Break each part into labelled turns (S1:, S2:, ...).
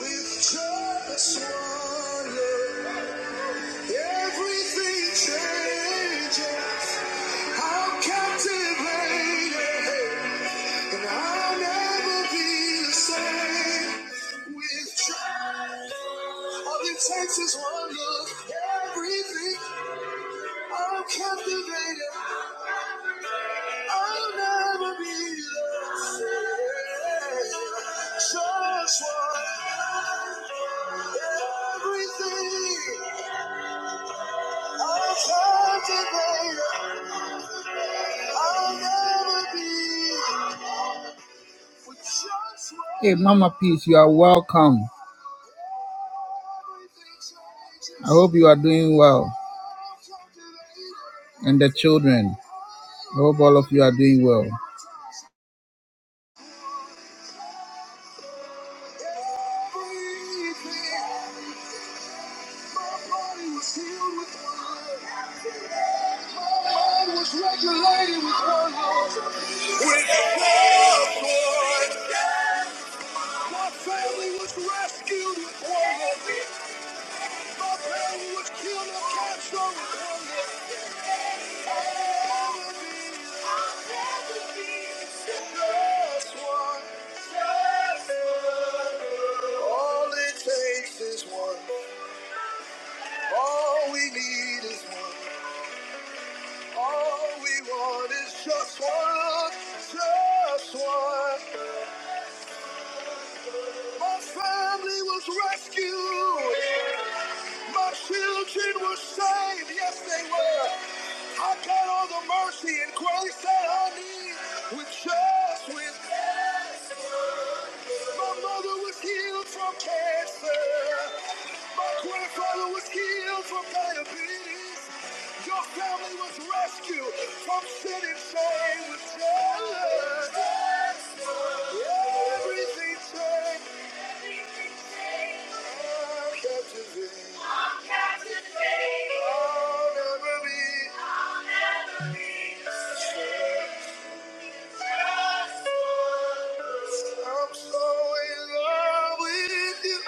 S1: With just one look, everything changes. I'm captivated, and I'll never be the same. With just takes is one look, everything. I'm captivated, I'll never be the same. Just one, everything. I'll try to lay I'll never be with just what Hey, Mama Peace, you are welcome. I hope you are doing well. And the children, I hope all of you are doing well. All it takes is one. All we need is one. All we want is just one. Just one. My family was rescued. My children were saved. Yes, they were. I got all the mercy and grace that I need with just with My mother was healed from cancer. My grandfather was healed from diabetes. Your family was rescued from sin and shame with just. Everything changed. I'm captivated. I'll never be. I'm so in love with you.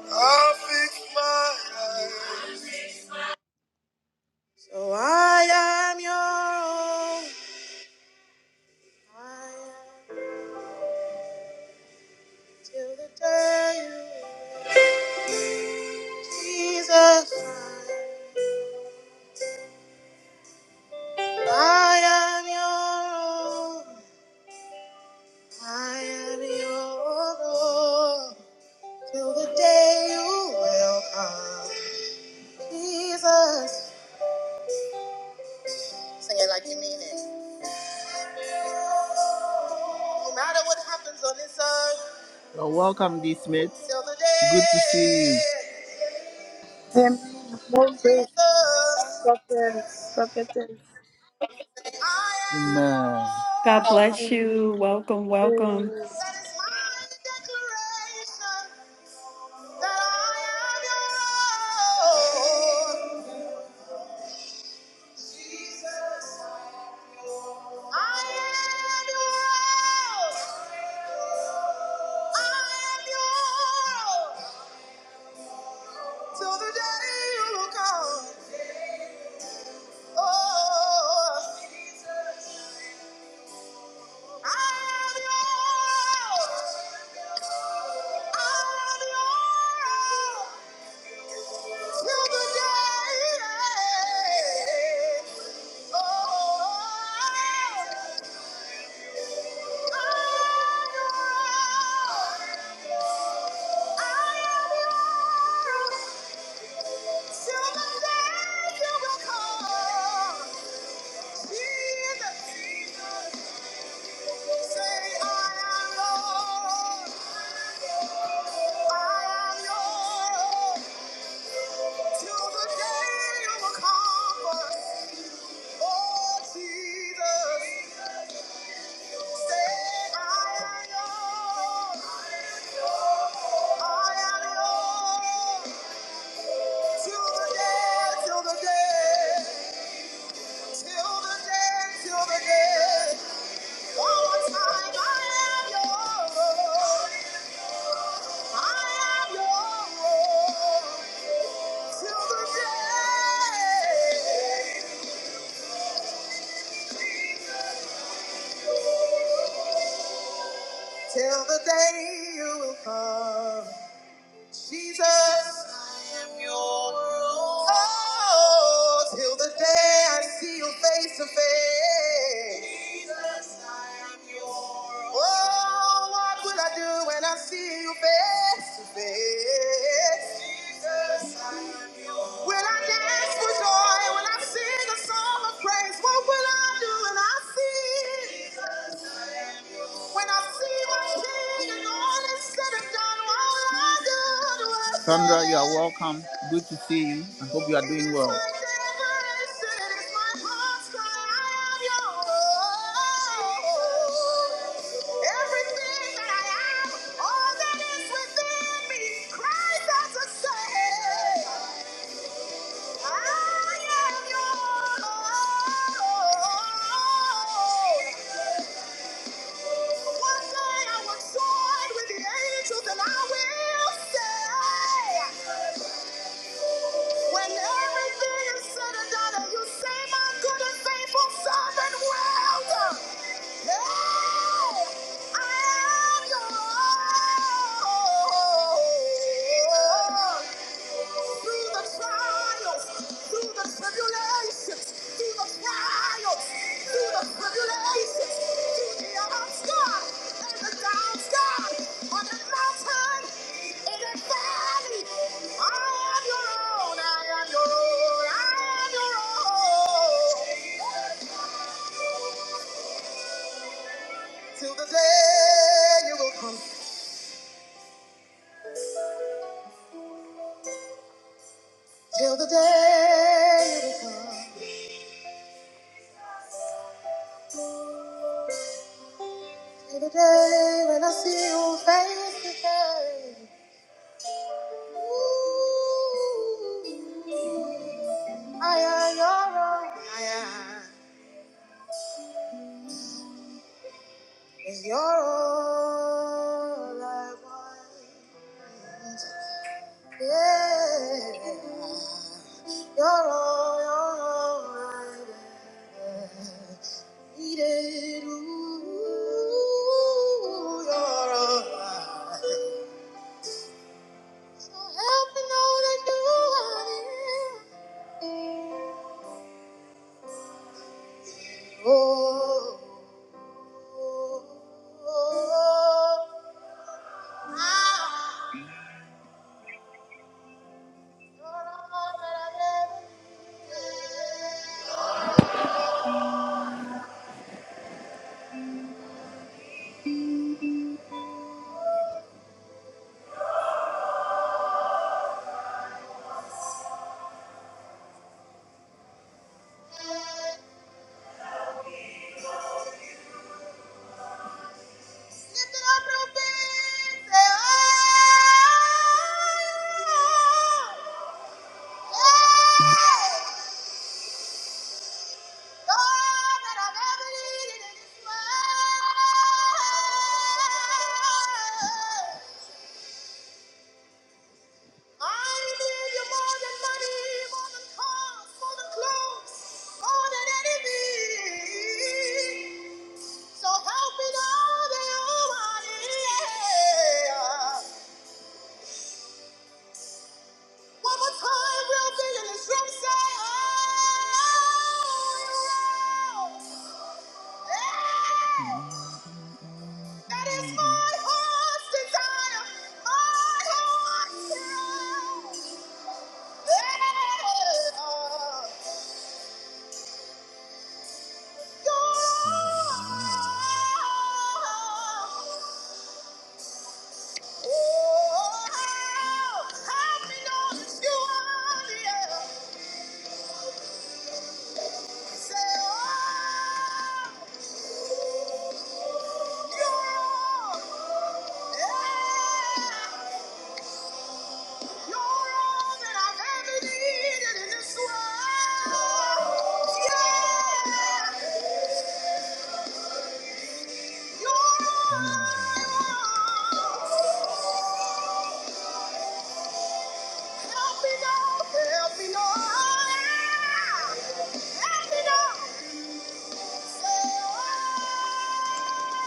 S1: I fix my eyes. So I am your own. I am till the day you Jesus. I am your own. I am your own. Till the day you will come. Jesus. Sing it like you mean it. No matter what happens on this earth. Well, welcome, D Smith. Good to see you.
S2: Amen. More grace,
S1: Jesus,
S2: prophet, prophetess.
S1: I am Amen. yours.
S3: God bless you.
S2: Amen.
S3: Welcome, welcome.
S2: Amen.
S1: That is my declaration that I am yours. Jesus, I am yours. I am yours. Till the day you come. Oh, I'm yours. I'm yours. Till the day. you will Oh, Till the day, till the day, till the day, all the time I am yours. Till the day you will come, Jesus, I am your own. Oh, till the day I see you face to face, Jesus, I am your own. Oh, what will I do when I see you face to face? Will I dance for joy? Will I sing a song of praise? What will I do when I see? When I see my king and all is said and done, what will I do? to Sandra, you are welcome. Good to see you. I hope you are doing well. it is my heart's cry, I am yours. Everything that I am, all that is within me, cries out to say, I am yours. One day I will join with the angels and I will say, when everything is said and done, and you say, My good and faithful servant, well done. Hey, I am your Lord. Through the trials, through the. trials through the trials, through the tribulations, through the ups, God, and the downs, God, on that mountain, in that valley. I am your own, I am your own, I am your own. Till the day you will come, till the day you will come. Till the day when I see you face to face. Ooh. I am your own. I am is your all I want. Yeah, you're all, you're all I needed. Ooh, you're all I So help me know that you are here. Oh, oh, oh, Thank you. Hallelujah, more than money, more than cars, more than clothes, more than anything. So help me now that you are here. One more time, we'll be in this room, say, oh, yeah. That is my heart's desire, my heart's desire. Yeah. Yeah. You're all that I have ever needed in this world. Yeah. You're all. Help me now, help me now. Help me now. Say, oh. You're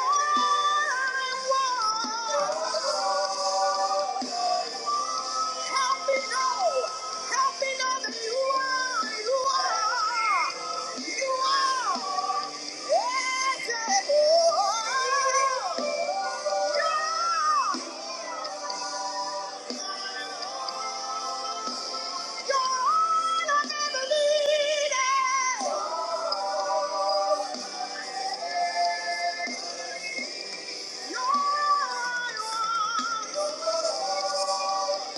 S1: all I want. Help me know. Help me know that you are. You are. You are. Yes, yes, you are. You are. You're all I've ever needed. You're all I want.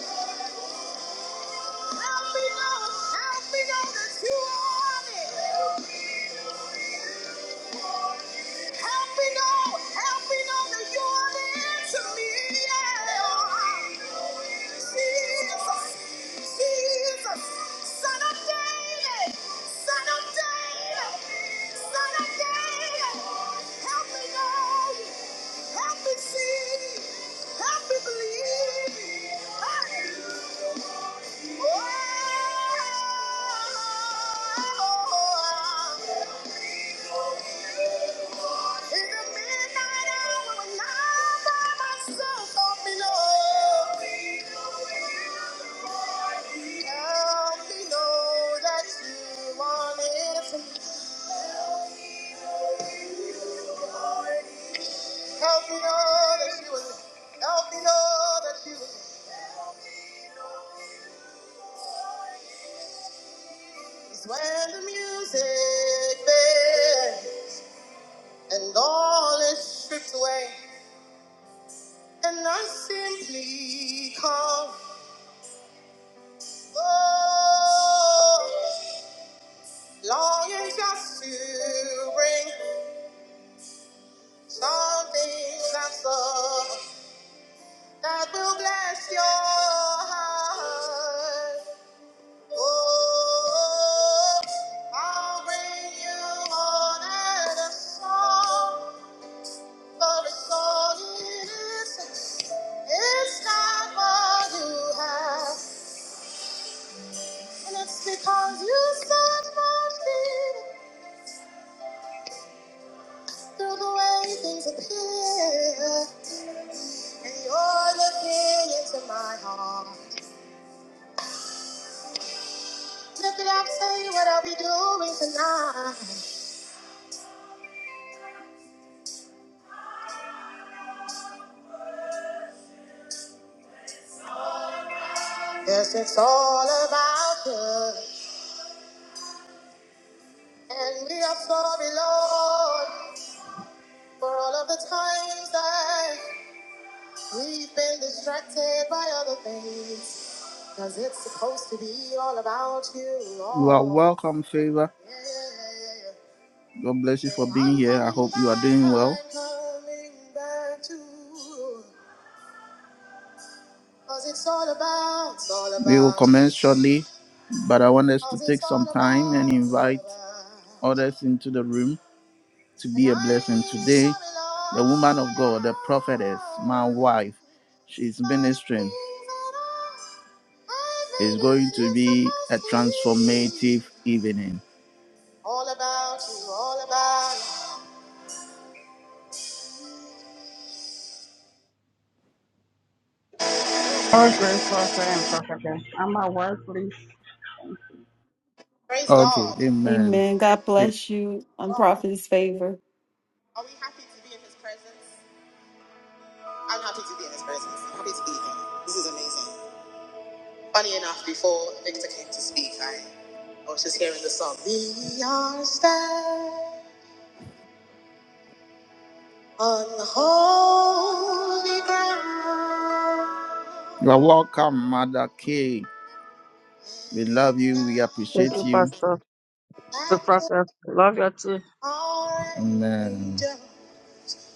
S1: Help me know, help me know that you are on it. Help me know, help me know that you're the answer me. Yeah. Jesus, Jesus, Son of David, Son of David, Son of David. Help me know, help me see, help me believe. Hey. Help me know that you was. Help me know that you was is when the music fades and all is stripped away, and I simply come. Oh, longing just to bring something that's love that will bless your heart. Oh, I'll bring you more than a song. Love is all it is. It's not what you have. And it's because you set my feet through the way things appear. And you're looking into my heart. Look it up, say what I'll be doing tonight. Yes, it's all about you. And we are sorry, Lord, for all of the times that. We've been distracted by other things. Cause it's supposed to be all about you. You are All welcome, Favor. Yeah. God bless you for being I'm here. I hope coming you are doing back, well. I'm coming back to you. 'Cause it's all about, it's all We will about you. commence shortly, but I want us to 'Cause take it's some all time and about, it's all invite about. you. others into the room to And be a blessing. I Today, the woman of God, the prophetess, my the Lord. wife, she's ministering. It's going to be a transformative evening. All about you, all about you.
S4: All great prophet and i am I worthless?
S1: Praise Okay, God. amen.
S3: Amen. God
S1: Stay-
S3: bless you. I'm
S1: God.
S3: Prophet's favor.
S1: Are we happy to be in his presence? I'm happy to be in his presence. I'm happy to be here. This is amazing. Funny enough, before Victor came to speak, I, I was just hearing the song. We are standing on holy ground. You are welcome, Mother K. We love you. We
S5: Thank
S1: appreciate
S5: you,
S1: you.
S5: Pastor. To Prophet. Love you too.
S1: Amen.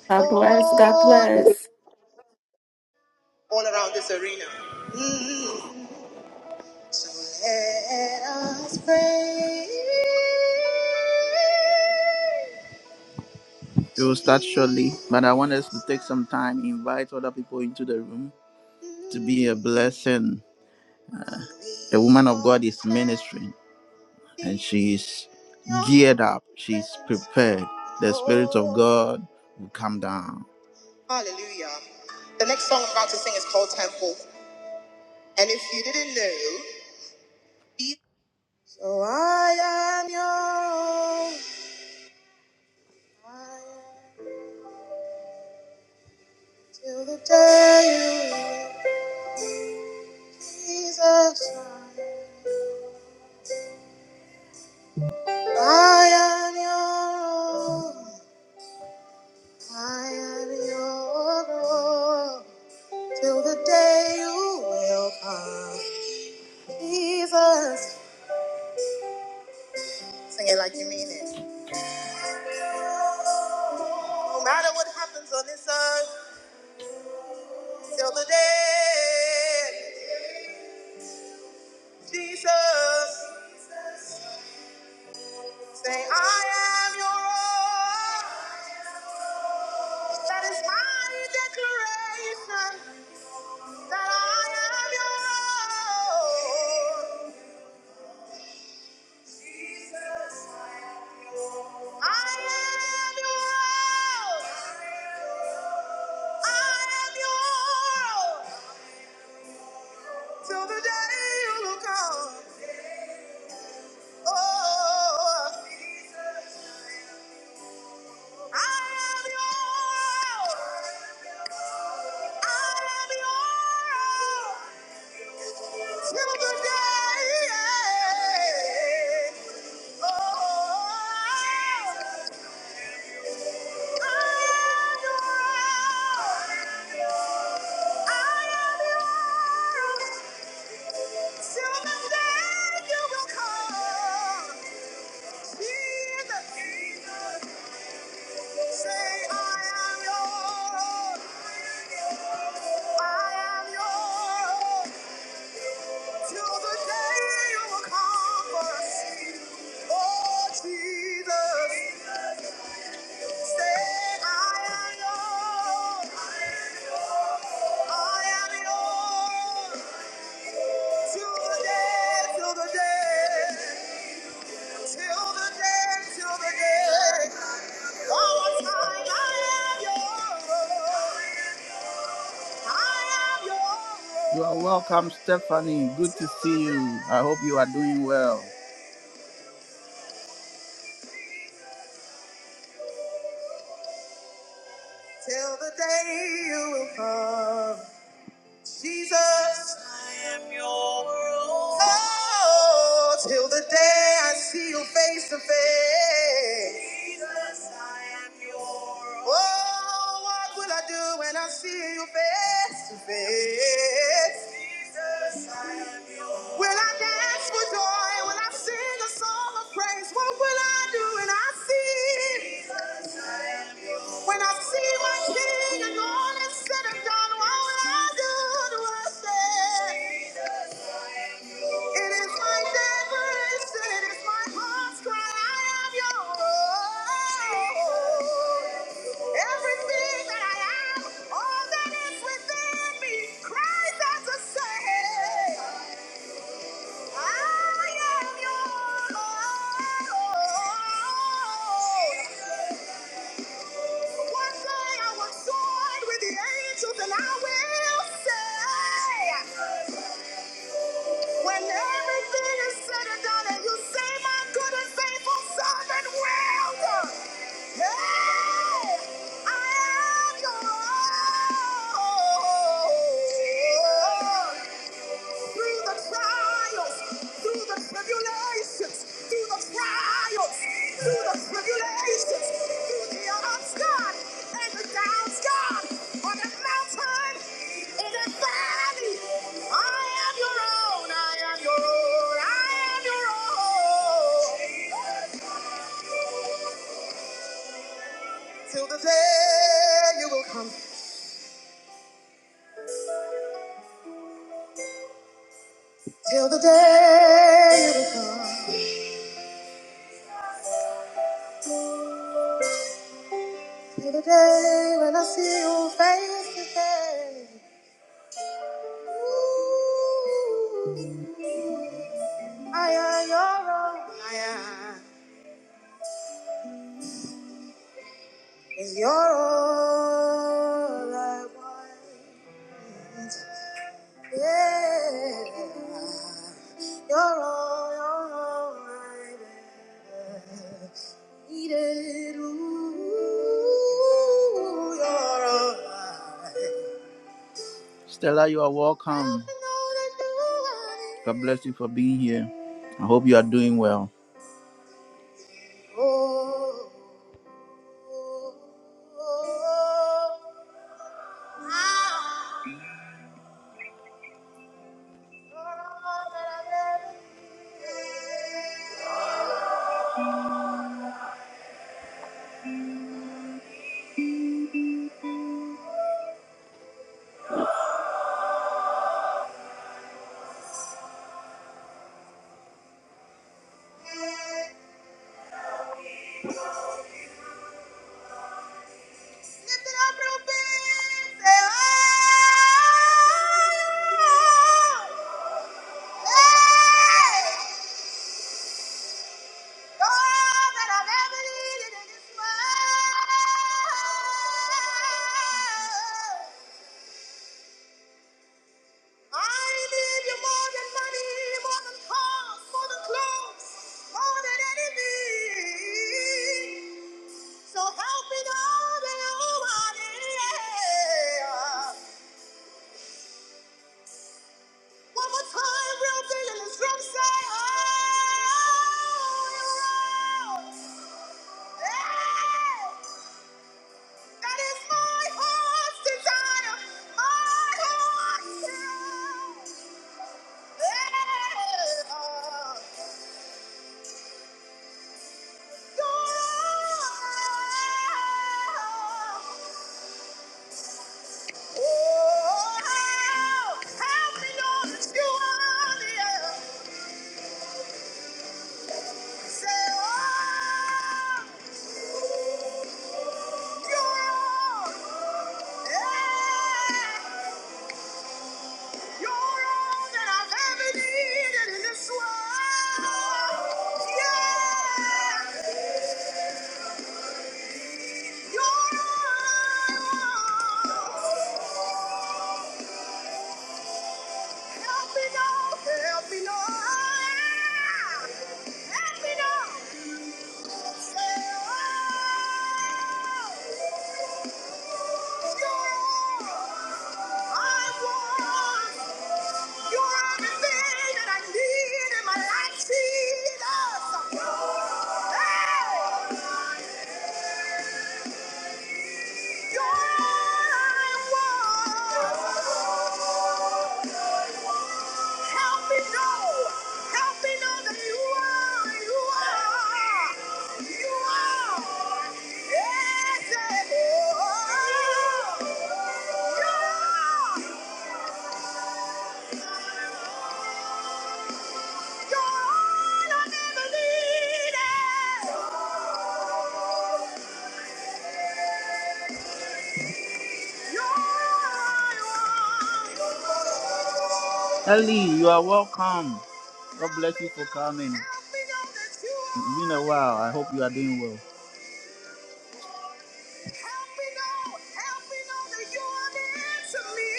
S3: God bless. God
S1: all
S3: bless.
S1: around this arena. Mm. So let us pray. We will start shortly, but I want us to take some time, invite other people into the room to be a blessing. The woman of God is ministering and she's geared up, she's prepared. The Spirit of God will come down. Hallelujah. The next song I'm about to sing is called Temple. And if you didn't know, So I am yours I am till the day you leave. Jesus, I am yours. I am yours till the day you will come. Jesus, sing it like you mean it. No matter what happens on this earth, till the day, Jesus. Say, I am your own. That is my declaration. That I am your own. Jesus, I am your own. I am your own. Till the day you come. Oh, Jesus. Till the day you will come, Jesus. Say, I am yours. I am yours. Till the day you come for us. Oh, Jesus. Say, I am yours. I am yours. Till the day, till the day, till the day, till the day. All time I am yours. You are welcome, Stephanie. Good to see you. I hope you are doing well. Till the day you will come, Jesus. I am your own. Oh, till the day I see you face to face. Jesus, I am yours. Oh, what will I do when I see you face to face? Jesus, I am yours. Will I dance for joy? Will I sing a song of praise? What will I do when I see? Jesus, I am yours. When I see my King and all is said and done, what will I do to worship? It is my desperation, it is my heart's cry, I am yours. Everything that I am, all that is within me, cries out to say, I am yours. One day I was joined with the angels and I will say, When everything is said and done, and you say, My good and faithful servant, well done. Hey, I am your own. Through the trials, through the tribulations, through the trials, through the tribulations, through the ups, God, and the downs, God, on the mountain, in the valley, I am your own. I am your Till the day you come, till the day when I see you face to face. Ooh, I am your own, I am. And you're all I want. Yeah, you're all, you're all I ever needed. Ooh, you're all I Stella, you are welcome. God bless you for being here. I hope you are doing well. All that I've ever needed in this world. I need you more than money, more than cars, more than clothes, more than anything. So help me now, that oh, yeah. One more time, real big, and this drum say, oh, you're out. Yeah. That is my heart's desire, my heart's desire. Oh, help me know that you are near. Say, oh, you're all. Yeah. You're all that I've ever needed in this world. Yeah. You're all. Help me now, help me now. Help me now. Say, oh, you're all I want. You are everything that I need in my life, Jesus. Hey! You're all I want. Help me know. Help me know that you are. You are. You are. Yes, yes. You are. You. are. Ellie, you are welcome. God bless you for coming. It's been a while. I hope you are doing well. Help me know, help me know that you are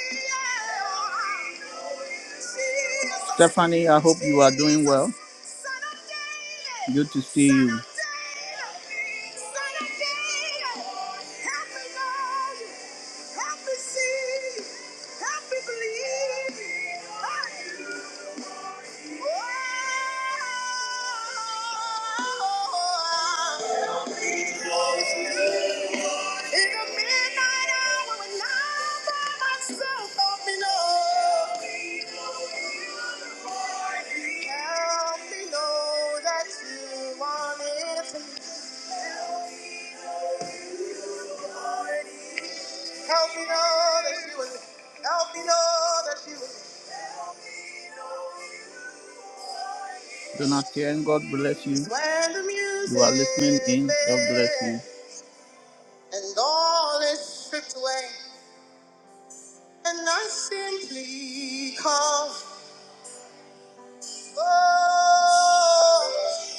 S1: near to me. yeah. Stephanie, I hope you are doing well. Good to see you. Help me see, help me believe. Oh, help me close. In the midnight hour when I'm by myself, help me know. Help me know that you want it. Help me know that you want it. Help me know that you want it. Donatien, God bless you. You are listening in. God bless you. And all is stripped away. And I simply come. Oh,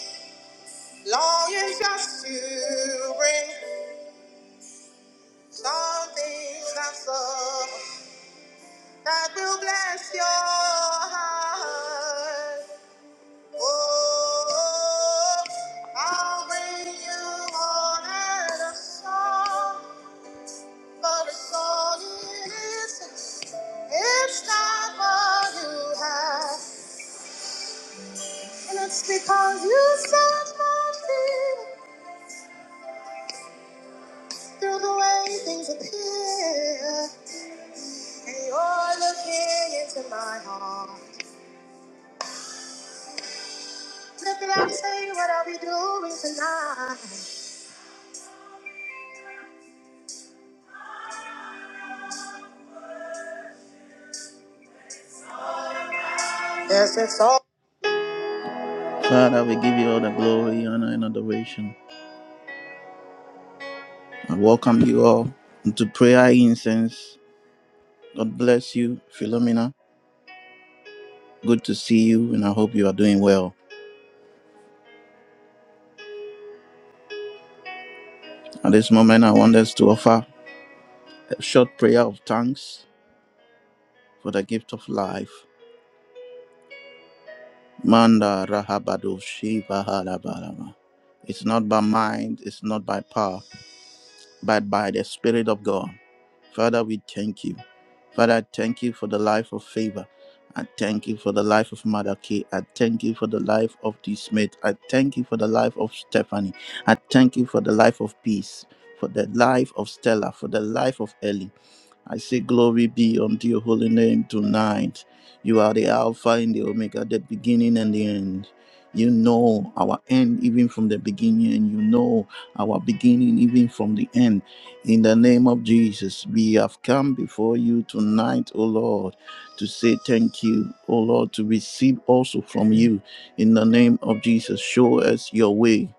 S1: longing just to bring something that's up that will bless your heart. Oh, I'll bring you honor and a song. But it's all it is. It's not what you have. And it's because you set my feet through the way things appear. And you're looking into my heart. Look at I say what I'll doing tonight. Yes, it's all. From you. God bless you, Philomena. At this moment, I want us to offer a short prayer of thanks for the gift of life. Manda Rahabado Shiva Halabalaba. It's not by mind, it's not by power, but by the Spirit of God. Father, we thank you. Father, I thank you for the life of favor. I thank you for the life of Mother Kay. I thank you for the life of this mate. I thank you for the life of Stephanie. I thank you for the life of peace, for the life of Stella, for the life of Ellie. I say, Glory be unto your holy name tonight. You are the Alpha and the Omega, the beginning and the end. You know our end even from the beginning, and you know our beginning even from the end. In the name of Jesus, we have come before you tonight, O Lord, to say thank you, O Lord, to receive also from you. In the name of Jesus, show us your way.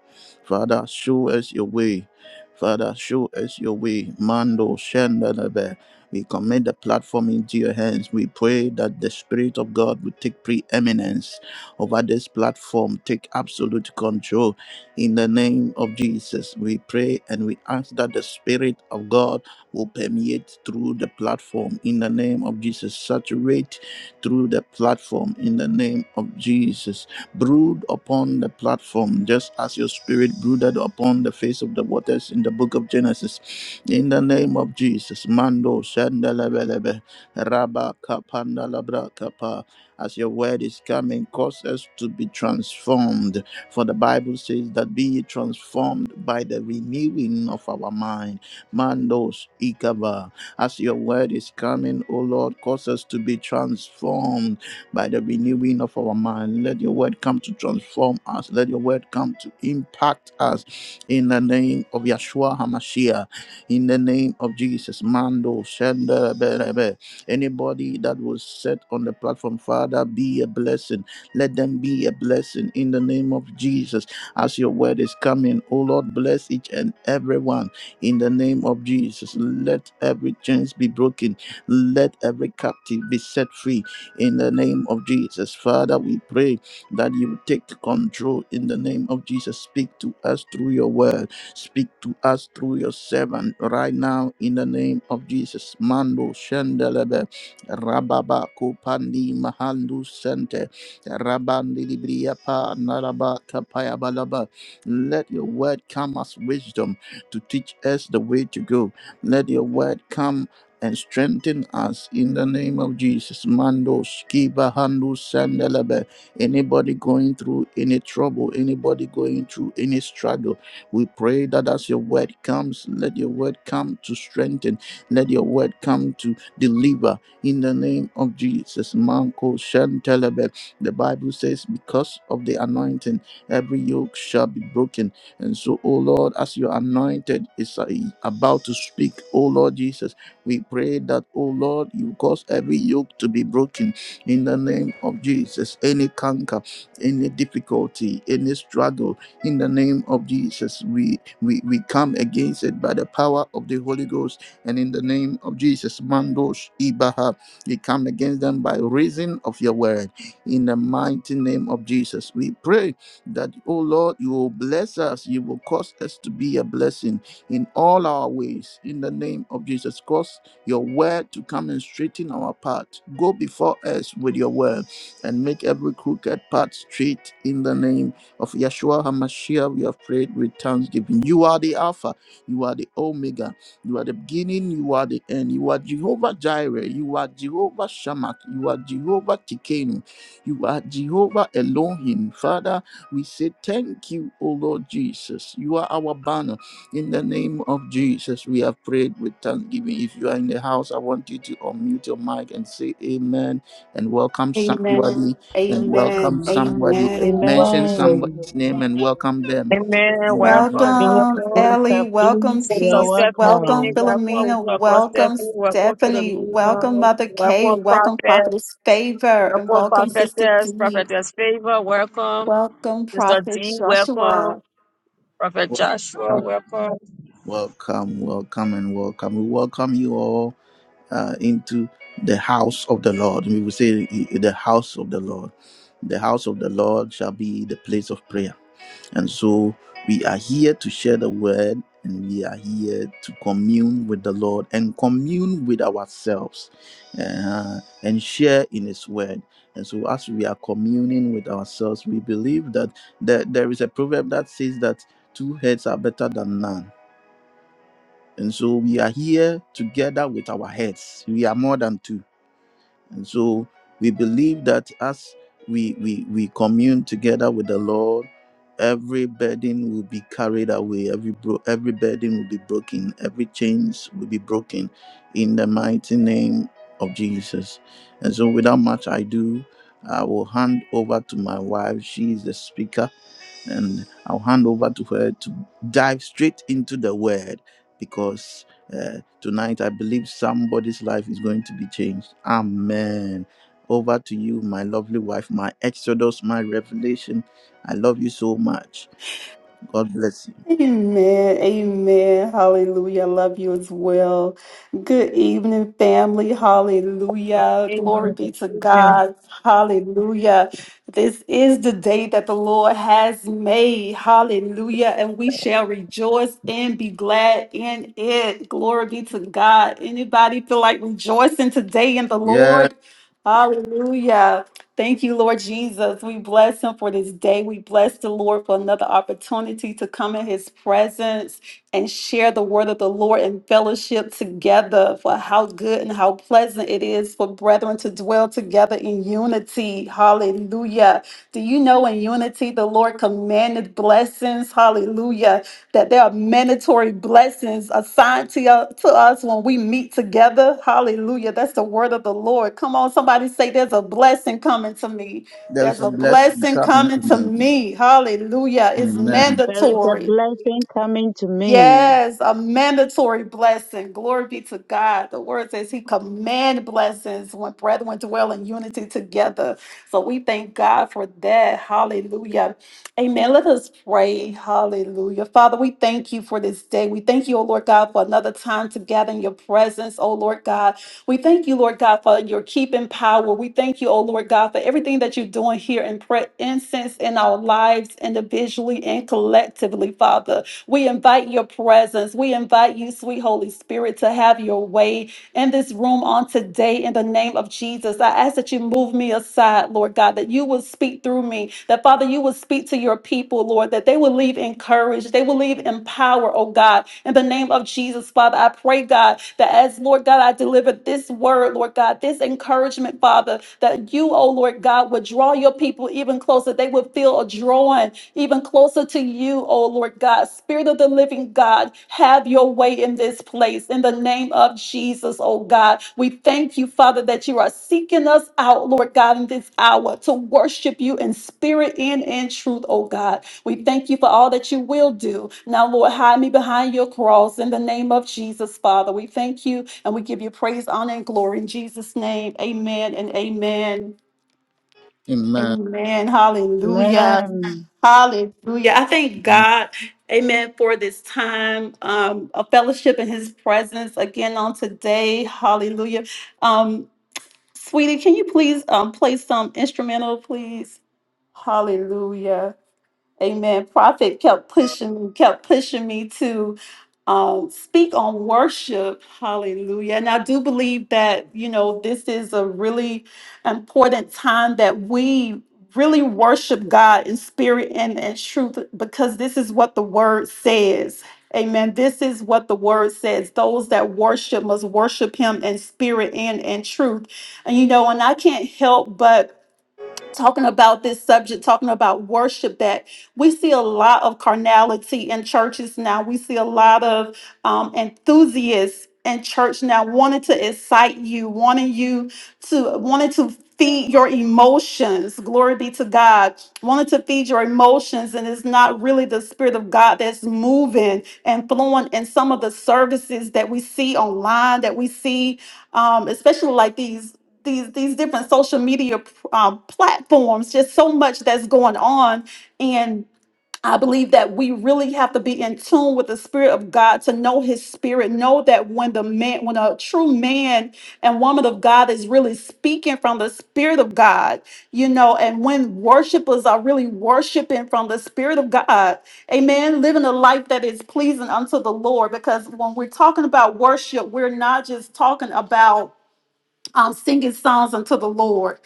S1: Father, show us your way. Father, show us your way. Mando, Shandanabe. We commit the platform into your hands. We pray that the Spirit of God will take preeminence over this platform, take absolute control. In the name of Jesus, we pray and we ask that the Spirit of God will permeate through the platform. In the name of Jesus, saturate through the platform. In the name of Jesus, brood upon the platform, just as your Spirit brooded upon the face of the waters in the book of Genesis. In the name of Jesus, Mando Shandelebelebe, Rabba Kapandalabra Kapa. As your word is coming, cause us to be transformed. For the Bible says that be ye transformed by the renewing of our mind. Mandos Ikaba. As your word is coming, O Lord, cause us to be transformed by the renewing of our mind. Let your word come to transform us. Let your word come to impact us in the name of Yeshua HaMashiach in the name of Jesus. Mando, Shanda, Berebe. Anybody that was set on the platform, Father, be a blessing. Let them be a blessing in the name of Jesus. As your word is coming, oh Lord, bless each and everyone in the name of Jesus. Let every chains be broken. Let every captive be set free in the name of Jesus. Father, we pray that you take control in the name of Jesus. Speak to us through your word Speak to us through your servant right now in the name of Jesus. Mando Shendelebe Rababa Kupandi Mahandu Sente Rabandi Libriapa Naraba Kapaya Balaba. Let your word come as wisdom to teach us the way to go. Let your word come and strengthen us in the name of Jesus. Mando Skiba Handu Sendelebe. Anybody going through any trouble, anybody going through any struggle we pray that as your word comes, let your word come to strengthen, let your word come to deliver in the name of Jesus. Manko Shantelebe. The Bible says, because of the anointing, every yoke shall be broken. And so, oh Lord, as your anointed is uh, about to speak, oh Lord Jesus, we pray that, oh Lord, you cause every yoke to be broken in the name of Jesus. Any canker, any difficulty, any struggle, in the name of jesus we we we come against it by the power of the holy ghost and in the name of jesus mandos ibaha we come against them by reason of your word in the mighty name of jesus we pray that oh lord you will bless us you will cause us to be a blessing in all our ways in the name of jesus cause your word to come and straighten our path go before us with your word and make every crooked path straight in the name of Yeshua HaMashiach, we have prayed with thanksgiving. You are the Alpha, you are the Omega, you are the beginning, you are the end. You are Jehovah Jireh, you are Jehovah Shammah, you are Jehovah Tikenu, you are Jehovah Elohim. Father, we say thank you, O Lord Jesus. You are our banner. In the name of Jesus, we have prayed with thanksgiving. If you are in the house, I want you to unmute your mic and say amen and welcome
S3: Amen.
S1: somebody and
S3: Amen.
S1: welcome
S6: Welcome
S1: somebody.
S3: Amen.
S1: Mention
S7: Amen.
S6: to
S1: somebody's name and welcome them.
S5: Amen.
S1: In the name
S5: Welcome,
S1: of-
S3: Welcome,
S5: welcome.
S3: Ellie.
S7: Minister, please,
S3: Welcome,
S7: you
S5: Sister
S7: are
S3: Peace. Welcome,
S5: Stephanie,
S7: welcome.
S5: welcome,
S3: Philomena.
S5: woman of God
S3: Welcome,
S5: Stephanie, welcome to the
S3: Stephanie.
S5: meeting.
S3: Welcome, Mother Kay.
S5: Welcome,
S3: Welcome,
S5: Prophet.
S3: Prophetess Favor. And
S5: Welcome,
S3: welcome, Sister
S5: Prophetess.
S3: Dee.
S5: Prophetess Favor, welcome.
S3: Welcome,
S5: Sister
S3: Prophet
S5: D,
S3: Joshua.
S5: welcome. Prophet
S1: wel-
S5: Joshua, welcome.
S1: Welcome, welcome, and welcome. We welcome you all uh, into the house of the Lord. We will say i- the house of the Lord. The house of the Lord shall be the place of prayer. And so we are here to share the word and we are here to commune with the Lord and commune with ourselves uh, and share in His word. And so, as we are communing with ourselves, we believe that there, there is a proverb that says that two heads are better than none. And so, we are here together with our heads. We are more than two and so we believe that as we, we, we commune together with the Lord, every burden will be carried away, every, bro- every burden will be broken, every chains will be broken in the mighty name of Jesus. And so without much ado, I will hand over to my wife. She is the speaker and I'll hand over to her to dive straight into the word because uh, tonight I believe somebody's life is going to be changed. Amen. Over to you, my lovely wife, my Exodus, my revelation. I love you so much. God bless you.
S3: Amen. Amen. Hallelujah. I Love you as well. Good evening, family. Hallelujah. Glory
S5: Amen.
S3: be to
S5: Amen.
S3: God. Hallelujah. This is the day that the Lord has made. Hallelujah. And we shall rejoice and be glad in it. Glory be to God. Anybody feel like rejoicing today in the
S1: Yeah,
S3: Lord? Hallelujah. Thank you, Lord Jesus. We bless him for this day. We bless the Lord for another opportunity to come in his presence and share the word of the Lord and fellowship together for how good and how pleasant it is for brethren to dwell together in unity. Hallelujah. Do you know in unity the Lord commanded blessings? Hallelujah that there are mandatory blessings assigned to, you, to us when we meet together. Hallelujah. That's the word of the Lord. Come on, somebody say, There's a blessing coming to me.
S1: there is
S3: There's
S1: a
S3: a
S1: blessing
S3: blessing
S1: coming to
S3: coming to
S1: me.
S3: me. Hallelujah. It's
S1: Amen.
S7: There is a
S3: mandatory.
S7: blessing coming to me.
S3: Yes, a mandatory blessing. Glory be to God. The word says he command blessings when brethren dwell in unity together. So we thank God for that. Hallelujah. Amen. Let us pray. Hallelujah. Father, we thank you for this day. We thank you, O Lord God, for another time to gather in your presence, O Lord God. We thank you, Lord God, for your keeping power. We thank you, O Lord God, for everything that you're doing here in prayer, incense in our lives individually and collectively, Father. We invite your presence. We invite you, sweet Holy Spirit, to have your way in this room on today in the name of Jesus. I ask that you move me aside, Lord God, that you will speak through me, that Father, you will speak to your people, Lord, that they will leave encouraged, they will leave empowered, oh God, in the name of Jesus, Father. I pray, God, that as Lord God, I deliver this word, Lord God, this encouragement, Father, that you, oh oh Lord God, would draw your people even closer. They would feel a drawing even closer to you, oh Lord God. Spirit of the living God, have your way in this place. In the name of Jesus, oh God, we thank you, Father, that you are seeking us out, Lord God, in this hour to worship you in spirit and in truth, oh God. We thank you for all that you will do. Now, Lord, hide me behind your cross in the name of Jesus, Father. We thank you and we give you praise, honor, and glory in Jesus' name. Amen and amen.
S1: Amen.
S3: Amen. Hallelujah.
S7: Amen.
S3: Hallelujah. I thank God, amen, for this time, um, a fellowship in his presence again on today. Hallelujah. Um, sweetie, can you please um, play some instrumental, please? Hallelujah. Amen. Prophet kept pushing, kept pushing me to um, speak on worship. Hallelujah. And I do believe that you know this is a really important time that we really worship God in spirit and and truth because this is what the Word says. Amen. This is what the word says. Those that worship must worship him in spirit and in truth. And you know, and I can't help but talking about this subject, talking about worship, that we see a lot of carnality in churches now. We see a lot of um, enthusiasts in church now wanting to excite you, wanting you to wanting to feed your emotions. Glory be to God. Wanting to feed your emotions, and it's not really the spirit of God that's moving and flowing in some of the services that we see online, that we see, um, especially like these these these different social media um, platforms just so much that's going on and i believe that we really have to be in tune with the spirit of god to know his spirit know that when the man when a true man and woman of god is really speaking from the spirit of god you know and when worshipers are really worshiping from the spirit of god amen living a life that is pleasing unto the lord because when we're talking about worship we're not just talking about um, singing songs unto the Lord.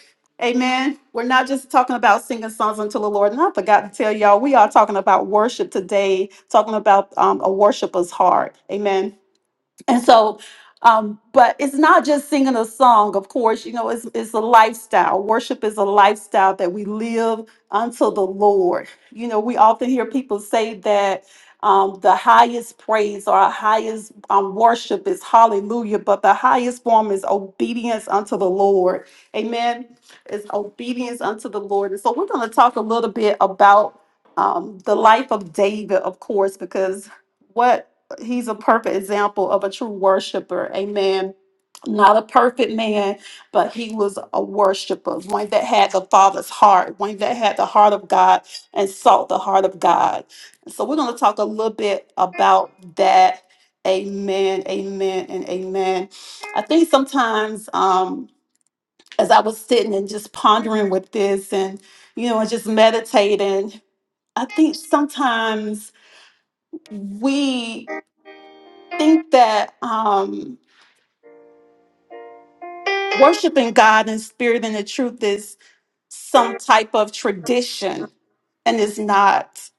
S3: Amen. We're not just talking about singing songs unto the Lord. And I forgot to tell y'all, we are talking about worship today, talking about um, a worshiper's heart. Amen. And so, um, but it's not just singing a song, of course, you know, it's, it's a lifestyle. Worship is a lifestyle that we live unto the Lord. You know, we often hear people say that um, the highest praise or our highest um, worship is hallelujah, but the highest form is obedience unto the Lord. Amen. It's obedience unto the Lord. And so we're going to talk a little bit about um, the life of David, of course, because what he's a perfect example of a true worshiper amen not a perfect man but he was a worshiper one that had the father's heart one that had the heart of god and sought the heart of god so we're going to talk a little bit about that amen amen and amen i think sometimes um as i was sitting and just pondering with this and you know and just meditating i think sometimes we think that um, worshiping God in spirit and the truth is some type of tradition, and it's not.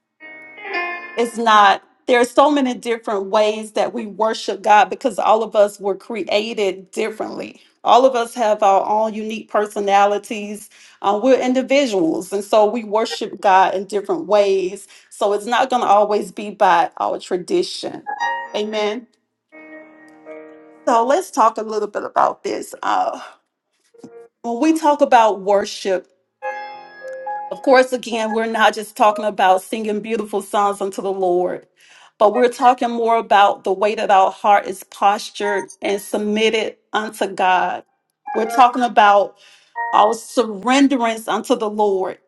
S3: It's not. There are so many different ways that we worship God because all of us were created differently. All of us have our own unique personalities. Uh, we're individuals, and so we worship God in different ways. So it's not going to always be by our tradition. Amen. So let's talk a little bit about this. uh, When we talk about worship, of course, again, we're not just talking about singing beautiful songs unto the Lord, but we're talking more about the way that our heart is postured and submitted unto God. We're talking about our surrenderance unto the Lord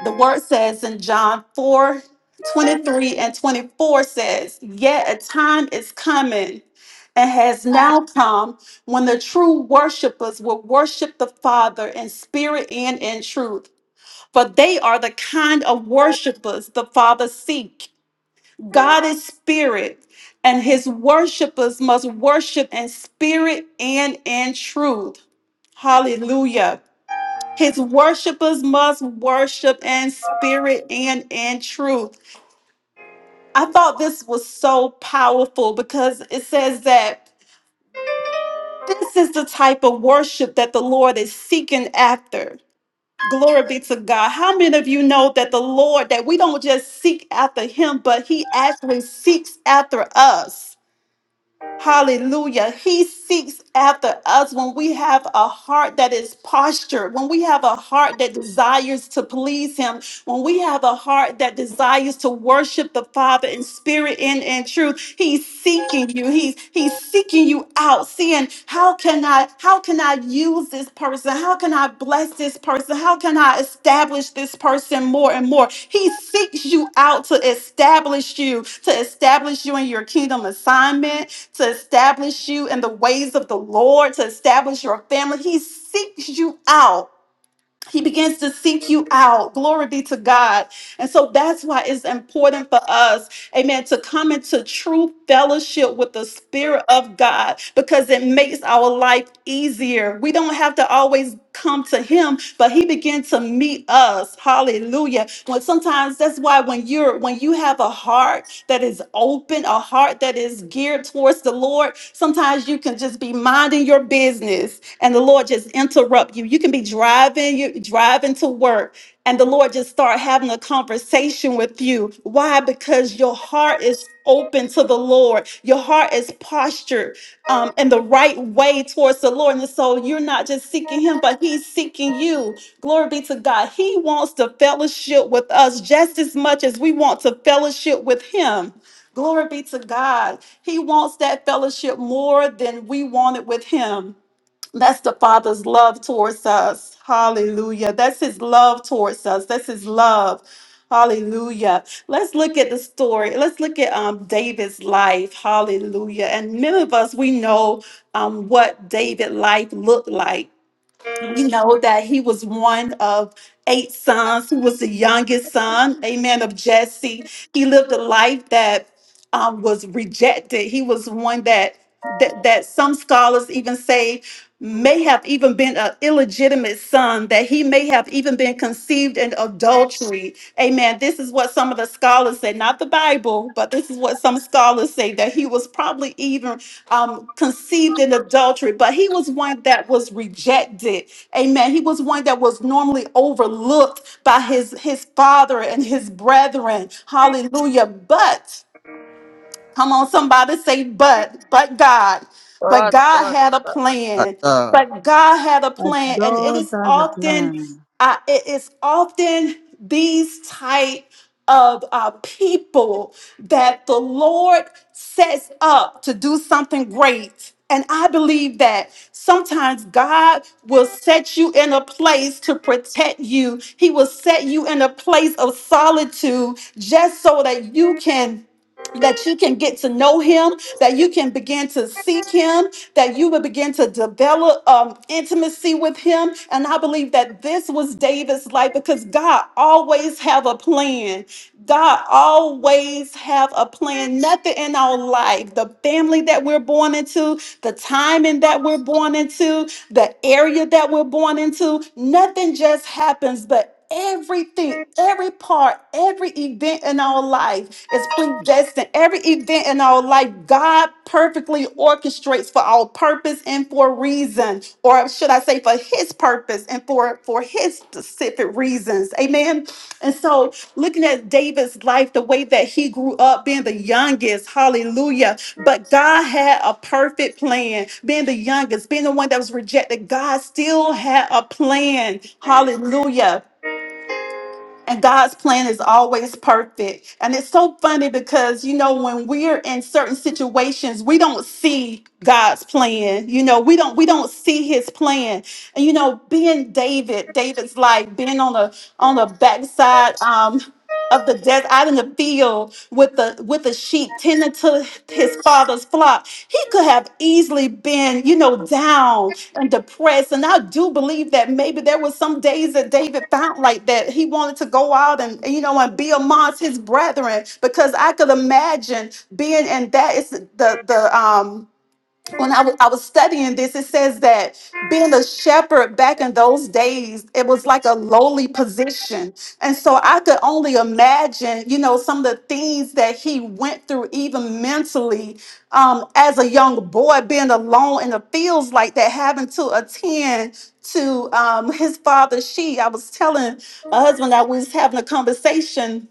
S3: the word says in John 4 23 and 24 says, Yet a time is coming and has now come when the true worshipers will worship the Father in spirit and in truth, for they are the kind of worshipers the Father seek. God is spirit, and his worshipers must worship in spirit and in truth. Hallelujah. His worshipers must worship in spirit and in truth. I thought this was so powerful because it says that this is the type of worship that the Lord is seeking after. Glory be to God. How many of you know that the Lord, that we don't just seek after him, but he actually seeks after us? Hallelujah. He seeks after us when we have a heart that is postured, when we have a heart that desires to please Him, when we have a heart that desires to worship the Father in spirit and in truth. He's seeking you. He's He's seeking you out, seeing how can I I how can I use this person? How can I bless this person? How can I establish this person more and more? He seeks you out to establish you, to establish you in your kingdom assignment, to establish you in the ways of the Lord, to establish your family. He seeks you out he begins to seek you out. Glory be to God. And so that's why it's important for us, amen, to come into true fellowship with the Spirit of God because it makes our life easier. We don't have to always come to Him, but He begins to meet us. Hallelujah. When sometimes that's why when you're when you have a heart that is open, a heart that is geared towards the Lord, sometimes you can just be be minding your business and the Lord just interrupt you. You can be driving, you driving to work, and the Lord just start having a conversation with you. Why? Because your heart is open to the Lord. Your heart is postured um, in the right way towards the Lord. And so you're not just seeking Him, but He's seeking you. Glory be to God. He wants to fellowship with us just as much as we want to fellowship with Him. Glory be to God. He wants that fellowship more than we want it with Him. That's the Father's love towards us. Hallelujah. That's His love towards us. That's His love. Hallelujah. Let's look at the story. Let's look at um, David's life. Hallelujah. And many of us, we know um, what David's life looked like. We know that he was one of eight sons. He was the youngest son, amen, of Jesse. He lived a life that um, was rejected. He was one that, that that some scholars even say may have even been an illegitimate son, that he may have even been conceived in adultery. Amen. This is what some of the scholars say, not the Bible, but this is what some scholars say that he was probably even um, conceived in adultery, but he was one that was rejected. Amen. He was one that was normally overlooked by his his father and his brethren. Hallelujah. But Come on, somebody say, but, but God. But
S5: God,
S3: God
S5: God,
S3: had a
S5: God.
S1: At
S3: plan.
S1: God,
S3: But God had a
S7: But
S3: plan. And it
S7: God
S3: is
S7: has a
S3: often,
S7: plan.
S3: uh, it is often these type of uh, people that the Lord sets up to do something great. And I believe that sometimes God will set you in a place to protect you. He will set you in a place of solitude just so that you can that you can get to know him, that you can begin to seek him, that you will begin to develop um, intimacy with him. And I believe that this was David's life because God always have a plan. God always have a plan. Nothing in our life, the family that we're born into, the timing that we're born into, the area that we're born into, nothing just happens, but Everything, every part, every event in our life is predestined. Every event in our life, God perfectly orchestrates for our purpose and for a reason, or should I say, for His purpose and for for His specific reasons. Amen. And so, looking at David's life, the way that he grew up, being the youngest, hallelujah. But God had a perfect plan. Being the youngest, being the one that was rejected, God still had a plan, hallelujah. And God's plan is always perfect. And it's so funny because, you know, when we're in certain situations, we don't see God's plan. You know, we don't we don't see his plan. And you know, being David, David's like being on a on a backside um of the desert out in the field with the with the sheep tending to his father's flock he could have easily been you know down and depressed and i do believe that maybe there were some days that david found like that he wanted to go out and you know and be amongst his brethren because i could imagine being in that is the the um when I wa- I was studying this, it says that being a shepherd back in those days, it was like a lowly position. And so I could only imagine, you know, some of the things that he went through, even mentally, um, as a young boy, being alone in the fields like that, having to attend to um, his father's sheep. I was telling my husband that we was having a conversation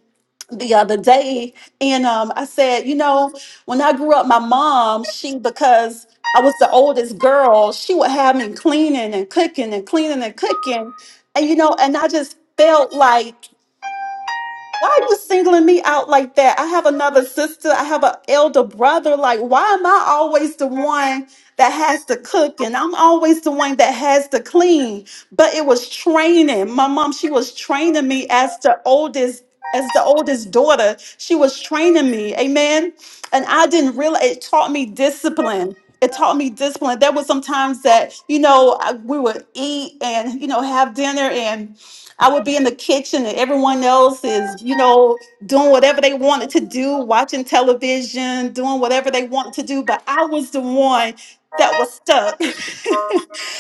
S3: the other day and um, I said, you know, when I grew up, my mom, she, because I was the oldest girl, she would have me cleaning and cooking and cleaning and cooking. And, you know, and I just felt like why are you singling me out like that? I have another sister. I have an elder brother. Like, why am I always the one that has to cook and I'm always the one that has to clean? But it was training. My mom, she was training me as the oldest. As the oldest daughter, she was training me, amen. And I didn't realize it taught me discipline. It taught me discipline. There was some times that, you know, I, we would eat and, you know, have dinner, and. I would be in the kitchen and everyone else is, you know, doing whatever they wanted to do, watching television, doing whatever they wanted to do. But I was the one that was stuck.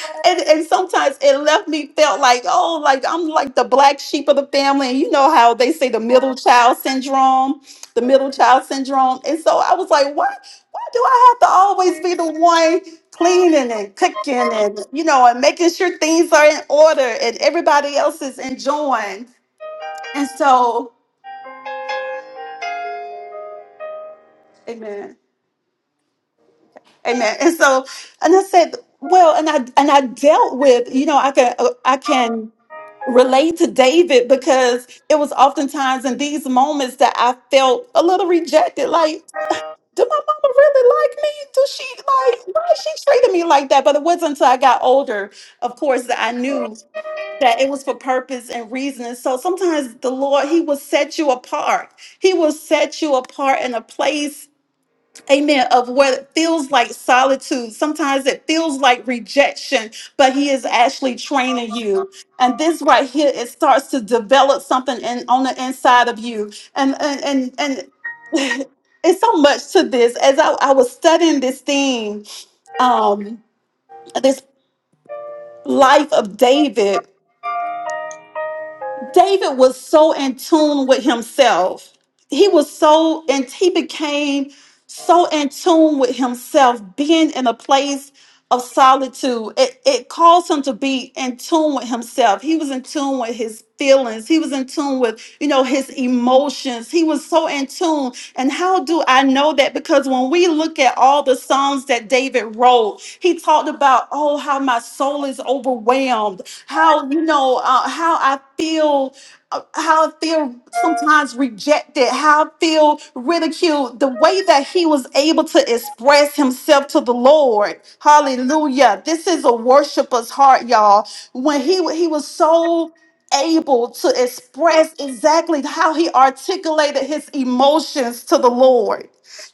S3: and, and sometimes it left me felt like, oh, like I'm like the black sheep of the family. And you know how they say the middle child syndrome, the middle child syndrome. And so I was like, why, why do I have to always be the one cleaning and cooking and, you know, and making sure things are in order and everybody else is enjoying? And so, amen, amen. And so, and I said, well, and I and I dealt with, you know, I can uh, I can relate to David because it was oftentimes in these moments that I felt a little rejected, like. Did my mama really like me? Does she like why is she treating me like that? But it wasn't until I got older, of course, that I knew that it was for purpose and reason. And so sometimes the Lord, He will set you apart. He will set you apart in a place Amen. Of what it feels like solitude. Sometimes it feels like rejection, but he is actually training you. And this right here, it starts to develop something in, on the inside of you. And and and, and it's so much to this. As I, I was studying this theme, um, this life of David, David was so in tune with himself. He was so and he became so in tune with himself, being in a place of solitude. It, it caused him to be in tune with himself. He was in tune with his feelings. He was in tune with, you know, his emotions. He was so in tune. And how do I know that? Because when we look at all the songs that David wrote, he talked about, oh, how my soul is overwhelmed, how, you know, uh, how I feel uh, how I feel sometimes rejected, how I feel ridiculed, the way that he was able to express himself to the Lord. Hallelujah. This is a worshiper's heart, y'all. When he he was so able to express exactly how he articulated his emotions to the Lord.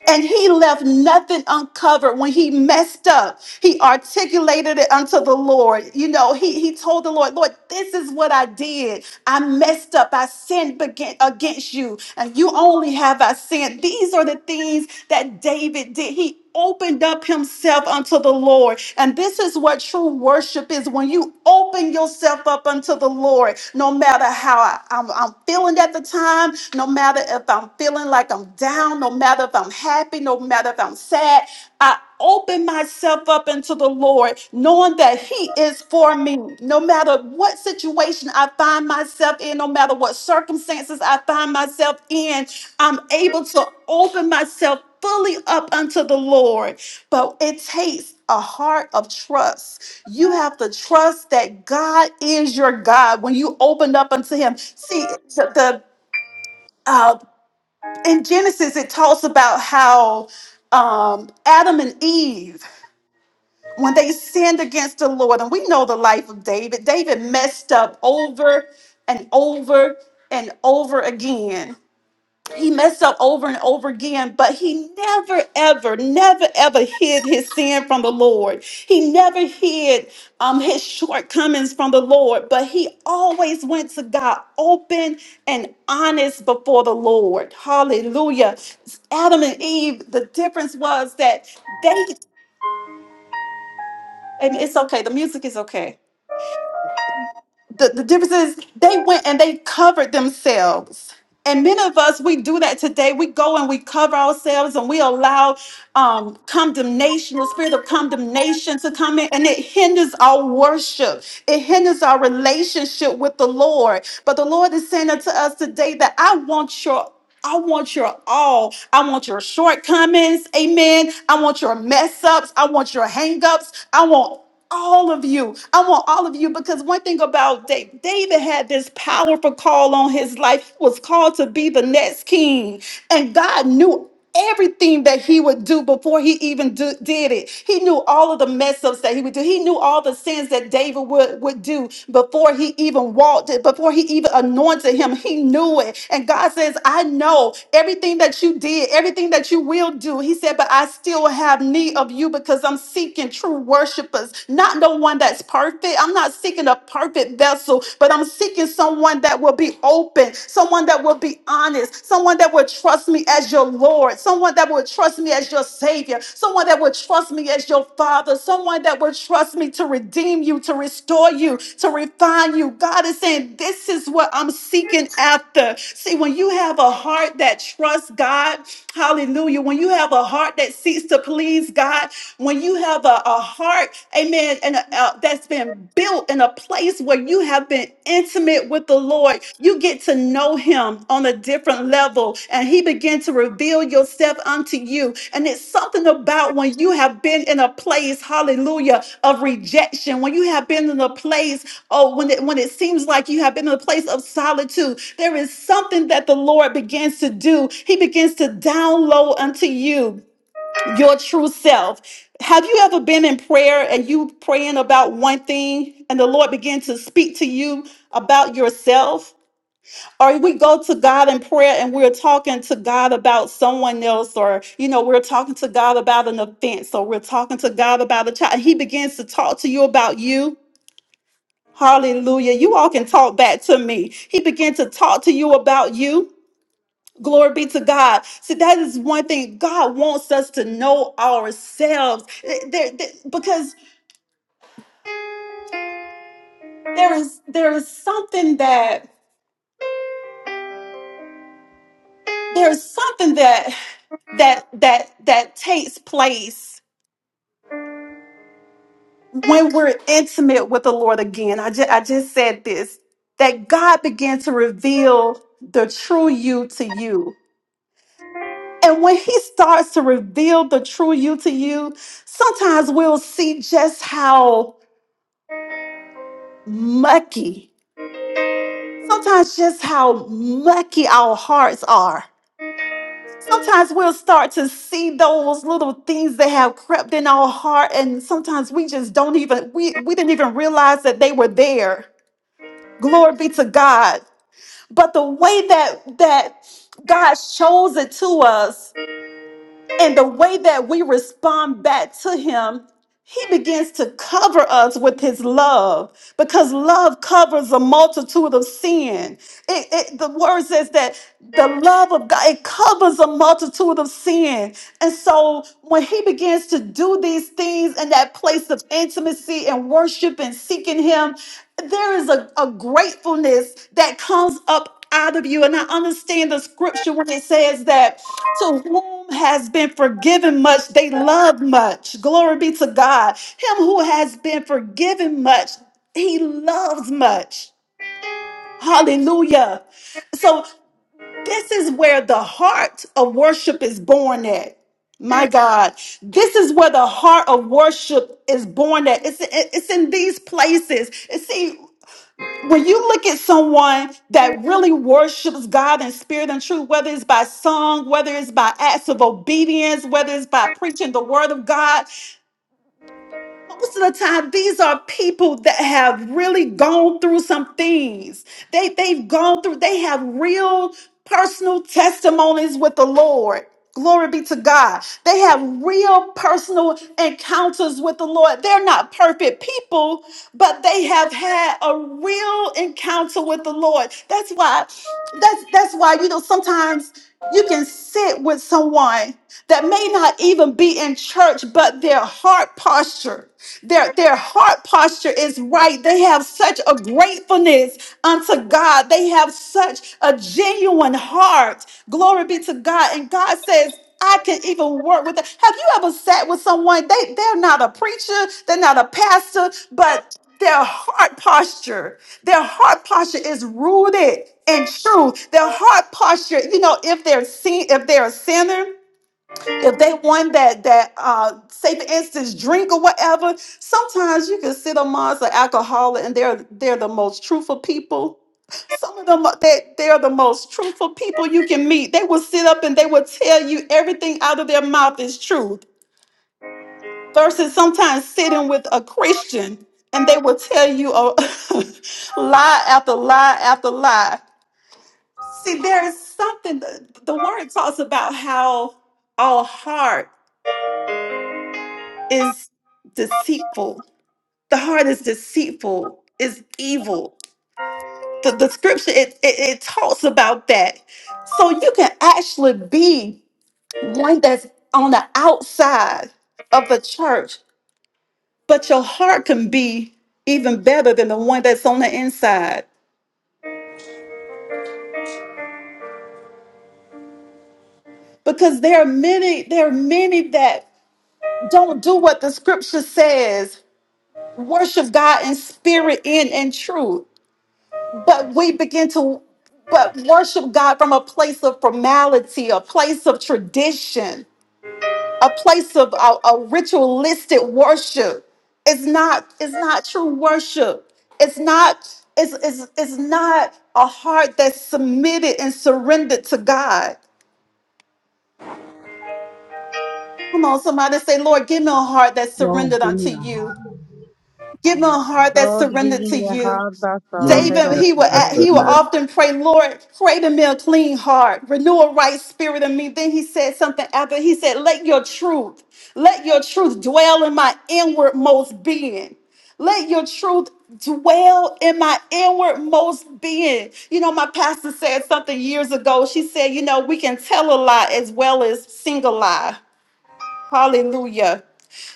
S3: And he left nothing uncovered when he messed up. He articulated it unto the Lord. You know, he, he told the Lord, Lord, this is what I did. I messed up. I sinned bega- against you, and you only have I sinned. These are the things that David did. He opened up himself unto the Lord. And this is what true worship is when you open yourself up unto the Lord, no matter how I, am I'm I'm feeling at the time, no matter if I'm feeling like I'm down, no matter if I'm happy, no matter if I'm sad. I open myself up into the Lord, knowing that He is for me. No matter what situation I find myself in, no matter what circumstances I find myself in, I'm able to open myself fully up unto the Lord. But it takes a heart of trust. You have to trust that God is your God when you opened up unto Him. See, the, the, uh, in Genesis, it talks about how um, Adam and Eve, when they sinned against the Lord, and we know the life of David, David messed up over and over and over again. He messed up over and over again, but he never, ever, never, ever hid his sin from the Lord. He never hid um, his shortcomings from the Lord, but he always went to God open and honest before the Lord. Hallelujah. Adam and Eve, the difference was that they, and it's okay, the music is okay. the, the difference is they went and they covered themselves. And many of us, we do that today. We go and we cover ourselves and we allow um, condemnation, the spirit of condemnation to come in, and it hinders our worship. It hinders our relationship with the Lord. But the Lord is saying unto us today that I want your I want your all. I want your shortcomings. Amen. I want your mess ups. I want your hang ups. I want all of you. I want all of you because one thing about David, David had this powerful call on his life. He was called to be the next king. And God knew everything that he would do before he even do- did it. He knew all of the mess ups that he would do. He knew all the sins that David would, would do before he even walked it, before he even anointed him. He knew it. And God says, I know everything that you did, everything that you will do. He said, but I still have need of you because I'm seeking true worshipers, not no one that's perfect. I'm not seeking a perfect vessel, but I'm seeking someone that will will be open, someone that will be honest, someone that will trust me as your Lord, someone that will trust me as your Savior, someone that will trust me as your Father, someone that will trust me to redeem you, to restore you, to refine you. God is saying, This is what I'm seeking after. See, when you have a heart that trusts God, hallelujah, when you have a heart that seeks to please God, when you have a, a heart, amen, And uh, that's been built in a place where you have been intimate with the Lord. You get to know Him on a different level, and He begins to reveal yourself unto you. And it's something about when you have been in a place, Hallelujah, of rejection. When you have been in a place, oh, when it when it seems like you have been in a place of solitude, there is something that the Lord begins to do. He begins to download unto you your true self. Have you ever been in prayer and you praying about one thing and the Lord began to speak to you about yourself? Or we go to God in prayer and we're talking to God about someone else, or you know, we're talking to God about an offense, or we're talking to God about a child, and He begins to talk to you about you. Hallelujah. You all can talk back to me. He began to talk to you about you. Glory be to God. See, that is one thing. God wants us to know ourselves. There- there- because there is there is something that there is something that that that that takes place when we're intimate with the Lord again. I just I just said this that God began to reveal the true you to you. And when he starts to reveal the true you to you, sometimes we'll see just how mucky Sometimes just how mucky our hearts are. Sometimes we'll start to see those little things that have crept in our heart, and sometimes we just don't even we, we didn't even realize that they were there. Glory be to God. But the way that that God shows it to us and the way that we respond back to him, he begins to cover us with his love because love covers a multitude of sin. It, it, the word says that the love of God, it covers a multitude of sin. And so when he begins to do these things in that place of intimacy and worship and seeking him, there is a, a gratefulness that comes up out of you. And I understand the scripture when it says that to whom has been forgiven much, they love much. Glory be to God. Him who has been forgiven much, he loves much. Hallelujah. So this is where the heart of worship is born at. My God, this is where the heart of worship is born at. It's, it's in these places. And See, when you look at someone that really worships God in spirit and truth, whether it's by song, whether it's by acts of obedience, whether it's by preaching the word of God, most of the time these are people that have really gone through some things they they've gone through they have real personal testimonies with the lord glory be to god they have real personal encounters with the lord they're not perfect people but they have had a real encounter with the lord that's why that's that's why you know sometimes you can sit with someone that may not even be in church, but their heart posture, their, their heart posture is right. They have such a gratefulness unto God. They have such a genuine heart. Glory be to God. And God says, I can even work with them. Have you ever sat with someone? They they're not a preacher, they're not a pastor, but their heart posture their heart posture is rooted in truth their heart posture you know if they're sin, if they're a sinner if they one that that uh say for instance drink or whatever sometimes you can sit amongst an alcoholic and they're they're the most truthful people some of them that they're the most truthful people you can meet they will sit up and they will tell you everything out of their mouth is true versus sometimes sitting with a Christian and they will tell you a lie after lie after lie. See, there is something, the, the word talks about how our heart is deceitful. The heart is deceitful, is evil. The, the scripture, it, it, it talks about that. So you can actually be one that's on the outside of the church But your heart can be even better than the one that's on the inside. Because there are many, there are many that don't do what the scripture says. Worship God in spirit and in truth. But we begin to but worship God from a place of formality, a place of tradition. a place of a, a ritualistic worship. It's not, it's not true worship. It's not, it's, it's, it's not a heart that's submitted and surrendered to God. Come on, somebody say, Lord, give me a heart that's
S6: Lord,
S3: surrendered
S6: give me
S3: unto
S6: a
S3: you.
S6: heart.
S3: Give him a heart that's
S7: Lord, give
S3: surrendered to
S7: me a
S3: you.
S7: heart that's
S1: your
S7: surrendered
S3: David,
S1: dear
S3: he
S7: unto
S3: would a- he
S7: you.
S3: would
S1: uh,
S3: often pray, Lord, create in me a clean heart, renew a right spirit in me. Then he said something after he said, Let your truth, let your truth dwell in my inwardmost being. Let your truth dwell in my inwardmost being. You know, my pastor said something years ago. She said, you know, we can tell a lie as well as sing a lie. Hallelujah.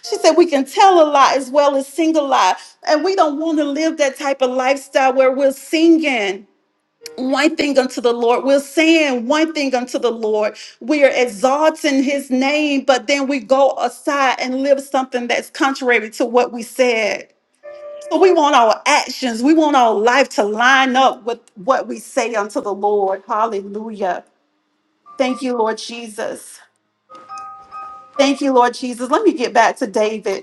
S3: She said we can tell a lie as well as sing a lie. And we don't want to live that type of lifestyle where we're singing one thing unto the Lord. We're saying one thing unto the Lord. We are exalting his name, but then we go aside and live something that's contrary to what we said. So we want our actions, we want our life to line up with what we say unto the Lord. Hallelujah. Thank you, Lord Jesus. Thank you, Lord Jesus. Let me get back to David.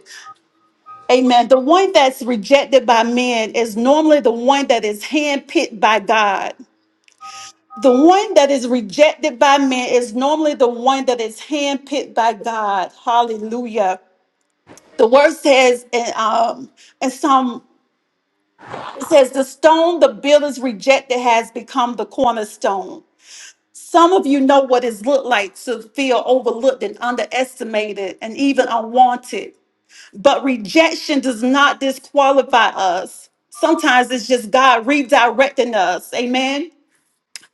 S3: Amen. The one that's rejected by men is normally the one that is handpicked by God. The one that is rejected by men is normally the one that is handpicked by God. Hallelujah. The word says in um in some it says the stone the builders rejected has become the cornerstone. Some of you know what it's looked like to feel overlooked and underestimated and even unwanted. But rejection does not disqualify us. Sometimes it's just God redirecting us. Amen.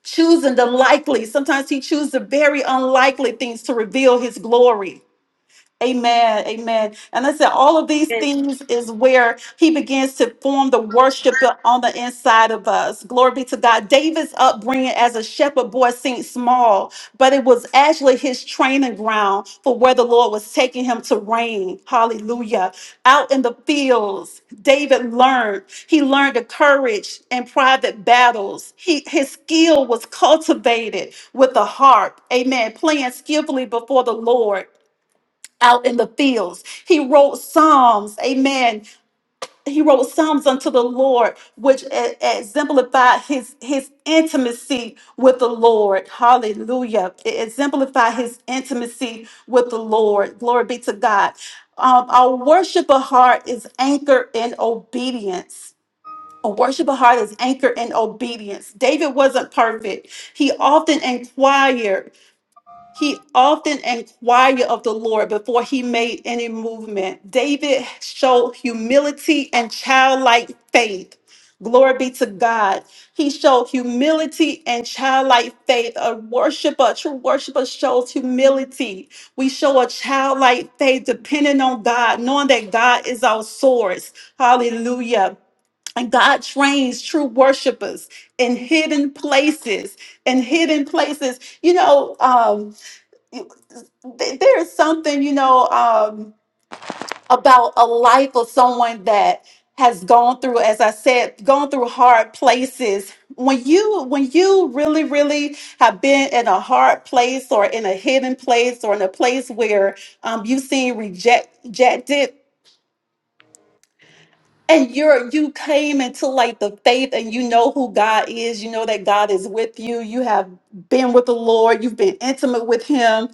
S3: Choosing the likely. Sometimes He chooses the very unlikely things to reveal His glory. Amen. Amen. And listen, all of these things is where he begins to form the worship on the inside of us. Glory be to God. David's upbringing as a shepherd boy seemed small, but it was actually his training ground for where the Lord was taking him to reign. Hallelujah. Out in the fields, David learned. He learned the courage in private battles. He, his skill was cultivated with the harp. Amen. Playing skillfully before the Lord out in the fields. He wrote psalms. Amen. He wrote psalms unto the Lord, which e- exemplified his his intimacy with the Lord. Hallelujah! It exemplified his intimacy with the Lord. Glory be to God. Um, our worship of heart is anchored in obedience. A worship of heart is anchored in obedience. David wasn't perfect. He often inquired he often inquired of the Lord before he made any movement. David showed humility and childlike faith. Glory be to God. He showed humility and childlike faith. A worshiper, a true worshiper shows humility. We show a childlike faith depending on God, knowing that God is our source. Hallelujah. And God trains true worshipers in hidden places. In hidden places. You know, um, th- there's something you know um, about a life of someone that has gone through as i said gone through hard places when you when you really really have been in a hard place or in a hidden place or in a place where um, you've seen reject- rejected and you're you came into like the faith and you know who god is you know that god is with you you have been with the lord you've been intimate with him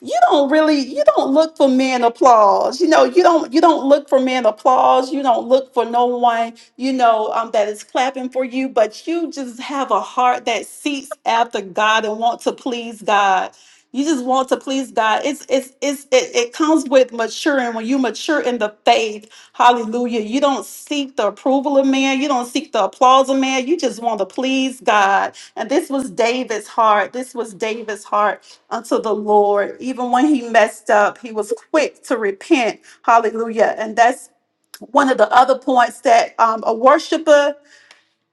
S3: you don't really you don't look for men applause you know you don't you don't look for men applause you don't look for no one you know um, that is clapping for you but you just have a heart that seeks after god and want to please god you just want to please god it's it's, it's it, it comes with maturing when you mature in the faith hallelujah you don't seek the approval of man you don't seek the applause of man you just want to please god and this was david's heart this was david's heart unto the Lord. Even when he messed up, he was quick to repent. Hallelujah. And that's one of the other points that um, a worshiper,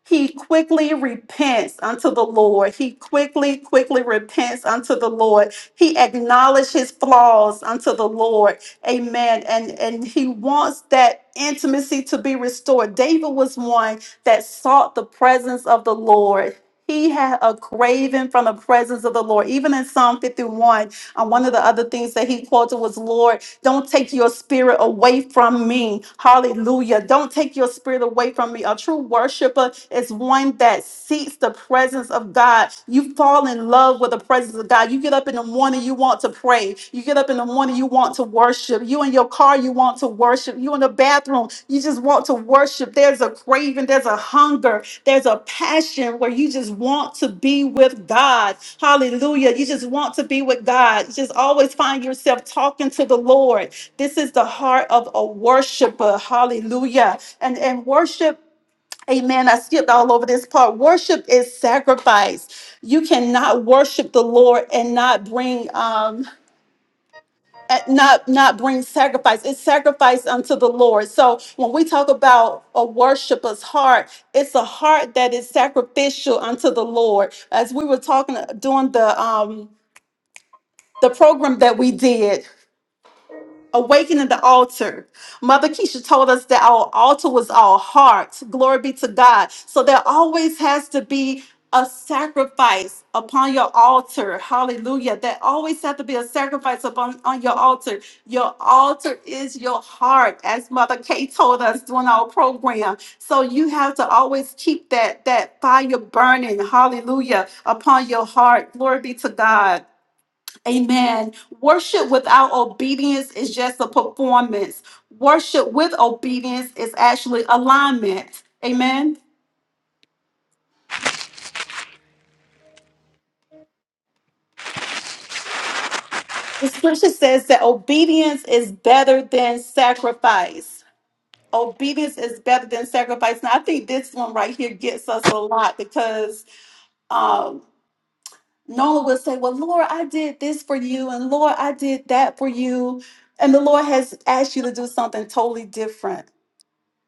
S3: he quickly repents unto the Lord. He quickly, quickly repents unto the Lord. He acknowledges his flaws unto the Lord. Amen. And and he wants that intimacy to be restored. David was one that sought the presence of the Lord. He had a craving from the presence of the Lord. Even in Psalm 51, uh, one of the other things that he quoted was, Lord, don't take your spirit away from me. Hallelujah. Don't take your spirit away from me. A true worshiper is one that seeks the presence of God. You fall in love with the presence of God. You get up in the morning, you want to pray. You get up in the morning morning you want to worship you in your car you want to worship you in the bathroom you just want to worship there's a craving there's a hunger there's a passion where you just want to be with god hallelujah you just want to be with god you just always find yourself talking to the lord this is the heart of a worshiper hallelujah and and worship Amen. I skipped all over this part. Worship is sacrifice. You cannot worship the Lord and not bring. um uh, not not bring sacrifice it's sacrifice unto the lord so when we talk about a worshiper's heart it's a heart that is sacrificial unto the lord as we were talking uh, during the um the program that we did Awakening the altar. Mother Keisha told us that our altar was our heart. Glory be to God. So there always has to be a sacrifice upon your altar. Hallelujah. There always has to be a sacrifice upon on your altar. Your altar is your heart, as Mother Kay told us during our program. So you have to always keep that that fire burning. Hallelujah. Upon your heart. Glory be to God. Amen. Worship without obedience is just a performance. Worship with obedience is actually alignment. Amen. The scripture says that obedience is better than sacrifice. Obedience is better than sacrifice. Now, I think this one right here gets us a lot because um, Noah will say, Well, Lord, I did this for you, and Lord, I did that for you. And the Lord has asked you to do something totally different.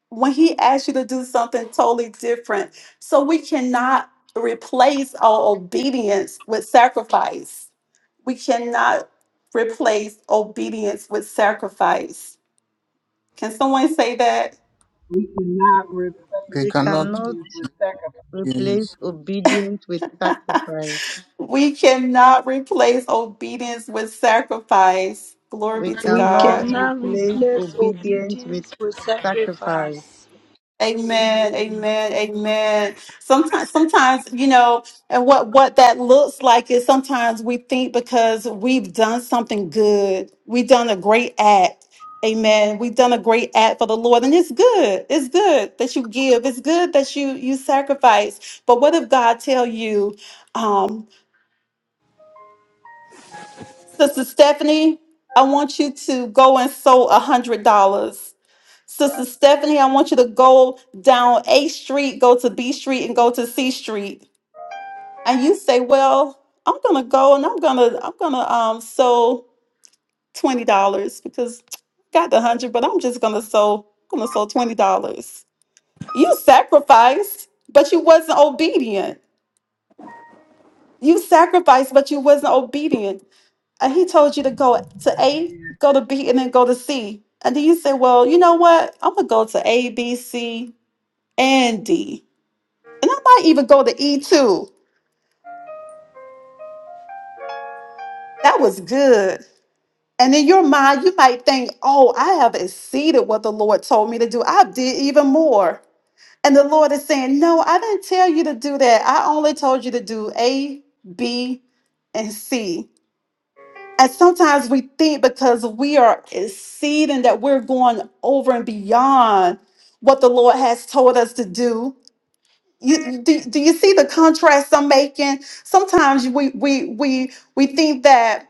S3: when he asks you to do something totally different. So we cannot replace our obedience with sacrifice. We cannot replace obedience with sacrifice. Can someone say that?
S6: We cannot replace
S1: they
S7: We
S1: cannot.
S7: cannot
S6: obedience with sacrifice.
S7: replace
S1: Yes.
S7: obedience with sacrifice.
S3: We cannot replace obedience with sacrifice. Glory
S7: We
S3: be to
S2: We
S7: cannot
S3: God.
S2: cannot
S7: replace
S2: replace
S7: obedience with
S2: obedience with
S7: sacrifice.
S2: sacrifice.
S3: Amen. Amen. Amen. Sometimes, sometimes, you know, and what, what that looks like is sometimes we think because we've done something good, we've done a great act. Amen. We've done a great act for the Lord. And it's good. It's good that you give. It's good that you, you sacrifice. But what if God tell you, um, Sister Stephanie, I want you to go and sow a hundred dollars. Sister Stephanie, I want you to go down A Street, go to B Street, and go to C Street. And you say, Well, I'm gonna go and I'm gonna I'm gonna um sew twenty dollars because I got the hundred, but I'm just gonna sew I'm gonna sew twenty dollars. You sacrificed, but you wasn't obedient. You sacrificed, but you wasn't obedient. And he told you to go to A, go to B, and then go to C. And then you say, Well, you know what? I'm gonna go to A, B, C, and D And I might even go to E2. That was good. And in your mind, you might think, oh, I have exceeded what the Lord told me to do. I did even more. And the Lord is saying, no, I didn't tell you to do that. I only told you to do A, B, and C. And sometimes we think because we are exceeding that we're going over and beyond what the Lord has told us to do You you- do, do you see the contrast I'm making? Sometimes we we we we think that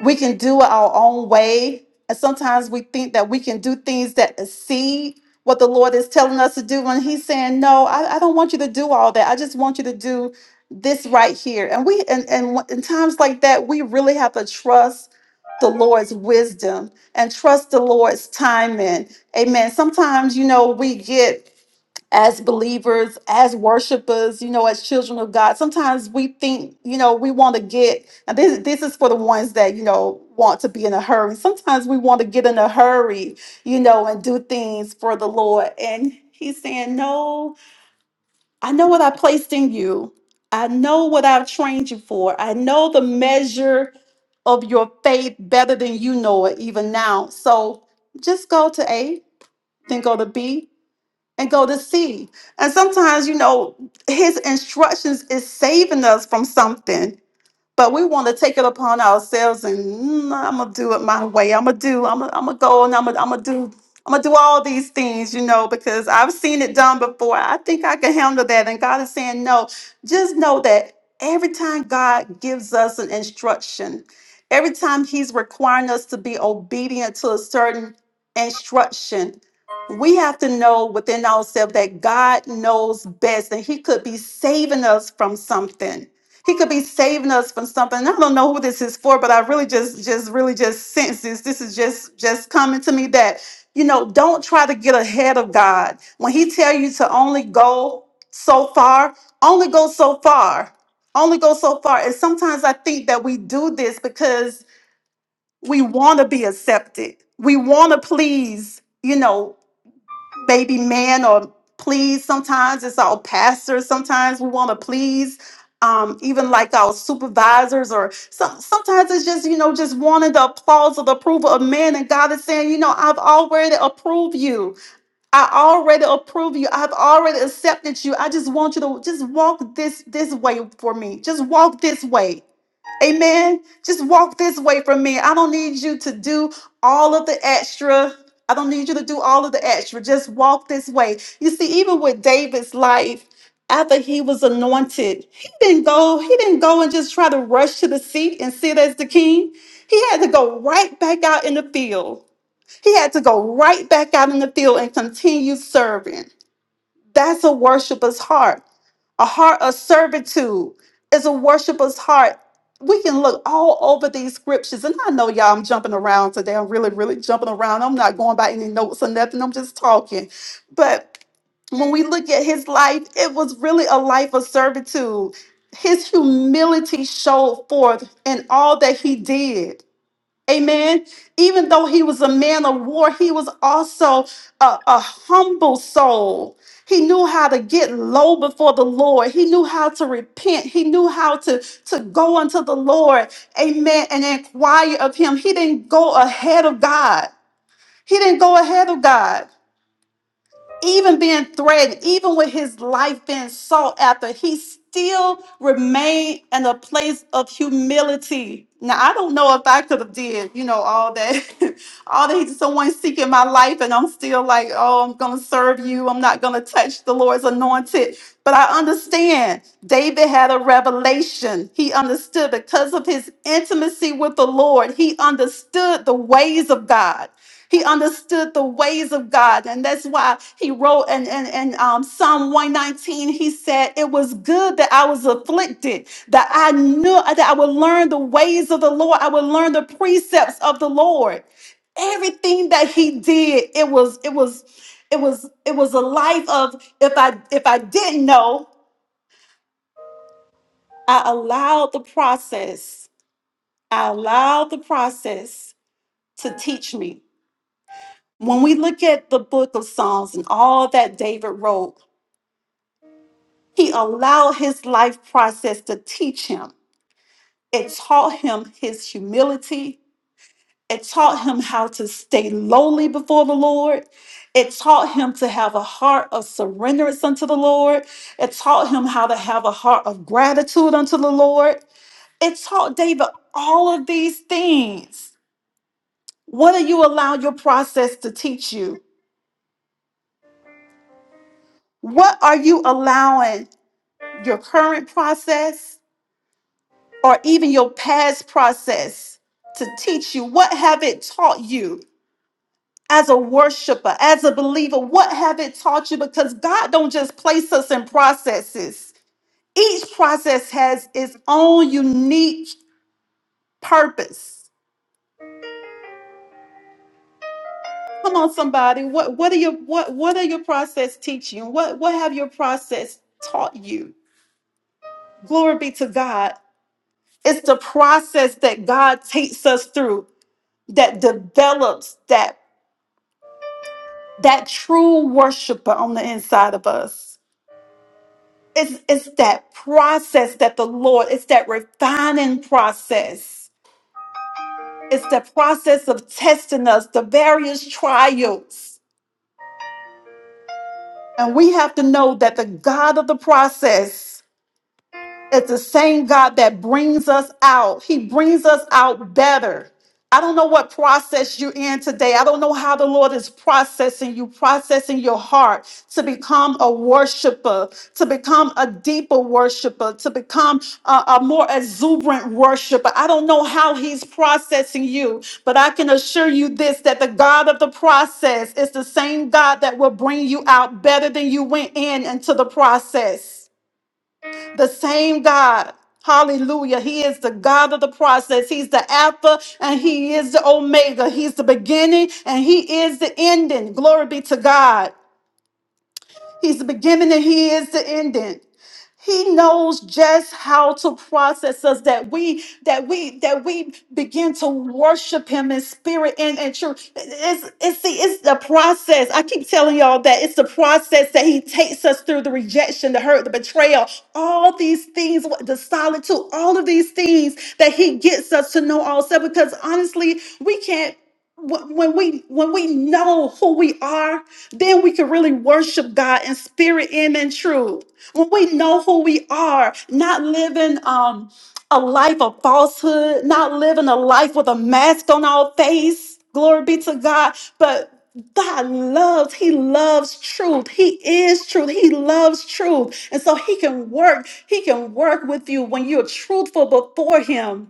S3: we can do it our own way, and sometimes we think that we can do things that exceed what the Lord is telling us to do. And He's saying, "No, I, I don't want you to do all that. I just want you to do this right here." And we and and when- in times like that, we really have to trust the Lord's wisdom and trust the Lord's timing. Amen. Sometimes you know we get as believers, as worshipers, you know, as children of God. Sometimes we think, you know, we want to get, and this, this is for the ones that, you know, want to be in a hurry. Sometimes we want to get in a hurry, you know, and do things for the Lord. And He's saying, No, I know what I placed in you. I know what I've trained you for. I know the measure of your faith better than you know it even now. So just go to A, then go to B, and go to see. And sometimes, you know, his instructions is saving us from something but we want to take it upon ourselves and "Mm, I'm gonna do it my way. I'm gonna do. I'm gonna, I'm gonna go and I'm gonna, I'm gonna do. I'm gonna do all these things, you know, because I've seen it done before. I think I can handle that. And God is saying, no. Just know that every time God gives us an instruction, every time He's requiring us to be obedient to a certain instruction, we have to know within ourselves that God knows best, and He could be saving us from something. He could be saving us from something. And I don't know who this is for, but I really just, just, really just sense this. This is just, just coming to me that you know, don't try to get ahead of God. When He tell you to only go so far, only go so far, only go so far. And sometimes I think that we do this because we want to be accepted. We want to please. You know, Baby man or please sometimes it's our pastors sometimes we want to please um, even like our supervisors or some, sometimes it's just you know just wanting the applause or the approval of men and god is saying you know i've already approved you i already approve you i've already accepted you i just want you to just walk this this way for me just walk this way Amen. Just walk this way from me. I don't need you to do all of the extra. I don't need you to do all of the extra. Just walk this way. You see, even with David's life, after he was anointed, he didn't go, he didn't go and just try to rush to the seat and sit as the king. He had to go right back out in the field. He had to go right back out in the field and continue serving. That's a worshiper's heart a heart of servitude is a worshiper's heart. We can look all over these scriptures, and I know y'all. I'm jumping around today. I'm really, really jumping around. I'm not going by any notes or nothing. I'm just talking. But when we look at his life, it was really a life of servitude. His humility showed forth in all that he did. Amen. Even though he was a man of war, he was also a, a humble soul. He knew how to get low before the Lord. He knew how to repent. He knew how to, to go unto the Lord. Amen. And inquire of him. He didn't go ahead of God. He didn't go ahead of God even being threatened, even with his life being sought after, he still remained in a place of humility. Now I don't know if I could have did, you know, all that, all that someone seeking my life, and I'm still like, oh, I'm gonna serve you. I'm not gonna touch the Lord's anointed. But I understand David had a revelation. He understood because of his intimacy with the Lord. He understood the ways of God. He understood the ways of God. And that's why he wrote in, in, in um, Psalm 119, he said, It was good that I was afflicted, that I knew that I would learn the ways of the Lord, I would learn the precepts of the Lord. Everything that he did, it was, it was, it was, it was a life of if I if I didn't know, I allowed the process. I allowed the process to teach me. When we look at the book of Psalms and all that David wrote, he allowed his life process to teach him. It taught him his humility. It taught him how to stay lowly before the Lord. It taught him to have a heart of surrenderance unto the Lord. It taught him how to have a heart of gratitude unto the Lord. It taught David all of these things. What do you allow your process to teach you? What are you allowing your current process or even your past process to teach you what have it taught you as a worshiper as a believer what have it taught you because god don't just place us in processes each process has its own unique purpose come on somebody what what are your what what are your process teaching you? what what have your process taught you glory be to god it's the process that god takes us through that develops that that true worshiper on the inside of us. It's it's that process that the Lord, it's that refining process. It's the process of testing us, the various trials. And we have to know that the God of the process It's the same God that brings us out. He brings us out better. I don't know what process you're in today. I don't know how the Lord is processing you, processing your heart to become a worshiper, to become a deeper worshiper, to become a, a more exuberant worshiper. I don't know how He's processing you, but I can assure you this that the God of the process is the same God that will bring you out better than you went in into the process. The same God. Hallelujah. He is the God of the process. He's the Alpha and He is the Omega. He's the beginning and He is the ending. Glory be to God. He's the beginning and he is the ending. He knows just how to process us that we that we that we begin to worship him in spirit and in truth. It's it's see it's the process. I keep telling y'all that it's the process that he takes us through the rejection, the hurt, the betrayal, all these things, the solitude, all of these things that he gets us to know all because honestly, we can't wh- when we when we know who we are then we can really worship god in spirit and in truth when we know who we are not living um a life of falsehood not living a life with a mask on our face glory be to god but God loves, He loves truth. He is truth. He loves truth. And so He can work, He can work with you when you're truthful before Him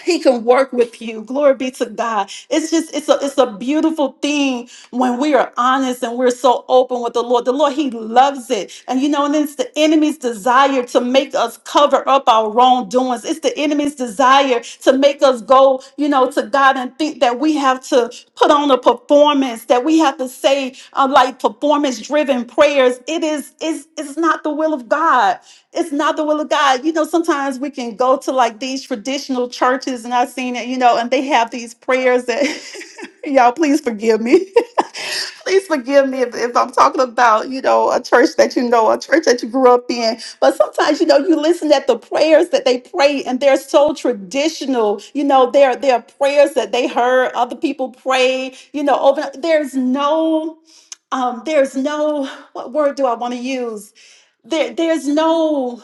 S3: he can work with you. Glory be to God. It's just it's a it's a beautiful thing when we are honest and we're so open with the Lord. The Lord He loves it, and you know, and it's the enemy's desire to make us cover up our wrongdoings. It's the enemy's desire to make us go, you know, to God and think that we have to put on a performance, that we have to say uh, like performance-driven prayers. It is it's it's not the will of God it's not the will of God. You know, sometimes we can go to like these traditional churches, and I've seen it, you know, and they have these prayers that, y'all, please forgive me. please forgive me if, if I'm talking about, you know, a church that you know, a church that you grew up in. But sometimes, you know, you listen at the prayers that they pray, and they're so traditional. You know, they're, they're prayers that they heard other people pray, you know, over. There's no, um, there's no, what word do I want to use? There, there's no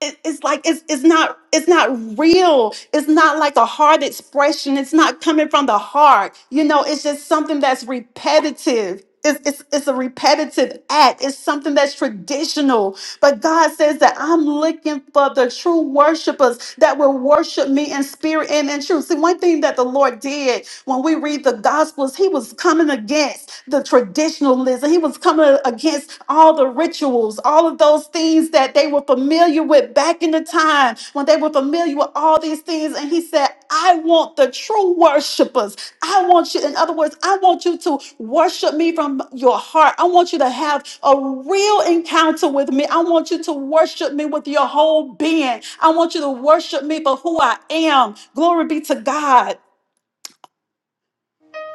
S3: it- it's like it's it's not it's not real. It's not like a heart expression. It's not coming from the heart. You know, it's just something that's repetitive. It's, it's, it's a repetitive act. It's something that's traditional. But God says that I'm looking for the true worshipers that will worship me in spirit and in truth. See, one thing that the Lord did when we read the Gospels, He was coming against the traditionalism so He was coming against all the rituals, all of those things that they were familiar with back in the time when they were familiar with all these things. And he said, I want the true worshipers. I want you, in other words, I want you to worship me from your heart. I want you to have a real encounter with me. I want you to worship me with your whole being. I want you to worship me for who I am. Glory be to God.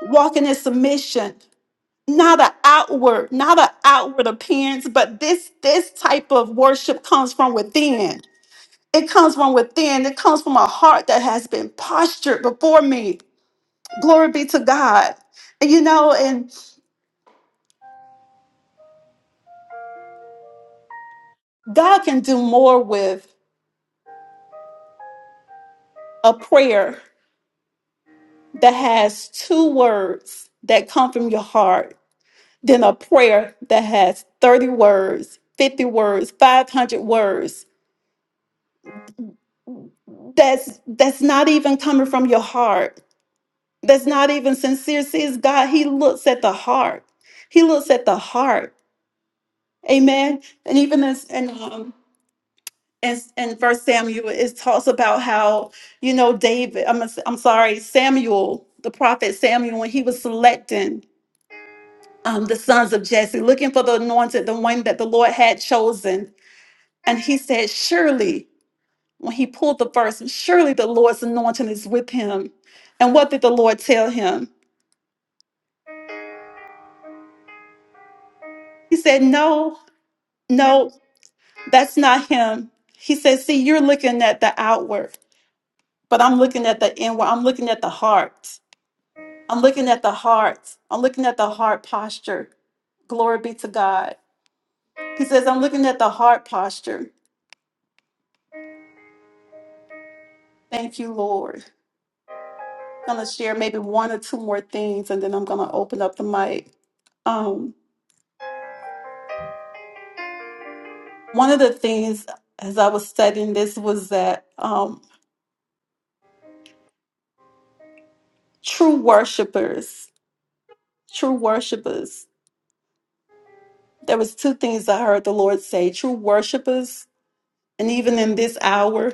S3: Walking in submission not an outward, not an outward appearance, but this this type of worship comes from within. It comes from within. It comes from a heart that has been postured before me. Glory be to God. And you know, and God can do more with a prayer that has two words that come from your heart than a prayer that has 30 words, 50 words, 500 words. That's that's not even coming from your heart that's not even sincere sees God. He looks at the heart. He looks at the heart. Amen. And even as and um and in First Samuel, it talks about how you know David. I'm I'm sorry, Samuel, the prophet Samuel, when he was selecting um the sons of Jesse, looking for the anointed, the one that the Lord had chosen, and he said, surely. When he pulled the verse, surely the Lord's anointing is with him. And what did the Lord tell him? He said, No, no, That's not him. He says, See, you're looking at the outward, but I'm looking at the inward. I'm looking at the heart. I'm looking at the heart. I'm looking at the heart posture. Glory be to God. He says, I'm looking at the heart posture. Thank you, Lord. I'm going to share maybe one or two more things and then I'm going to open up the mic. Um, one of the things as I was studying this was that um, true worshipers, true worshipers. there was two things I heard the Lord say. True worshipers, and even in this hour,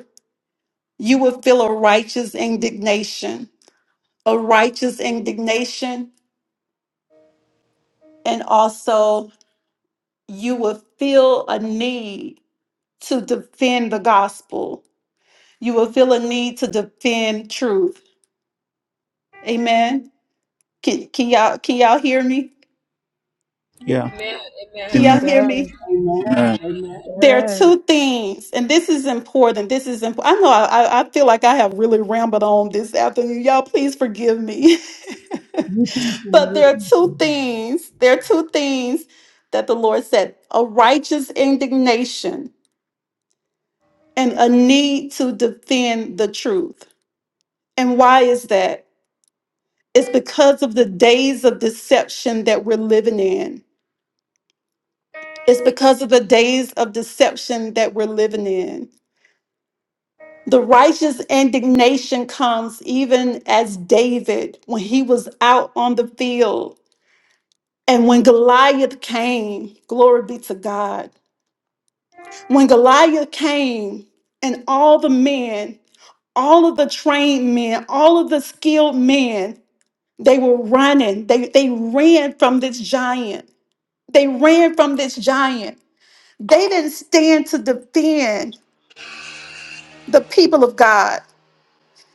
S3: you will feel a righteous indignation, a righteous indignation, and also you will feel a need to defend the gospel. You will feel a need to defend truth. Amen. Can, can y'all can y'all hear me?
S1: Yeah.
S3: Can y'all
S1: Amen.
S3: hear
S7: Yes,
S3: me?
S6: Amen.
S1: Amen.
S6: Amen.
S3: There are
S7: yes.
S3: two things, and this is important. This is important. I know I, I I feel like I have really rambled on this afternoon. Y'all, please forgive me.
S6: You teaching,
S3: but
S6: you
S3: there are
S6: teaching.
S3: two things. There are two things that the Lord said a righteous indignation and a need to defend the truth. And why is that? It's because of the days of deception that we're living in. It's because of the days of deception that we're living in. The righteous indignation comes even as David when he was out on the field and when Goliath came, glory be to God. When Goliath came and all the men, all of the trained men, all of the skilled men, they were running. They, they ran from this giant. They ran from this giant. They didn't stand to defend the people of God.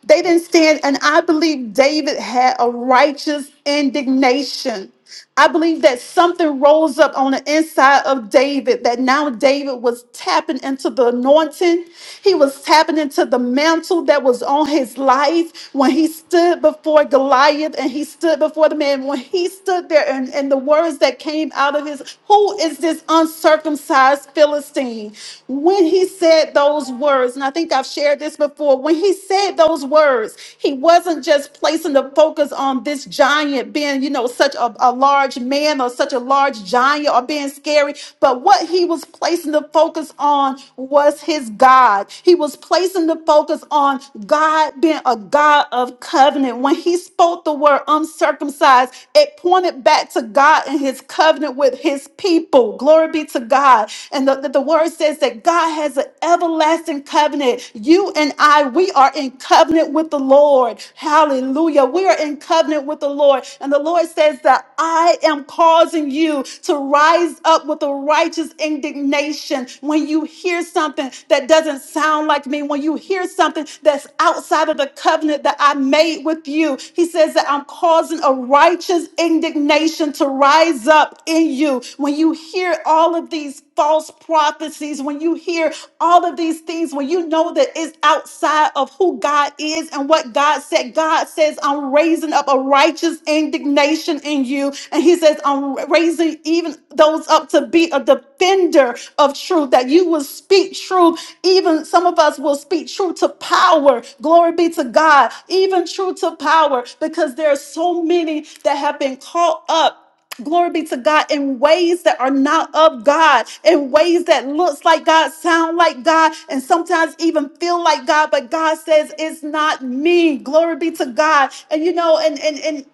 S3: They didn't stand, and I believe David had a righteous indignation. I believe that something rose up on the inside of David, that now David was tapping into the anointing. He was tapping into the mantle that was on his life when he stood before Goliath and he stood before the man. When he stood there and, and the words that came out of his, who is this uncircumcised Philistine? When he said those words, and I think I've shared this before, when he said those words, he wasn't just placing the focus on this giant being, you know, such a, a, a large man or such a large giant or being scary, but what he was placing the focus on was his God. He was placing the focus on God being a God of covenant. When he spoke the word uncircumcised, it pointed back to God and his covenant with his people. Glory be to God. And the, the, the word says that God has an everlasting covenant. You and I, we are in covenant with the Lord. Hallelujah. We are in covenant with the Lord. And the Lord word says that I am causing you to rise up with a righteous indignation when you hear something that doesn't sound like me, when you hear something that's outside of the covenant that I made with you. He says that I'm causing a righteous indignation to rise up in you. When you hear all of these false prophecies, when you hear all of these things, when you know that it's outside of who God is and what God said, God says, I'm raising up a righteous indignation in you. And He says, I'm raising even those up to be a defender of truth, that you will speak truth. Even some of us will speak truth to power. Glory be to God, even truth to power, because there are so many that have been caught up glory be to god in ways that are not of god in ways that looks like god sound like god and sometimes even feel like god but god says it's not me glory be to god and you know and and and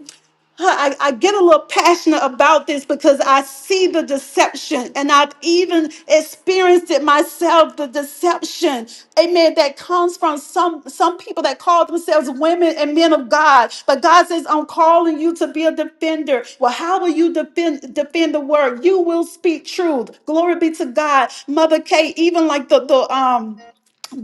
S3: Huh, I, I get a little passionate about this because I see the deception and I've even experienced it myself the deception, amen, that comes from some, some people that call themselves women and men of God. But God says, I'm calling you to be a defender. Well, how will you defend, defend the word? You will speak truth. Glory be to God. Mother Kay, even like the, the, um,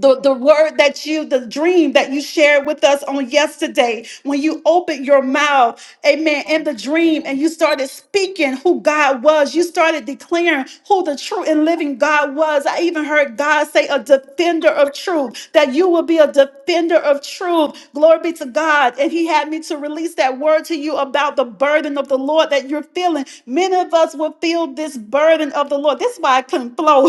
S3: the, the word that you, the dream that you shared with us on yesterday, when you opened your mouth, amen, in the dream and you started speaking who God was, you started declaring who the true and living God was. I even heard God say, a defender of truth, that you will be a defender of truth. Glory be to God. And He had me to release that word to you about the burden of the Lord that you're feeling. Many of us will feel this burden of the Lord. This is why I couldn't flow.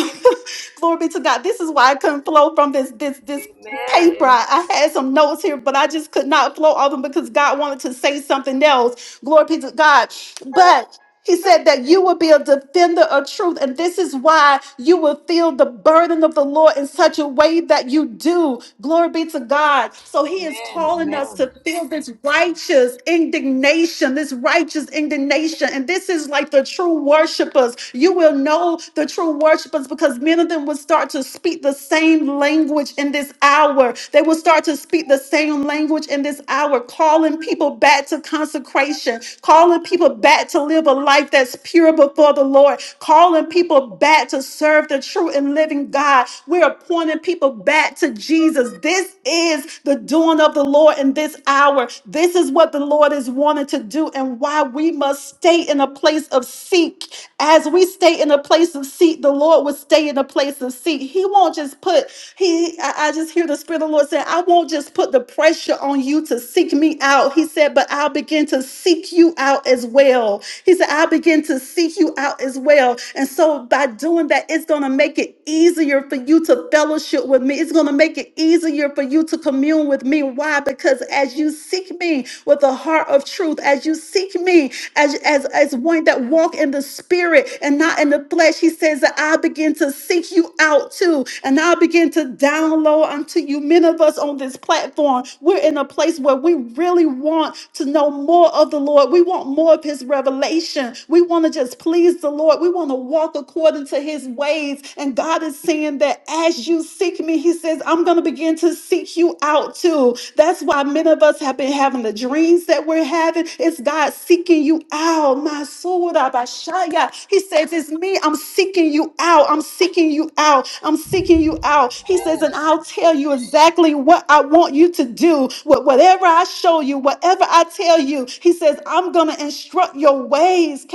S3: Glory be to God. This is why I couldn't flow from this this this paper. I, I had some notes here, but I just could not flow all of them because God wanted to say something else. Glory be to God. But he said that you will be a defender of truth, and this is why you will feel the burden of the Lord in such a way that you do. Glory be to God. So he is calling us to feel this righteous indignation, this righteous indignation and this is like the true worshipers. You will know the true worshipers because many of them will start to speak the same language in this hour. They will start to speak the same language in this hour, calling people back to consecration, calling people back to live a life that's pure before the Lord, calling people back to serve the true and living God. We're pointing people back to Jesus. This is the doing of the Lord in this hour. This this is what the Lord is wanting to do and why we must stay in a place of seek. As we stay in a place of seek, the Lord will stay in a place of seek. He won't just put, he I, I just hear the Spirit of the Lord saying, I won't just put the pressure on you to seek me out. He said, but I'll begin to seek you out as well. He said, I'll begin to seek you out as well. And so by doing that, it's gonna make it easier for you to fellowship with me. It's gonna make it easier easier for you to commune with me. Why? Because as you seek me with a heart of truth, as you seek me as, as, as one that walk in the spirit and not in the flesh, he says that I begin to seek you out too. And I begin to download unto you. Many of us on this platform, we're in a place where we really want to know more of the Lord. We want more of his revelation. We want to just please the Lord. We want to walk according to his ways. And God God is saying that as you seek me, He says, I'm going to begin to seek you out too. That's why many of us have been having the dreams that we're having. It's God seeking you out. My soul, Abashaya. He says, It's me. I'm seeking you out. I'm seeking you out. I'm seeking you out. He says, And I'll tell you exactly what I want you to do. Wh- Whatever I show you, whatever I tell you, He says, I'm going to instruct your ways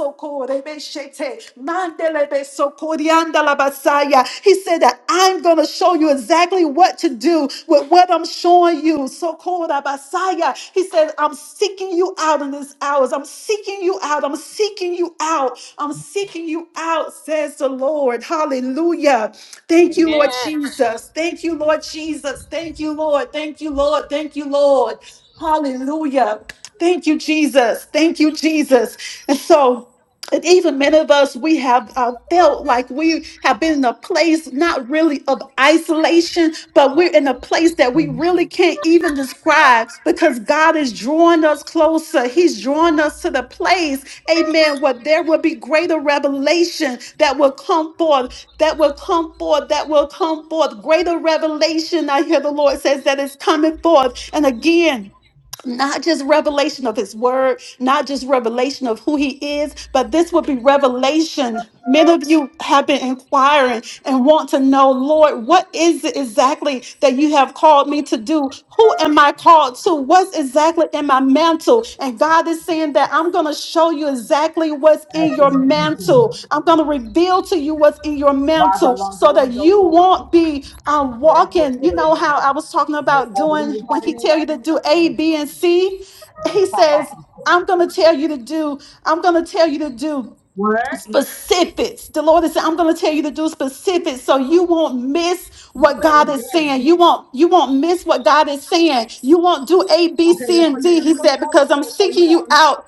S3: soko rebe mandelebe soko rianda la basaya. He said that I'm going to show you exactly what to do with what I'm showing you. Soko ra basaya. He said, I'm seeking you out in these hours. I'm seeking you out. I'm seeking you out. I'm seeking you out, says the Lord. Hallelujah. Thank you,
S5: Amen.
S3: Lord Jesus. Thank you, Lord Jesus. Thank you, Lord. Thank you, Lord. Thank you, Lord. Hallelujah. Thank you, Jesus. Thank you, Jesus. And so, and even many of us, we have uh, felt like we have been in a place not really of isolation, but we're in a place that we really can't even describe because God is drawing us closer. He's drawing us to the place, amen, where there will be greater revelation that will come forth, that will come forth, that will come forth. Greater revelation, I hear the Lord says, that is coming forth. And again, not just revelation of his word, not just revelation of who he is, but this would be revelation. Many of you have been inquiring and want to know, Lord, what is it exactly that you have called me to do? Who am I called to? What's exactly in my mantle? And God is saying that. I'm going to show you exactly what's
S6: I
S3: in your
S6: think you teaching.
S3: mantle. I'm going to reveal to you what's in your
S6: Why is
S3: mantle
S6: our laundry
S3: so that
S6: room door
S3: you
S6: closed?
S3: won't be
S6: If
S3: um,
S6: it ain't quick,
S3: walking.
S6: if it
S3: You know
S6: ain't
S3: how
S6: done.
S3: I was talking about
S6: I believe
S3: doing
S6: it's
S3: when
S6: by the
S3: he
S6: hand
S3: tell you
S6: I
S3: to
S6: do,
S3: do
S6: that's
S3: A,
S6: on
S3: B,
S6: the
S3: and C?
S6: Just
S3: He
S6: pop off
S3: says,
S6: and quick.
S3: I'm going to tell you to do, I'm going to tell you to do
S6: What?
S3: specifics. The Lord is saying, I'm going to tell you to do specifics so you won't miss
S6: You
S3: what
S6: say
S3: God
S6: it
S3: is
S6: did.
S3: saying. You won't you won't miss what God is saying. You won't do A, B,
S6: Okay,
S3: C,
S6: that's
S3: and
S6: what you
S3: D.
S6: should
S3: He
S6: have
S3: said,
S6: told Coach.
S3: because
S6: You
S3: I'm
S6: said, police
S3: seeking you
S6: up.
S3: out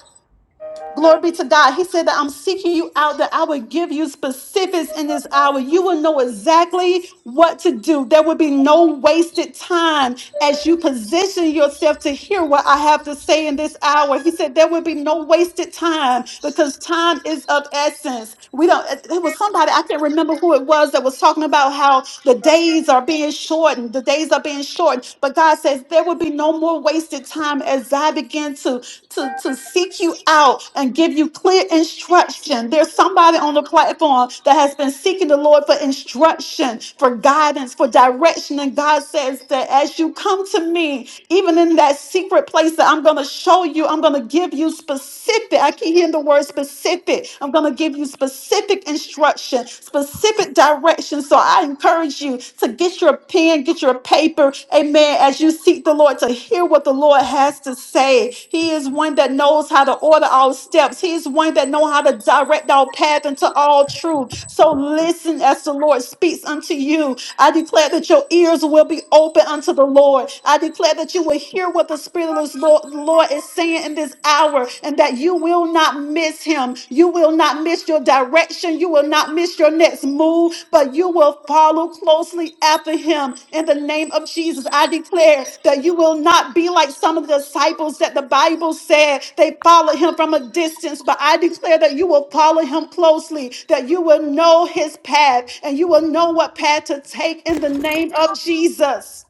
S3: Glory be to God. He said that I'm seeking you out, that I will give you specifics in this hour. You will know exactly what to do. There will be no wasted time as you position yourself to hear what I have to say in this hour. He said there will be no wasted time because time is of essence. We don't, it was somebody, I can't remember who it was that was talking about how the days are being shortened. The days are being shortened. But God God says there will be no more wasted time as I begin to, to, to seek you out and give you clear instruction. There's somebody on the platform that has been seeking the Lord for instruction, for guidance, for direction. And God says that as you come to me, even in that secret place that I'm going to show you, I'm going to give you specific. I keep hearing the word specific. I'm going to give you specific instruction, specific directions. So I encourage you to get your pen, get your paper, amen, as you seek the Lord to hear what the Lord has to say. He is one that knows how to order our steps. He is one that knows how to direct our path into all truth. So listen as the Lord speaks unto you. I declare that your ears will be open unto the Lord. I declare that you will hear what the Spirit of the Lord Lord is saying in this hour and that you will not miss him. You will not miss your direction. You will not miss your next move, but you will follow closely after him. In the name of Jesus, I declare that you will not be like some of the disciples that the Bible said they followed him from a distance, but I declare that you will follow him closely, that you will know his path and you will know what path to take in the name of Jesus.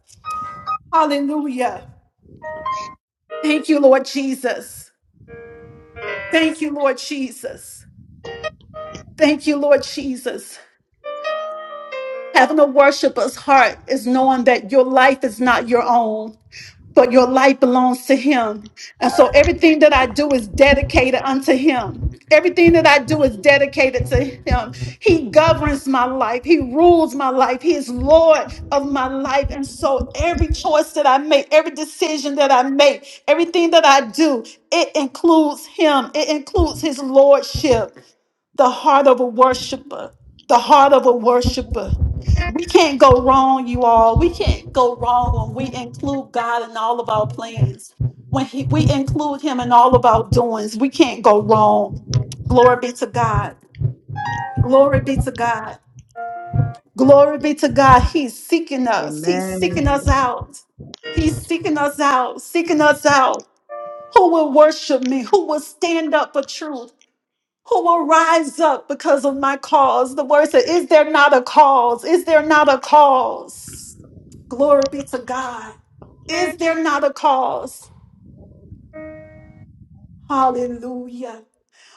S3: Hallelujah. Thank you, Lord Jesus. Thank you, Lord Jesus. Thank you, Lord Jesus. Having a worshiper's heart is knowing that your life is not your own, but your life belongs to Him. And so everything that I do is dedicated unto Him. Everything that I do is dedicated to Him. He governs my life, He rules my life, He is Lord of my life. And so every choice that I make, every decision that I make, everything that I do, it includes Him, it includes His Lordship the heart of a worshiper, the heart of a worshiper. We can't go wrong, you all. We can't go wrong when we include God in all of our plans. When he, we include Him in all of our doings, we can't go wrong. Glory be to God. Glory be to God. Glory be to God. He's seeking us. He's seeking us
S7: Amen.
S3: out. He's seeking us out, seeking us out. Who will worship me? Who will stand up for truth? who will rise up because of my cause. The word said, Is there not a cause? Is there not a cause? Glory be to God. Is there not a cause? Hallelujah.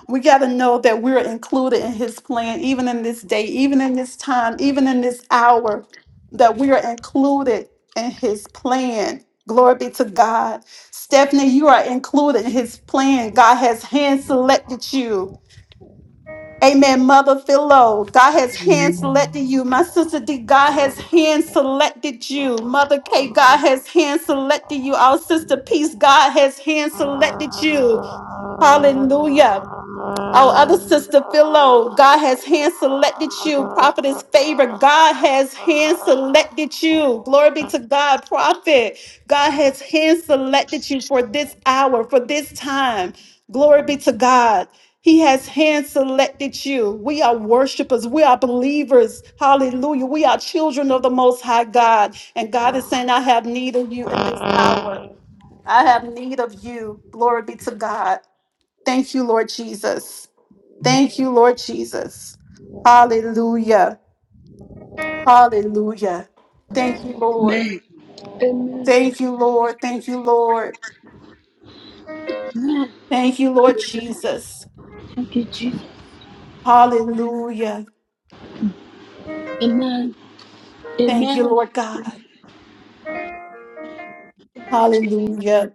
S3: We got to know that we're included in his plan, even in this day, even in this time, even in this hour, that we are included in his plan. Glory be to God. Stephanie, you are included in his plan. God has hand selected you. Amen. Mother Philo, God has hand selected you. My sister D, God has hand selected you. Mother K, God has hand selected you. Our sister Peace, God has hand selected you. Hallelujah. Our other sister, Philo, God has hand selected you. Prophet is favored. God has hand selected you. Glory be to God, prophet. God has hand selected you for this hour, for this time. Glory be to God. He has hand selected you. We are worshipers. We are believers. Hallelujah. We are children of the Most High God. And God is saying, I have need of you in this hour. I have need of you. Glory be to God. Thank you, Lord Jesus. Thank you, Lord Jesus. Hallelujah. Hallelujah. Thank you, Lord.
S2: Amen.
S3: Thank you, Lord. Thank you, Lord. Thank you, Lord Jesus.
S2: Thank you, Jesus.
S3: Hallelujah.
S2: Amen.
S3: Thank you,
S2: Amen.
S3: Lord God. Hallelujah.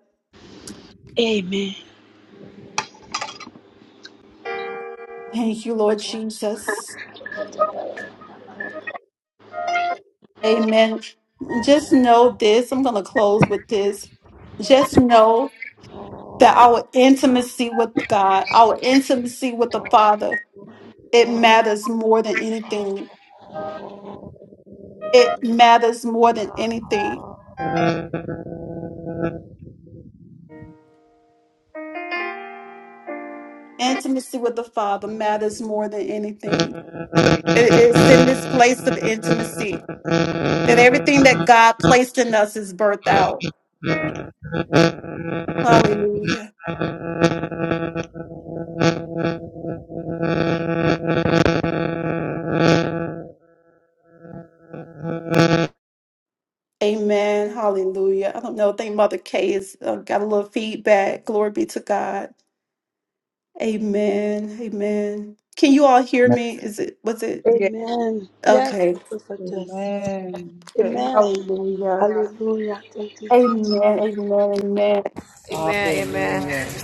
S2: Amen.
S3: Thank you, Lord Jesus. Amen. Just know this. I'm going to close with this. Just know that our intimacy with God, our intimacy with the Father, it matters more than anything it matters more than anything. Intimacy with the Father matters more than anything. It- It's in this place of intimacy that everything that God placed in us is birthed out. Hallelujah. Amen. Hallelujah. I don't know. I think Mother Kay has uh, got a little feedback. Glory be to God. Amen. Amen. Can you all hear me? Is it, was it?
S2: Amen. Yes,
S3: Okay.
S2: prophetess.
S7: Amen.
S3: Okay.
S2: Amen.
S3: Hallelujah.
S2: Hallelujah. Thank you, Jesus.
S3: Amen. Amen. Amen.
S6: Amen.
S5: Amen. Amen.
S6: Yeah. Hallelujah.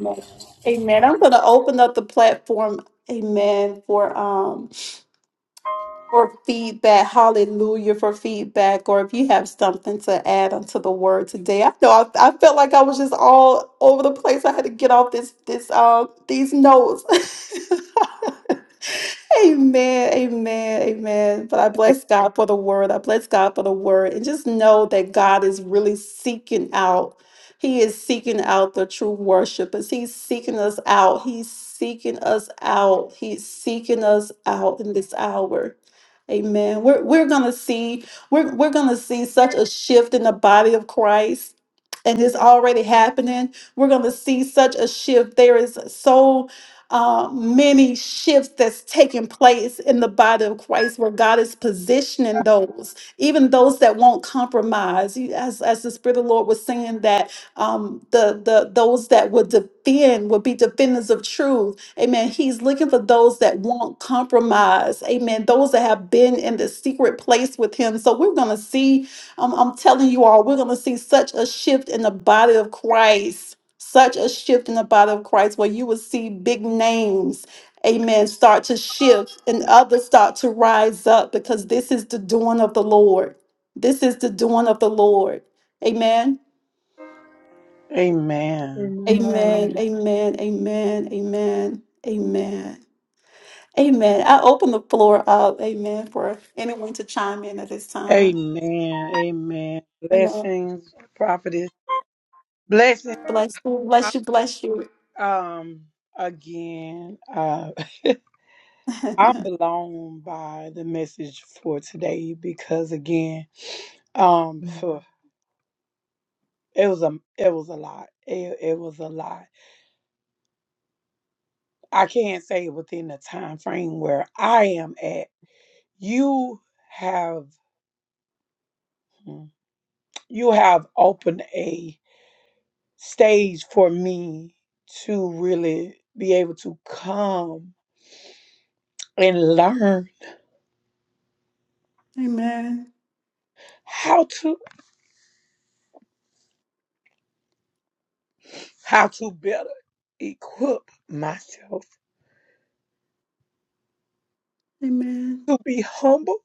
S3: Amen. Amen. I'm going to open up the platform, amen, for um for feedback. Hallelujah for feedback or if you have something to add onto the word today. I know I, I felt like I was just all over the place. I had to get off this this um these notes. Amen, amen, amen. But I bless God for the word. I bless God for the word. And just know that God is really seeking out. He is seeking out the true worshipers. He's seeking us out. He's seeking us out. He's seeking us out in this hour. Amen. We're we're gonna see, we're we're gonna see such a shift in the body of Christ and it's already happening. We're going to see such a shift. There is so uh, many shifts that's taking place in the body of Christ where God is positioning those, even those that won't compromise. You- As, as the Spirit of the Lord was saying that um, the, the those that would defend would be defenders of truth. Amen. He's looking for those that won't compromise. Amen. Those that have been in the secret place with him. So we're going to see I'm, I'm telling you all, we're going to see such a shift in the body of Christ, such a shift in the body of Christ where you will see big names, amen, start to shift and others start to rise up because this is the doing of the Lord. This is the doing of the Lord. Amen.
S6: Amen.
S3: Amen.
S7: Amen.
S3: Amen. Amen. Amen. Amen. Amen. I open the floor up, amen, for anyone to chime in at this time.
S6: Amen. Amen.
S3: Amen.
S6: Blessings, prophetess. Blessings.
S3: Bless you. Bless you. Bless
S6: Um, again, uh,
S3: you.
S6: I'm blown by the message for today because again, um, phew, it was a it was a lot. It, it was a lot. I can't say within the time frame where I am at. You have hmm, you have opened a stage for me to really be able to come and learn
S3: Amen.
S6: how to how to better equip myself
S3: Amen.
S6: to be humble,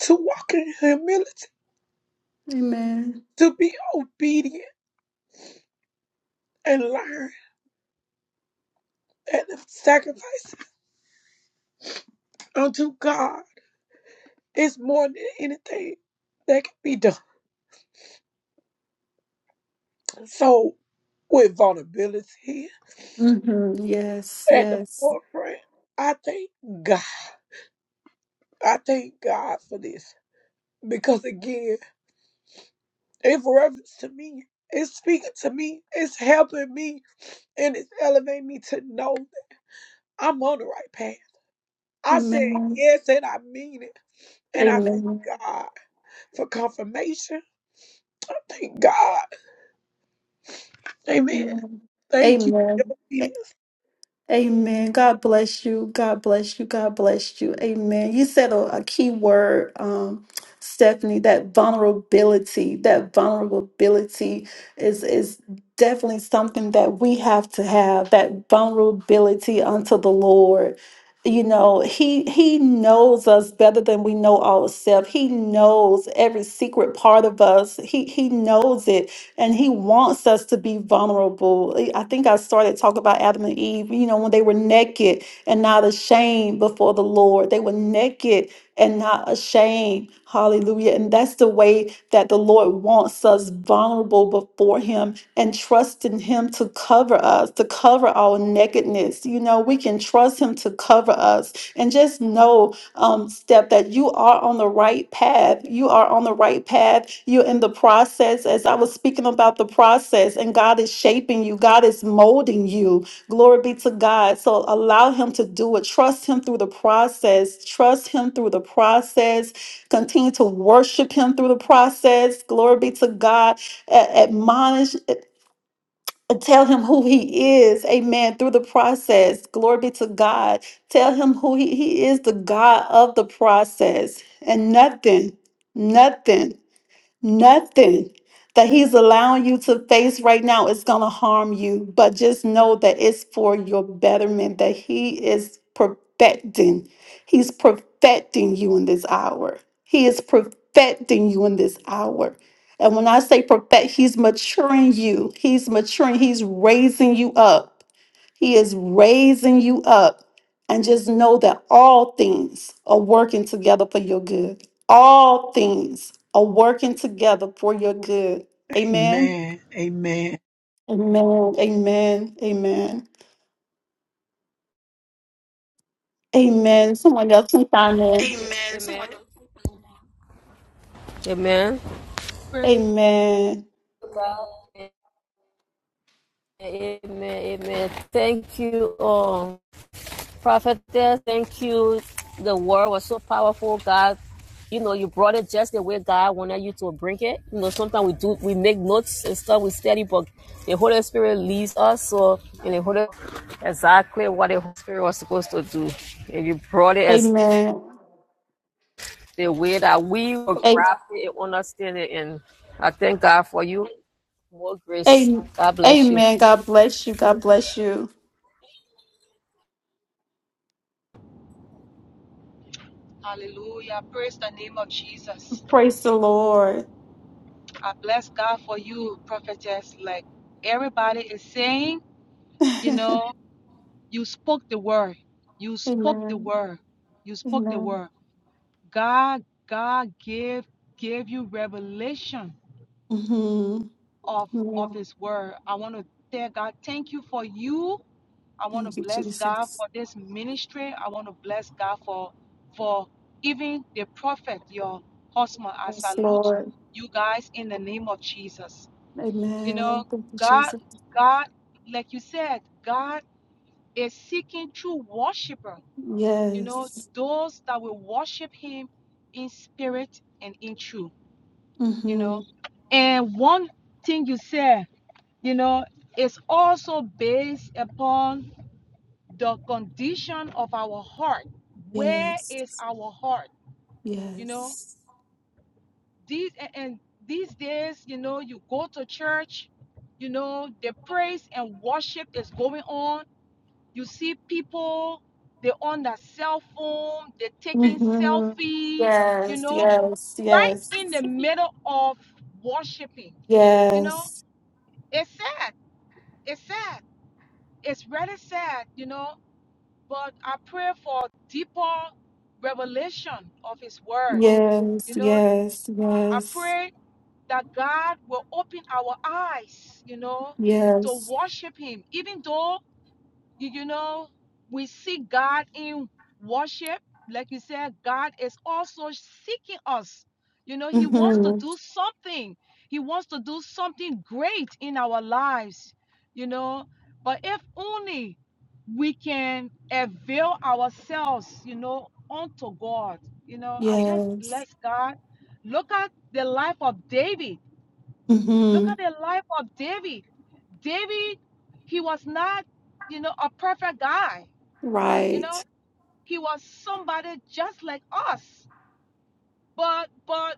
S6: to walk in humility,
S3: Amen.
S6: to be obedient and learn that the sacrifice unto God is more than anything that can be done. So with vulnerability
S3: hmm Yes.
S6: at the
S3: Yes.
S6: forefront, I thank God. I thank God for this. because again, in reference to me, it's speaking to me, it's helping me, and it's elevating me to know that I'm on the right path. I said
S3: Amen.
S6: yes, and I mean it, and I thank
S3: Amen.
S6: God for confirmation. I thank God, Amen.
S3: Amen.
S6: Thank you for your
S3: Amen.
S6: obedience.
S3: Amen. God bless you. God bless you. God bless you. Amen. You said a, a key word, um, Stephanie, that vulnerability. That vulnerability is is definitely something that we have to have, that vulnerability unto the Lord. You know, He He knows us better than we know ourselves. He knows every secret part of us. He He knows it and he wants us to be vulnerable. I I think I started talking about Adam and Eve, you know, when they were naked and not ashamed before the Lord. They were naked and not ashamed. Hallelujah. And that's the way that the Lord wants us vulnerable before him and trusting him to cover us, to cover our nakedness. You know, we can trust him to cover us and just know um, step that you are on the right path. You are on the right path. You're in the process. As I was speaking about the process, and God is shaping you, God is molding you. Glory be to God. So allow Him to do it. Trust Him through the process. Trust Him through the process. Continue to worship Him through the process. Glory be to God. A- admonish Tell him who he is, amen, through the process. Glory be to God. Tell him who he, he is, the God of the process. And nothing, nothing Nothing that he's allowing you to face right now is going to harm you, but just know that it's for your betterment, that he is perfecting. He's perfecting you in this hour. He is perfecting you in this hour. And when I say perfect, he's maturing you. He's maturing. He's raising you up. He is raising you up. And just know that all things are working together for your good. All things are working together for your good. Amen.
S6: Amen. Amen.
S3: Amen. Amen. Amen. Amen. Someone else can chime in.
S5: Amen. Somebody- Amen.
S8: Praise,
S3: Amen.
S5: Amen. Amen. Amen. Thank you all. Prophetess, thank you. The word was so powerful. God, you know, you brought it just the way God wanted you to bring it. You know, sometimes we do, we make notes and stuff, we study, but the Holy Spirit leads us. So, and the Holy exactly what the Holy Spirit was supposed to do. And you brought it as
S3: Amen.
S5: the way that we will
S3: A-
S5: grasp it and understand it. And I thank God for you. More grace.
S3: a-
S5: God bless you.
S3: Amen. God bless you. God bless you.
S8: hallelujah. Praise the name of Jesus.
S3: Praise the Lord.
S8: I bless God for you, prophetess. Like everybody is saying, you
S3: amen.
S8: know, you spoke the word. You spoke the word. You spoke the
S3: Mm-hmm.
S8: word. God, God gave gave you revelation
S3: Amen.
S8: of of
S3: hmm
S8: his word. I want to tell God, thank you for you I want to
S3: Thank you,
S8: bless God
S3: Jesus.
S8: for this ministry. I want to bless God for for even the prophet, your husband. I
S3: Yes,
S8: salute
S3: Lord.
S8: you guys in the name of Jesus. You
S3: Amen.
S8: know,
S3: Thank you,
S8: God,
S3: Jesus.
S8: God, like you said, God is seeking true worshiper. You know,
S3: Yes.
S8: those that will worship Him in spirit and in truth. You know,
S3: Mm-hmm.
S8: and one thing you said, you know, is also based upon the condition of our heart. Where
S3: Yes.
S8: is our heart? You know,
S3: Yes.
S8: these and, and these days, you know, you go to church, you know, the praise and worship is going on. You see people, they're on their cell phone, they're taking
S3: Mm-hmm.
S8: selfie, you
S3: Yes.
S8: know,
S3: Yes.
S8: right
S3: Yes.
S8: in the middle of worshiping. You know,
S3: Yes.
S8: it's sad. It's sad. It's really sad, you know But I pray for deeper revelation of His Word.
S3: Yes.
S8: You know,
S3: Yes.
S8: I
S3: Yes.
S8: pray that God will open our eyes, you know, to
S3: Yes.
S8: worship Him, even though you, you know, we see God in worship. Like you said, God is also seeking us. You know, He wants to
S3: Mm-hmm.
S8: do something, He wants to do something great in our lives, you know. But if only we can avail ourselves, you know, unto God, you know, I just
S3: Yes.
S8: bless God. Look at the life of David Look
S3: Mm-hmm.
S8: at the life of David. David, he was not, you know, a perfect guy. You know,
S3: Right.
S8: he was somebody just like us. But but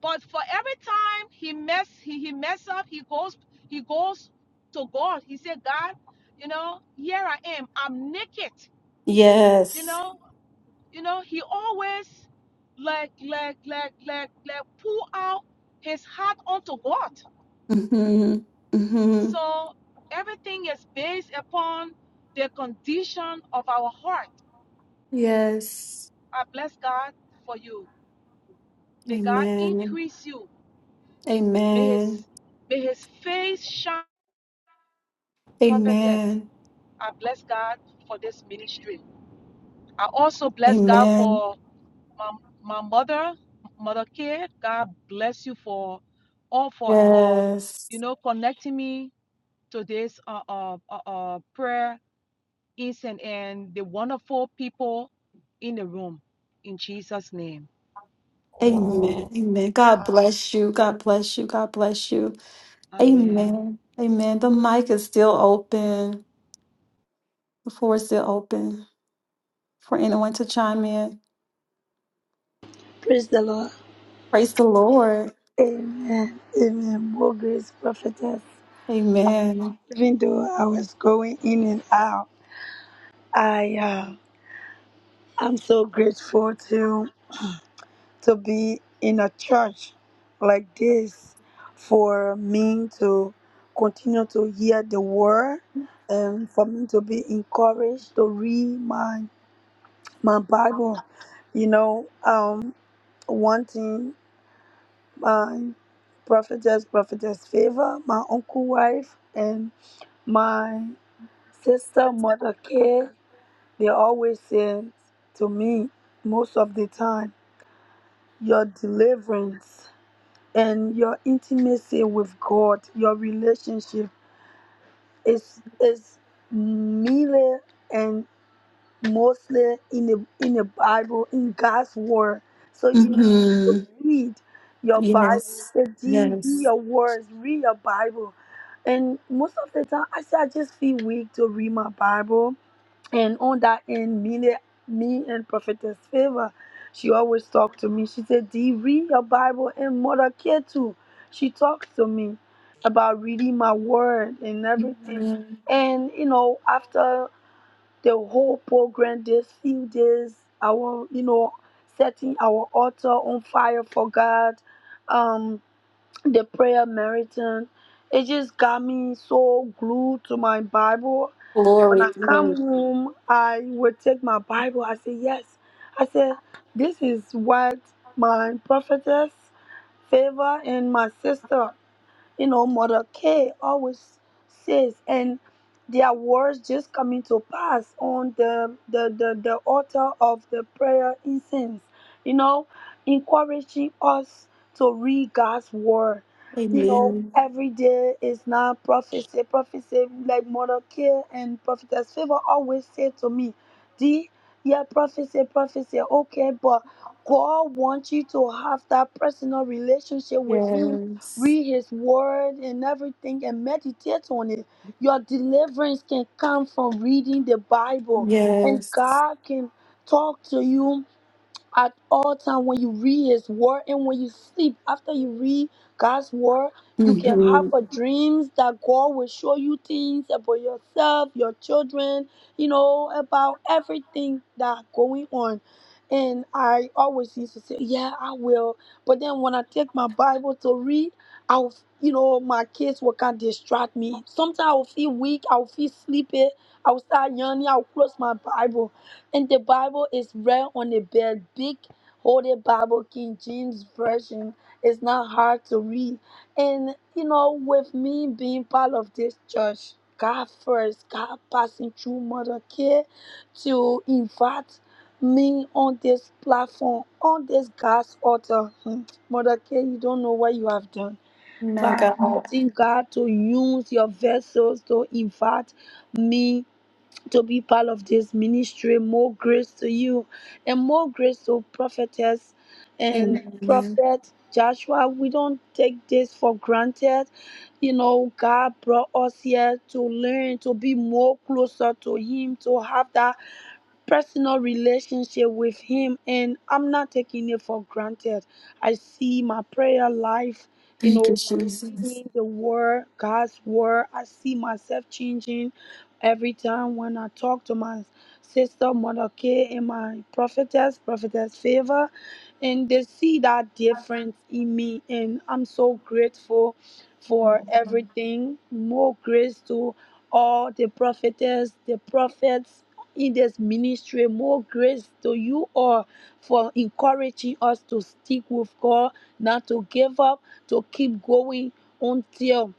S8: but for every time he mess he, he mess up, he goes he goes to God. He said, God, you know, here I am. I'm naked. You
S3: Yes.
S8: know, you know, he always like like like like like pull out his heart onto God
S3: Mm-hmm. Mm-hmm.
S8: So everything is based upon the condition of our heart.
S3: Yes.
S8: I bless God for you. May God
S3: Amen.
S8: increase you. May
S3: Amen.
S8: His may His face shine, prophetess.
S3: Amen.
S8: I bless God for this ministry. I also bless God
S3: Amen.
S8: for my, my mother, mother care. God bless you for all for for you
S3: Yes.
S8: know connecting me to this uh, uh, uh, uh, prayer Eason, and the wonderful people in the room. In Jesus' name.
S3: Amen. Amen. God bless you. God bless you. God bless you.
S8: Amen.
S3: Amen. Amen. The mic is still open. The floor is still open for anyone to chime in.
S2: Praise the Lord.
S3: Praise the Lord.
S2: Amen. Amen. More grace, prophetess.
S3: Amen.
S2: Even though I was going in and out, I am. I'm so grateful to to be in a church like this for me to continue to hear the word and for me to be encouraged to read my my Bible. You know, um one thing my prophetess, prophetess favor, my uncle wife and my sister mother care, they always say to me most of the time your deliverance and your intimacy with God, your relationship is is merely and mostly in the in the Bible, in God's word. So you need to
S3: hmm
S2: read your Bible,
S3: Yes.
S2: study, read
S3: Yes.
S2: your words, read your Bible. And most of the time, I say I just feel weak to read my Bible and on that end, me, the- me and Prophetess Favor, she always talked to me. She said, Dee, read your Bible and Mother Care too. She talks to me about reading my word and everything.
S3: Mhm.
S2: And, you know, after the whole program, this few days, our, you know, setting our altar on fire for God, um, the prayer marathon. It just got me so glued to my Bible. When
S3: Glory.
S2: I come
S3: Glory.
S2: home, I would take my Bible. I say, Yes. I said, This is what my prophetess favor and my sister you know, Mordecai always says, and their words just coming to pass on the the the, the altar of the prayer incense, you know, encouraging us to read God's word. You know, Mhm.
S3: Amen.
S2: every day is not prophecy. Prophecy, like Mordecai and Prophetess Favor always say to me, D, yeah, prophecy, prophecy, okay, but God wants you to have that personal relationship with Him
S3: Yes.
S2: read his word and everything and meditate on it. Your deliverance can come from reading the Bible, and
S3: Yes.
S2: God can talk to you at all time when you read his word and when you sleep after you read god's word you can have
S3: hmm
S2: a dreams that god will show you things about yourself your children you know about everything that going on and i always used to say yeah i will but then when i take my bible to read i will you know my kids will kind of distract me sometimes i will feel weak i will feel sleepy i will start yawning i will close my bible and the Bible is read on the bed, big holy Bible, King James Version. It's not hard to read. And you know, with me being part of this church, God first, God passing through Mother Care to invite me on this platform, on this God's altar. Hmm, Mother Care, you don't know what you have done. But
S3: My
S2: I'm
S3: God.
S2: letting God to use your vessels to invite me to be part of this ministry. More grace to you and more grace to prophetess and
S3: Amen.
S2: prophet Joshua. We don't take this for granted. You know, God brought us here to learn, to be more closer to Him, to have that personal relationship with Him, and I'm not taking it for granted. I see my prayer life, you
S3: Thank
S2: know,
S3: you,
S2: my
S3: Jesus.
S2: reading the Word, God's Word. I see myself changing every time when I talk to my sister, Mother K, and my prophetess, prophetess Favor, and they see that difference in me, and I'm so grateful for everything. More grace to all the prophetess, the prophets in this ministry. More grace to you all for encouraging us to stick with God, not to give up, to keep going until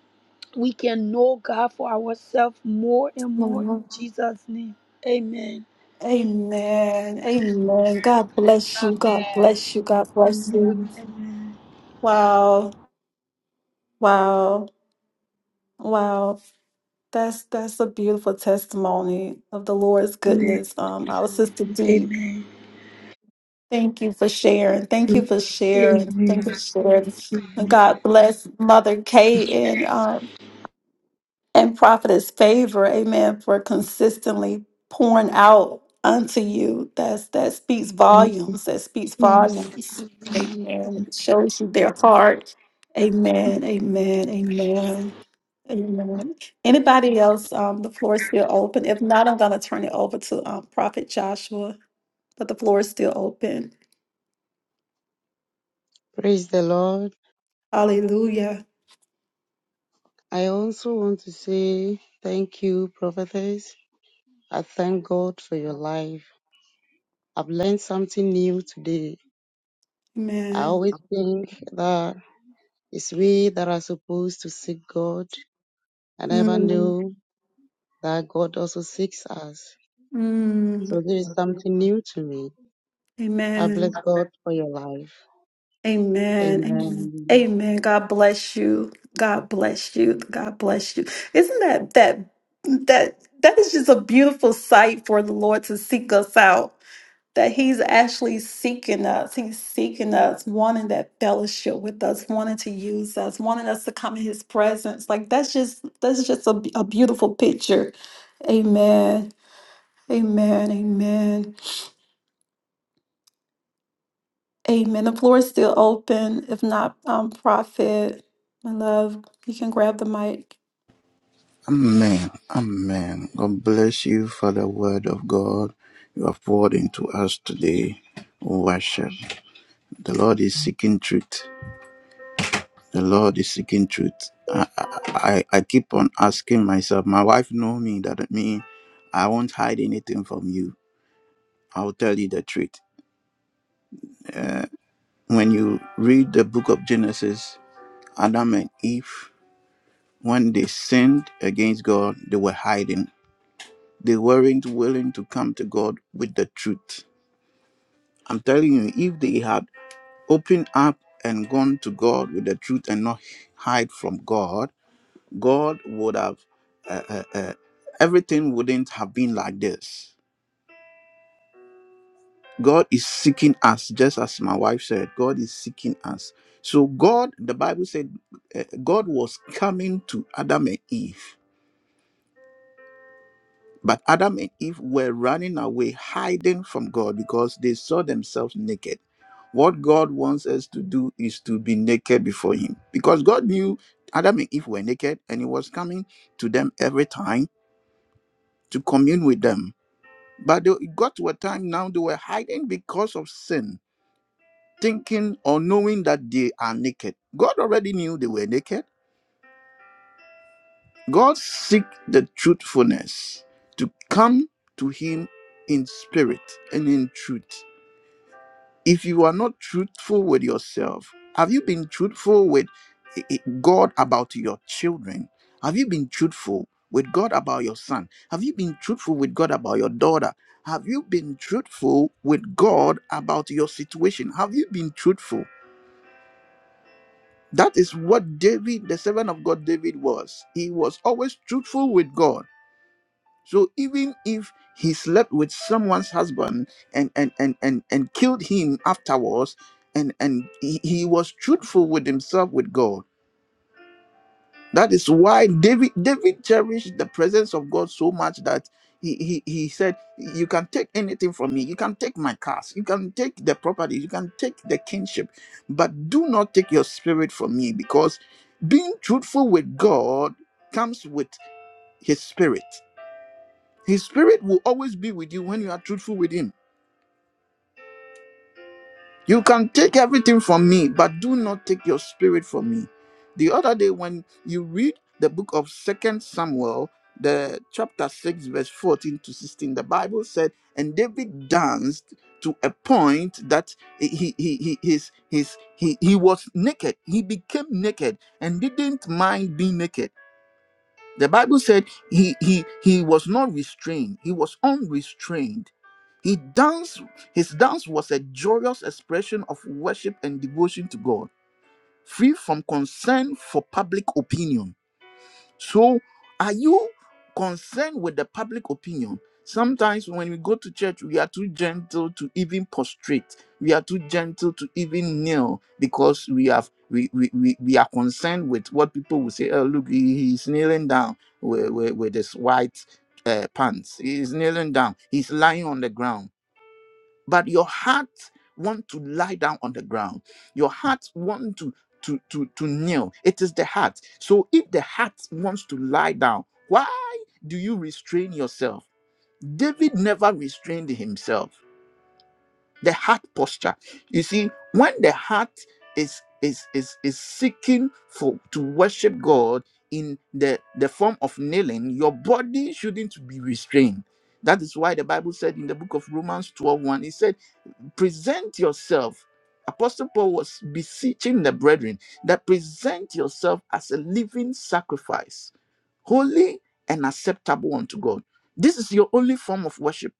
S2: we can know God for ourselves more and more
S3: Amen.
S2: in Jesus' name. Amen.
S3: Amen. God bless you. God
S8: Amen.
S3: bless you. God bless
S2: Amen.
S3: you. Wow. Wow. Wow. That's that's a beautiful testimony of the Lord's
S2: Amen.
S3: goodness. Um, our sister D.
S2: Amen.
S3: Thank you for sharing. Thank you for sharing. Thank
S2: Amen.
S3: you for sharing. And God bless Mother Kay and um and prophetess favor, amen, for consistently pouring out unto you. That's that speaks volumes. That speaks
S2: Yes.
S3: volumes. Amen. It shows you their heart. Amen. Amen. Amen. Amen. Anybody else? Um, the floor is still open. If not, I'm gonna turn it over to um, Prophet Joshua. But the floor is still open.
S7: Praise the Lord.
S3: Hallelujah.
S7: I also want to say thank you, prophetess. I thank God for your life. I've learned something new today. I
S3: Amen.
S7: always think that it's we that are supposed to seek God. I never
S3: Mm,
S7: knew that God also seeks us. So
S3: mm,
S7: this is something new to me. I
S3: amen.
S7: bless God for your life.
S3: Amen. Amen.
S7: Amen.
S3: Amen. God bless you. God bless you. God bless you. Isn't that that that that is just a beautiful sight for the Lord to seek us out. That He's actually seeking us. He's seeking us, wanting that fellowship with us, wanting to use us, wanting us to come in His presence. Like that's just that's just a, a beautiful picture. Amen. Amen. Amen. Amen. The floor is still open. If not, um, Prophet, my love, you can grab the mic.
S1: Amen. Amen. God bless you for the word of God you have poured into us today. Worship. The Lord is seeking truth. The Lord is seeking truth. I, I, I keep on asking myself, my wife know me that me, I won't hide anything from you. I'll tell you the truth. When you read the book of Genesis, Adam and Eve, when they sinned against God, they were hiding. They weren't willing to come to God with the truth I'm telling you, if they had opened up and gone to God with the truth and not hide from God, God would have, uh, uh, uh, everything wouldn't have been like this. God is seeking us, just as my wife said, God is seeking us. So, God, the Bible said, uh, God was coming to Adam and Eve. But Adam and Eve were running away, hiding from God because they saw themselves naked. What God wants us to do is to be naked before Him because God knew Adam and Eve were naked and He was coming to them every time to commune with them. But they it got to a time now they were hiding because of sin, thinking or knowing that they are naked. God already knew they were naked. God seek the truthfulness to come to Him in spirit and in truth. if you are not truthful with yourself, have you been truthful with i- i- God about your children? Have you been truthful with God about your son? Have you been truthful with God about your daughter? Have you been truthful with God about your situation? Have you been truthful? That is what David, the servant of God David, was. He was always truthful with God. So even if he slept with someone's husband and and and and, and killed him afterwards, and and he, he was truthful with himself with God. That is why David David cherished the presence of God so much that he, he, he said, You can take anything from me. You can take my cars. You can take the property. You can take the kinship. But do not take your spirit from me because being truthful with God comes with his spirit. His spirit will always be with you when you are truthful with him. You can take everything from me, but do not take your spirit from me. The other day, when you read the book of Second Samuel, the chapter 6, verse 14 to 16, the Bible said, and David danced to a point that he he he his, his he, he was naked. He became naked and didn't mind being naked. The Bible said he he he was not restrained. He was unrestrained. He danced. His dance was a joyous expression of worship and devotion to God, free from concern for public opinion. So, are you concerned with the public opinion? Sometimes when we go to church, we are too gentle to even prostrate. We are too gentle to even kneel because we have we we, we, we are concerned with what people will say. Oh, look, he, he's kneeling down with, with, with his white uh, pants. He's kneeling down. He's lying on the ground but your heart want to lie down on the ground your heart want to to to to kneel it is the heart so if the heart wants to lie down why do you restrain yourself david never restrained himself the heart posture you see when the heart is is is is seeking for to worship god in the the form of kneeling your body shouldn't be restrained that is why the bible said in the book of romans 12 it said present yourself. Apostle Paul was beseeching the brethren that present yourself as a living sacrifice, holy and acceptable unto God. This is your only form of worship.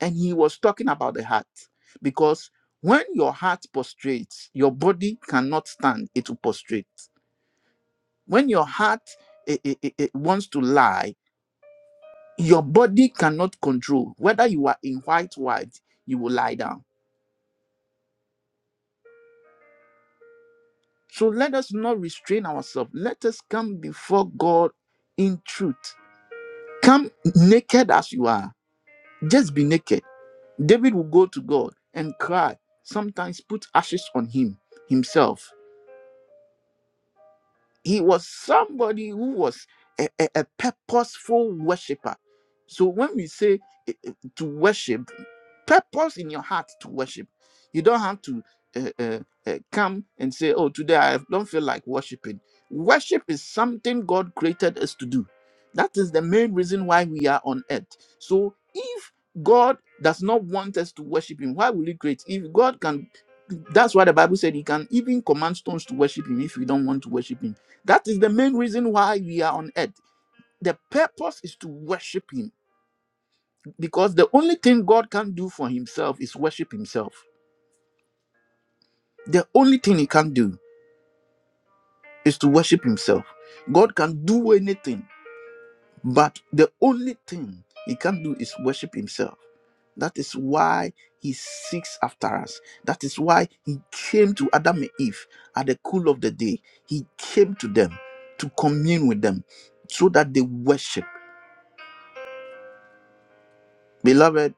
S1: And he was talking about the heart because when your heart prostrates, your body cannot stand, it will prostrate. When your heart eh, eh, eh, eh, wants to lie, your body cannot control. Whether you are in white, white, you will lie down So let us not restrain ourselves. Let us come before God in truth. Come naked as you are. Just be naked. David will go to God and cry, sometimes put ashes on him himself. he was somebody who was a, a, a purposeful worshiper. So when we say eh, eh, to worship, purpose in your heart to worship. You don't have to uh, uh, uh, come and say, "Oh, today I don't feel like worshiping." Worship is something God created us to do. That is the main reason why we are on earth. So if God does not want us to worship Him, why will He create? If God can, that's why the Bible said He can even command stones to worship Him if we don't want to worship Him. That is the main reason why we are on earth. The purpose is to worship Him because the only thing God can do for Himself is worship Himself. The only thing He can do is to worship Himself. God can do anything, but the only thing He can do is worship Himself. That is why He seeks after us. That is why He came to Adam and Eve at the cool of the day. He came to them to commune with them so that they worship. Beloved,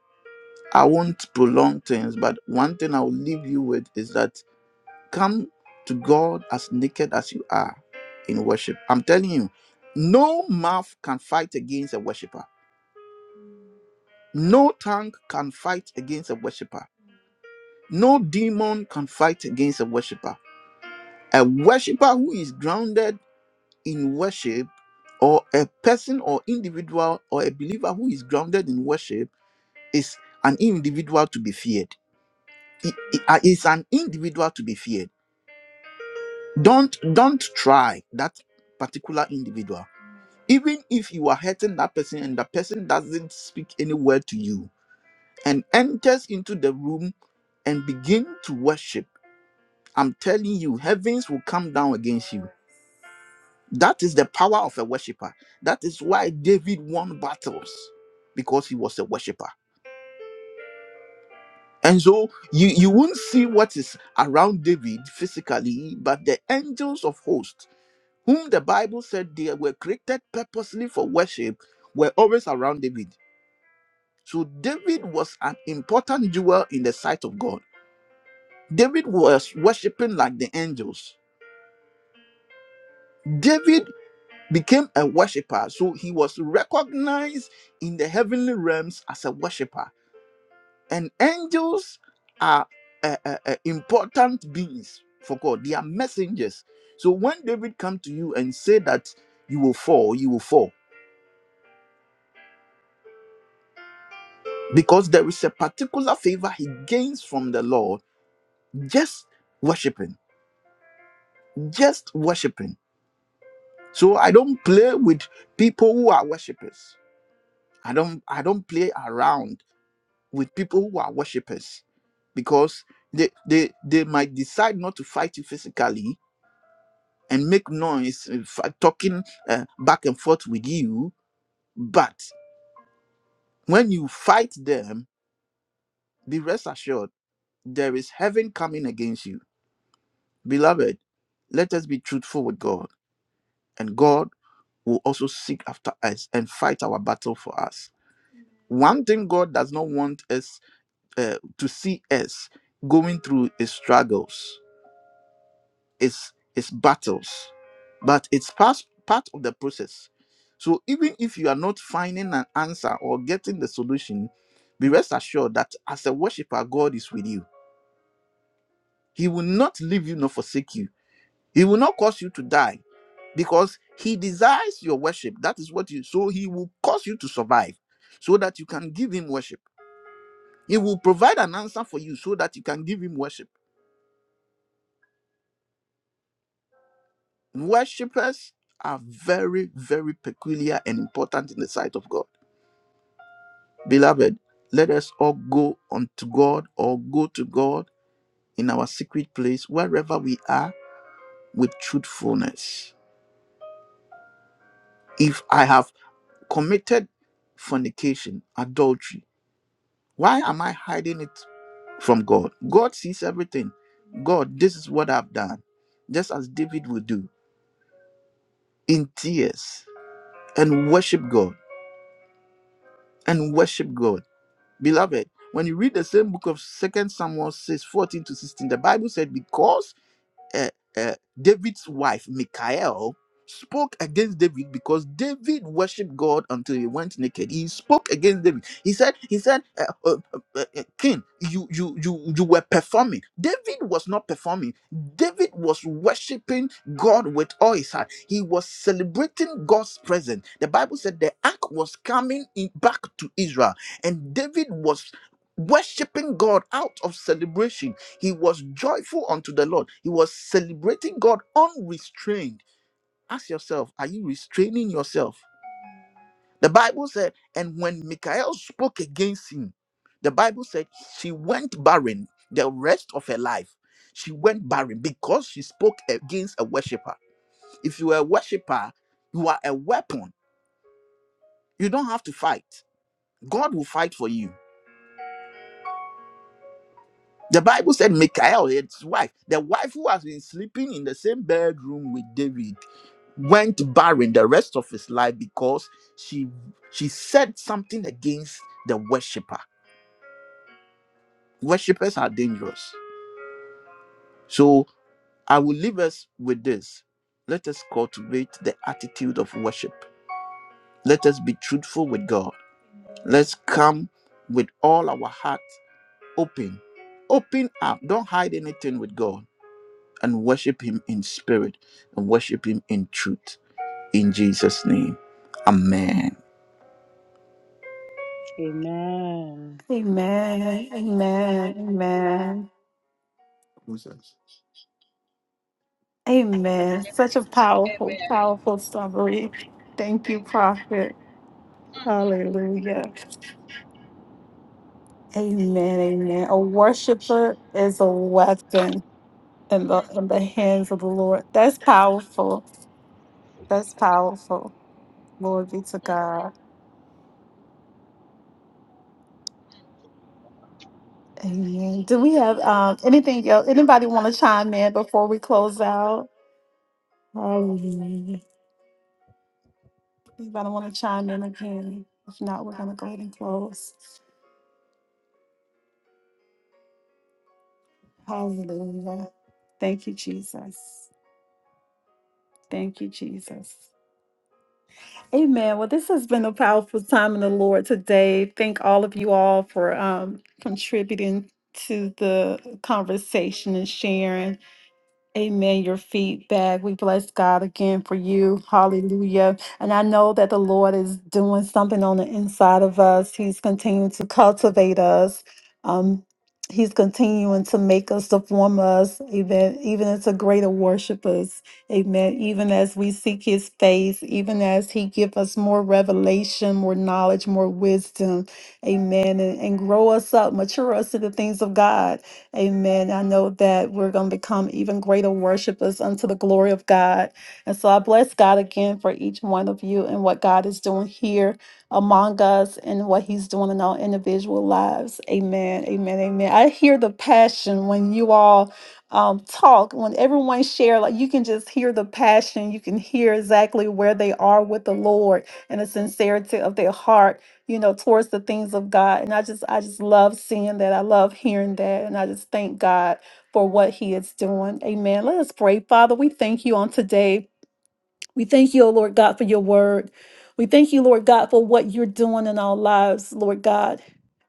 S1: I won't prolong things, but one thing I will leave you with is that come to God as naked as you are in worship. I'm telling you, no mouth can fight against a worshiper, no tongue can fight against a worshiper, no demon can fight against a worshiper. A worshiper who is grounded in worship, or a person or individual or a believer who is grounded in worship, is an individual to be feared. It is an individual to be feared don't don't try that particular individual even if you are hurting that person and that person doesn't speak any word to you and enters into the room and begin to worship i'm telling you heavens will come down against you that is the power of a worshiper that is why david won battles because he was a worshiper and so you you won't see what is around david physically but the angels of hosts whom the Bible said they were created purposely for worship, were always around David. So David was an important jewel in the sight of God. David was worshiping like the angels. David became a worshiper, so he was recognized in the heavenly realms as a worshiper. And angels are uh, uh, uh, important beings for God. They are messengers. So when David come to you and say that you will fall, you will fall because there is a particular favor he gains from the Lord just worshiping, just worshiping. So I don't play with people who are worshipers. I don't I don't play around with people who are worshipers because they they they might decide not to fight you physically and make noise uh, f- talking uh, back and forth with you but when you fight them be rest assured there is heaven coming against you Beloved, let us be truthful with God, and God will also seek after us and fight our battle for us. One thing God does not want us uh, to see us going through is struggles, is is battles, but it's part part of the process. So even if you are not finding an answer or getting the solution, be rest assured that as a worshiper, God is with you. He will not leave you nor forsake you He will not cause you to die because he desires your worship. That is what you so he will cause you to survive so that you can give him worship. He will provide an answer for you so that you can give him worship. Worshippers are very, very peculiar and important in the sight of God. Beloved, let us all go unto God or go to God in our secret place, wherever we are, with truthfulness. If I have committed fornication, adultery, Why am I hiding it from God? God sees everything. God, this is what I've done. Just as David would do in tears and worship God and worship God. Beloved, when you read the same book of Second Samuel 6 14 to 16, the Bible said, Because uh, uh, David's wife, Michael, spoke against David because David worshipped God until he went naked. He spoke against David. He said, "He said, uh, uh, uh, uh, uh, King, you you you you were performing. David was not performing. David was worshiping God with all his heart. He was celebrating God's presence. The Bible said the ark was coming in back to Israel, and David was." Worshipping God out of celebration he was joyful unto the Lord. He was celebrating God unrestrained. Ask yourself, are you restraining yourself? The Bible said, and when Michael spoke against him, the Bible said she went barren the rest of her life. She went barren because she spoke against a worshiper. If you are a worshiper, you are a weapon. You don't have to fight. God will fight for you. The Bible said Michael, his wife, the wife who has been sleeping in the same bedroom with David. went barren the rest of his life because she she said something against the worshiper worshippers are dangerous so i will leave us with this let us cultivate the attitude of worship let us be truthful with god let's come with all our heart open open up don't hide anything with god and worship him in spirit and worship him in truth in jesus name amen
S7: Amen.
S3: Amen. Amen. Amen. Amen. Such a powerful,
S8: Amen.
S3: powerful summary. Thank you, Prophet.
S8: Mm,
S3: Hallelujah. Amen. Amen. A worshiper is a weapon in the
S8: mm,
S3: in the hands of the Lord. That's powerful. That's powerful. Glory be to
S8: mm.
S3: God. Amen. Do we have um, anything else? Anybody want to chime in before we close out? Hallelujah. Anybody want to chime in again? If not, we're going to go ahead and close. Hallelujah. Thank you, Jesus. Thank you, Jesus. Amen. Well, this has been a powerful time in the Lord today. Thank all of you all for um, contributing to the conversation and sharing. Amen. Your feedback. We bless God again for you. Hallelujah. And I know that the Lord is doing something on the inside of us. He's continuing to cultivate us. Um, he's continuing to make us to form us, even even into greater worshipers. Amen. Even as we seek his face, even as he give us more revelation, more knowledge, more wisdom. Amen. And, and grow us up, mature us in the things of God. Amen. I know that we're going to become even greater worshipers unto the glory of God. And so I bless God again for each one of you and what God is doing here among us and what He's doing in our individual lives. Amen. Amen. Amen. I hear the passion when you all um, talk, when everyone share, like you can just hear the passion. You can hear exactly where they are with the Lord and the sincerity of their heart you know towards the things of god and i just i just love seeing that i love hearing that and i just thank god for what he is doing amen let us pray father we thank you on today we thank you O lord god for your word we thank you lord god for what you're doing in our lives lord god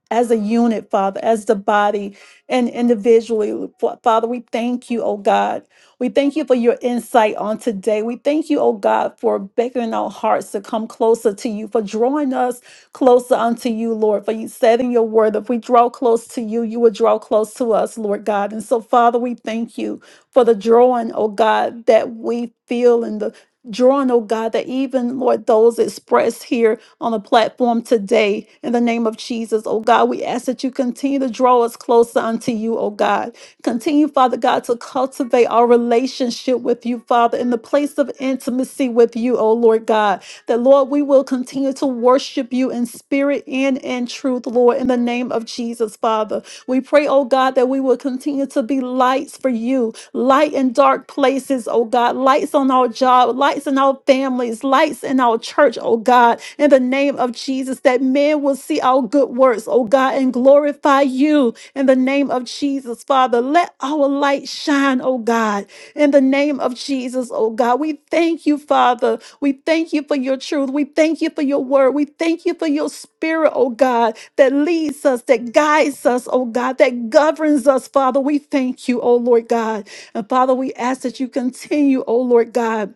S3: as a unit, Father, as the body and individually. Fa- Father, we thank you, oh God. We thank you for your insight on today. We thank you, oh God, for beckoning our hearts to come closer to you, for drawing us closer unto you, Lord. For you said in your word, if we draw close to you, you will draw close to us, Lord God. And so, Father, we thank you for the drawing, oh God, that we feel and the drawing, oh God, that even, Lord, those expressed here on the platform today. In the name of Jesus, oh God, we ask that you continue to draw us closer unto you, oh God. Continue, Father God, to cultivate our relationship with you, Father, in the place of intimacy with you, oh Lord God. That, Lord, we will continue to worship you in spirit and in truth, Lord, in the name of Jesus, Father. We pray, oh God, that we will continue to be lights for you, light in dark places, oh God, lights on our job, lights in our families, lights in our church, oh God, in the name of Jesus, that men will see our good works, oh God, and glorify you in the name of Jesus, Father. Let our light shine, oh God, in the name of Jesus, oh God. We thank you, Father. We thank you for your truth. We thank you for your word. We thank you for your spirit, oh God that leads us, that guides us, oh God, that governs us, Father. We thank you, oh Lord God. And Father, we ask that you continue, oh Lord God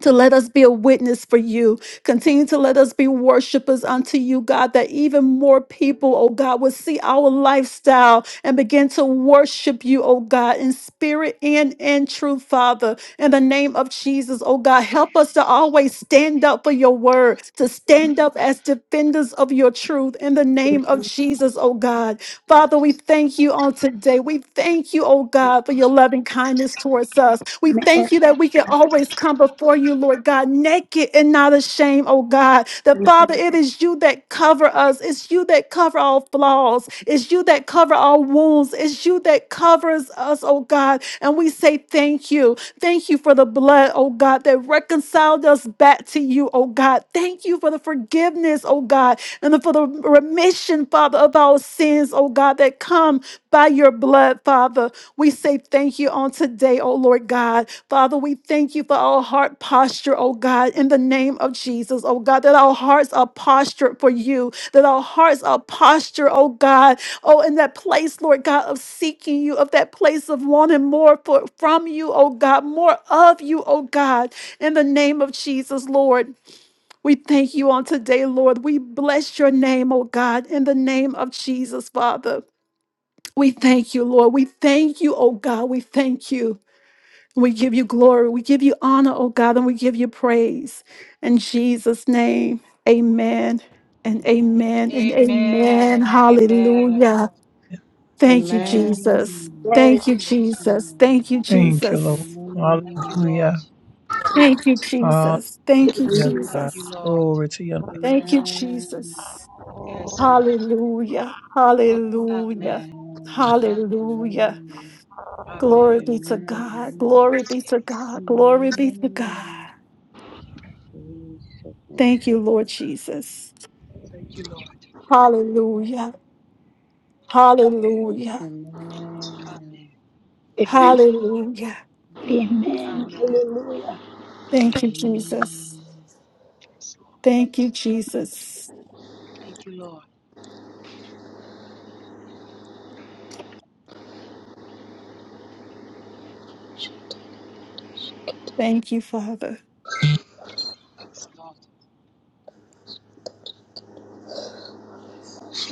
S3: to let us be a witness for you. Continue to let us be worshipers unto you, God, that even more people, oh God, will see our lifestyle and begin to worship you, oh God, in spirit and in truth, Father. In the name of Jesus, oh God, help us to always stand up for your word, to stand up as defenders of your truth. In the name of Jesus, oh God. Father, we thank you on today. We thank you, oh God, for your loving kindness towards us. We thank you that we can always come before you, Lord God, naked and not ashamed, oh God. That Father, it is you that cover us. It's you that cover all flaws. It's you that cover all wounds. It's you that covers us, oh God. And we say thank you. Thank you for the blood, oh God, that reconciled us back to you, oh God. Thank you for the forgiveness, oh God, and for the remission, Father, of our sins, oh God, that come by your blood, Father. We say thank you on today, oh Lord God. Father, we thank you for our heart posture, oh God, in the name of Jesus, oh God, that our hearts are postured for you, that our hearts are postured, oh God, oh, in that place, Lord God, of seeking you, of that place of wanting more for, from you, oh God, more of you, oh God, in the name of Jesus, Lord. We thank you on today, Lord. We bless your name, oh God, in the name of Jesus, Father. We thank you, Lord. We thank you, oh God. We thank you. We give you glory. We give you honor, oh God, and we give you praise. In Jesus' name, amen and amen and amen.
S8: Amen. Amen.
S3: Hallelujah. Thank you,
S8: Amen.
S3: Jesus.
S7: Amen.
S3: Thank you,
S8: Amen.
S3: Jesus. Thank you,
S6: Thank you, Lord.
S3: Jesus.
S8: Thank you,
S7: Amen.
S8: Lord.
S6: Hallelujah.
S3: Thank you,
S6: Hallelujah,
S3: Jesus. Thank you,
S7: Amen.
S6: God.
S8: Thank you,
S3: Jesus.
S8: Lord.
S6: Glory to your name.
S8: Mm,
S3: Thank you,
S7: Amen.
S3: Jesus.
S8: Yes, Lord.
S3: Hallelujah.
S8: Amen.
S3: Hallelujah.
S7: Amen.
S8: Amen.
S3: Hallelujah.
S7: Amen.
S3: Glory
S8: Amen.
S3: be to
S7: Amen.
S3: God. Glory be to
S8: Yes.
S3: God. Glory be to God.
S7: Amen.
S8: Amen.
S7: Praise the
S3: Thank
S7: Lord.
S3: you, Lord Jesus.
S8: Thank you, Lord.
S3: Hallelujah.
S8: Amen.
S3: Hallelujah.
S7: Amen.
S8: Amen.
S3: Hallelujah.
S2: Amen.
S8: Amen.
S3: Thank you, Jesus.
S7: Amen.
S8: Yes, Lord.
S3: Thank you, Jesus.
S8: Thank you, Lord.
S3: Thank you, Father.
S8: Yes, Lord.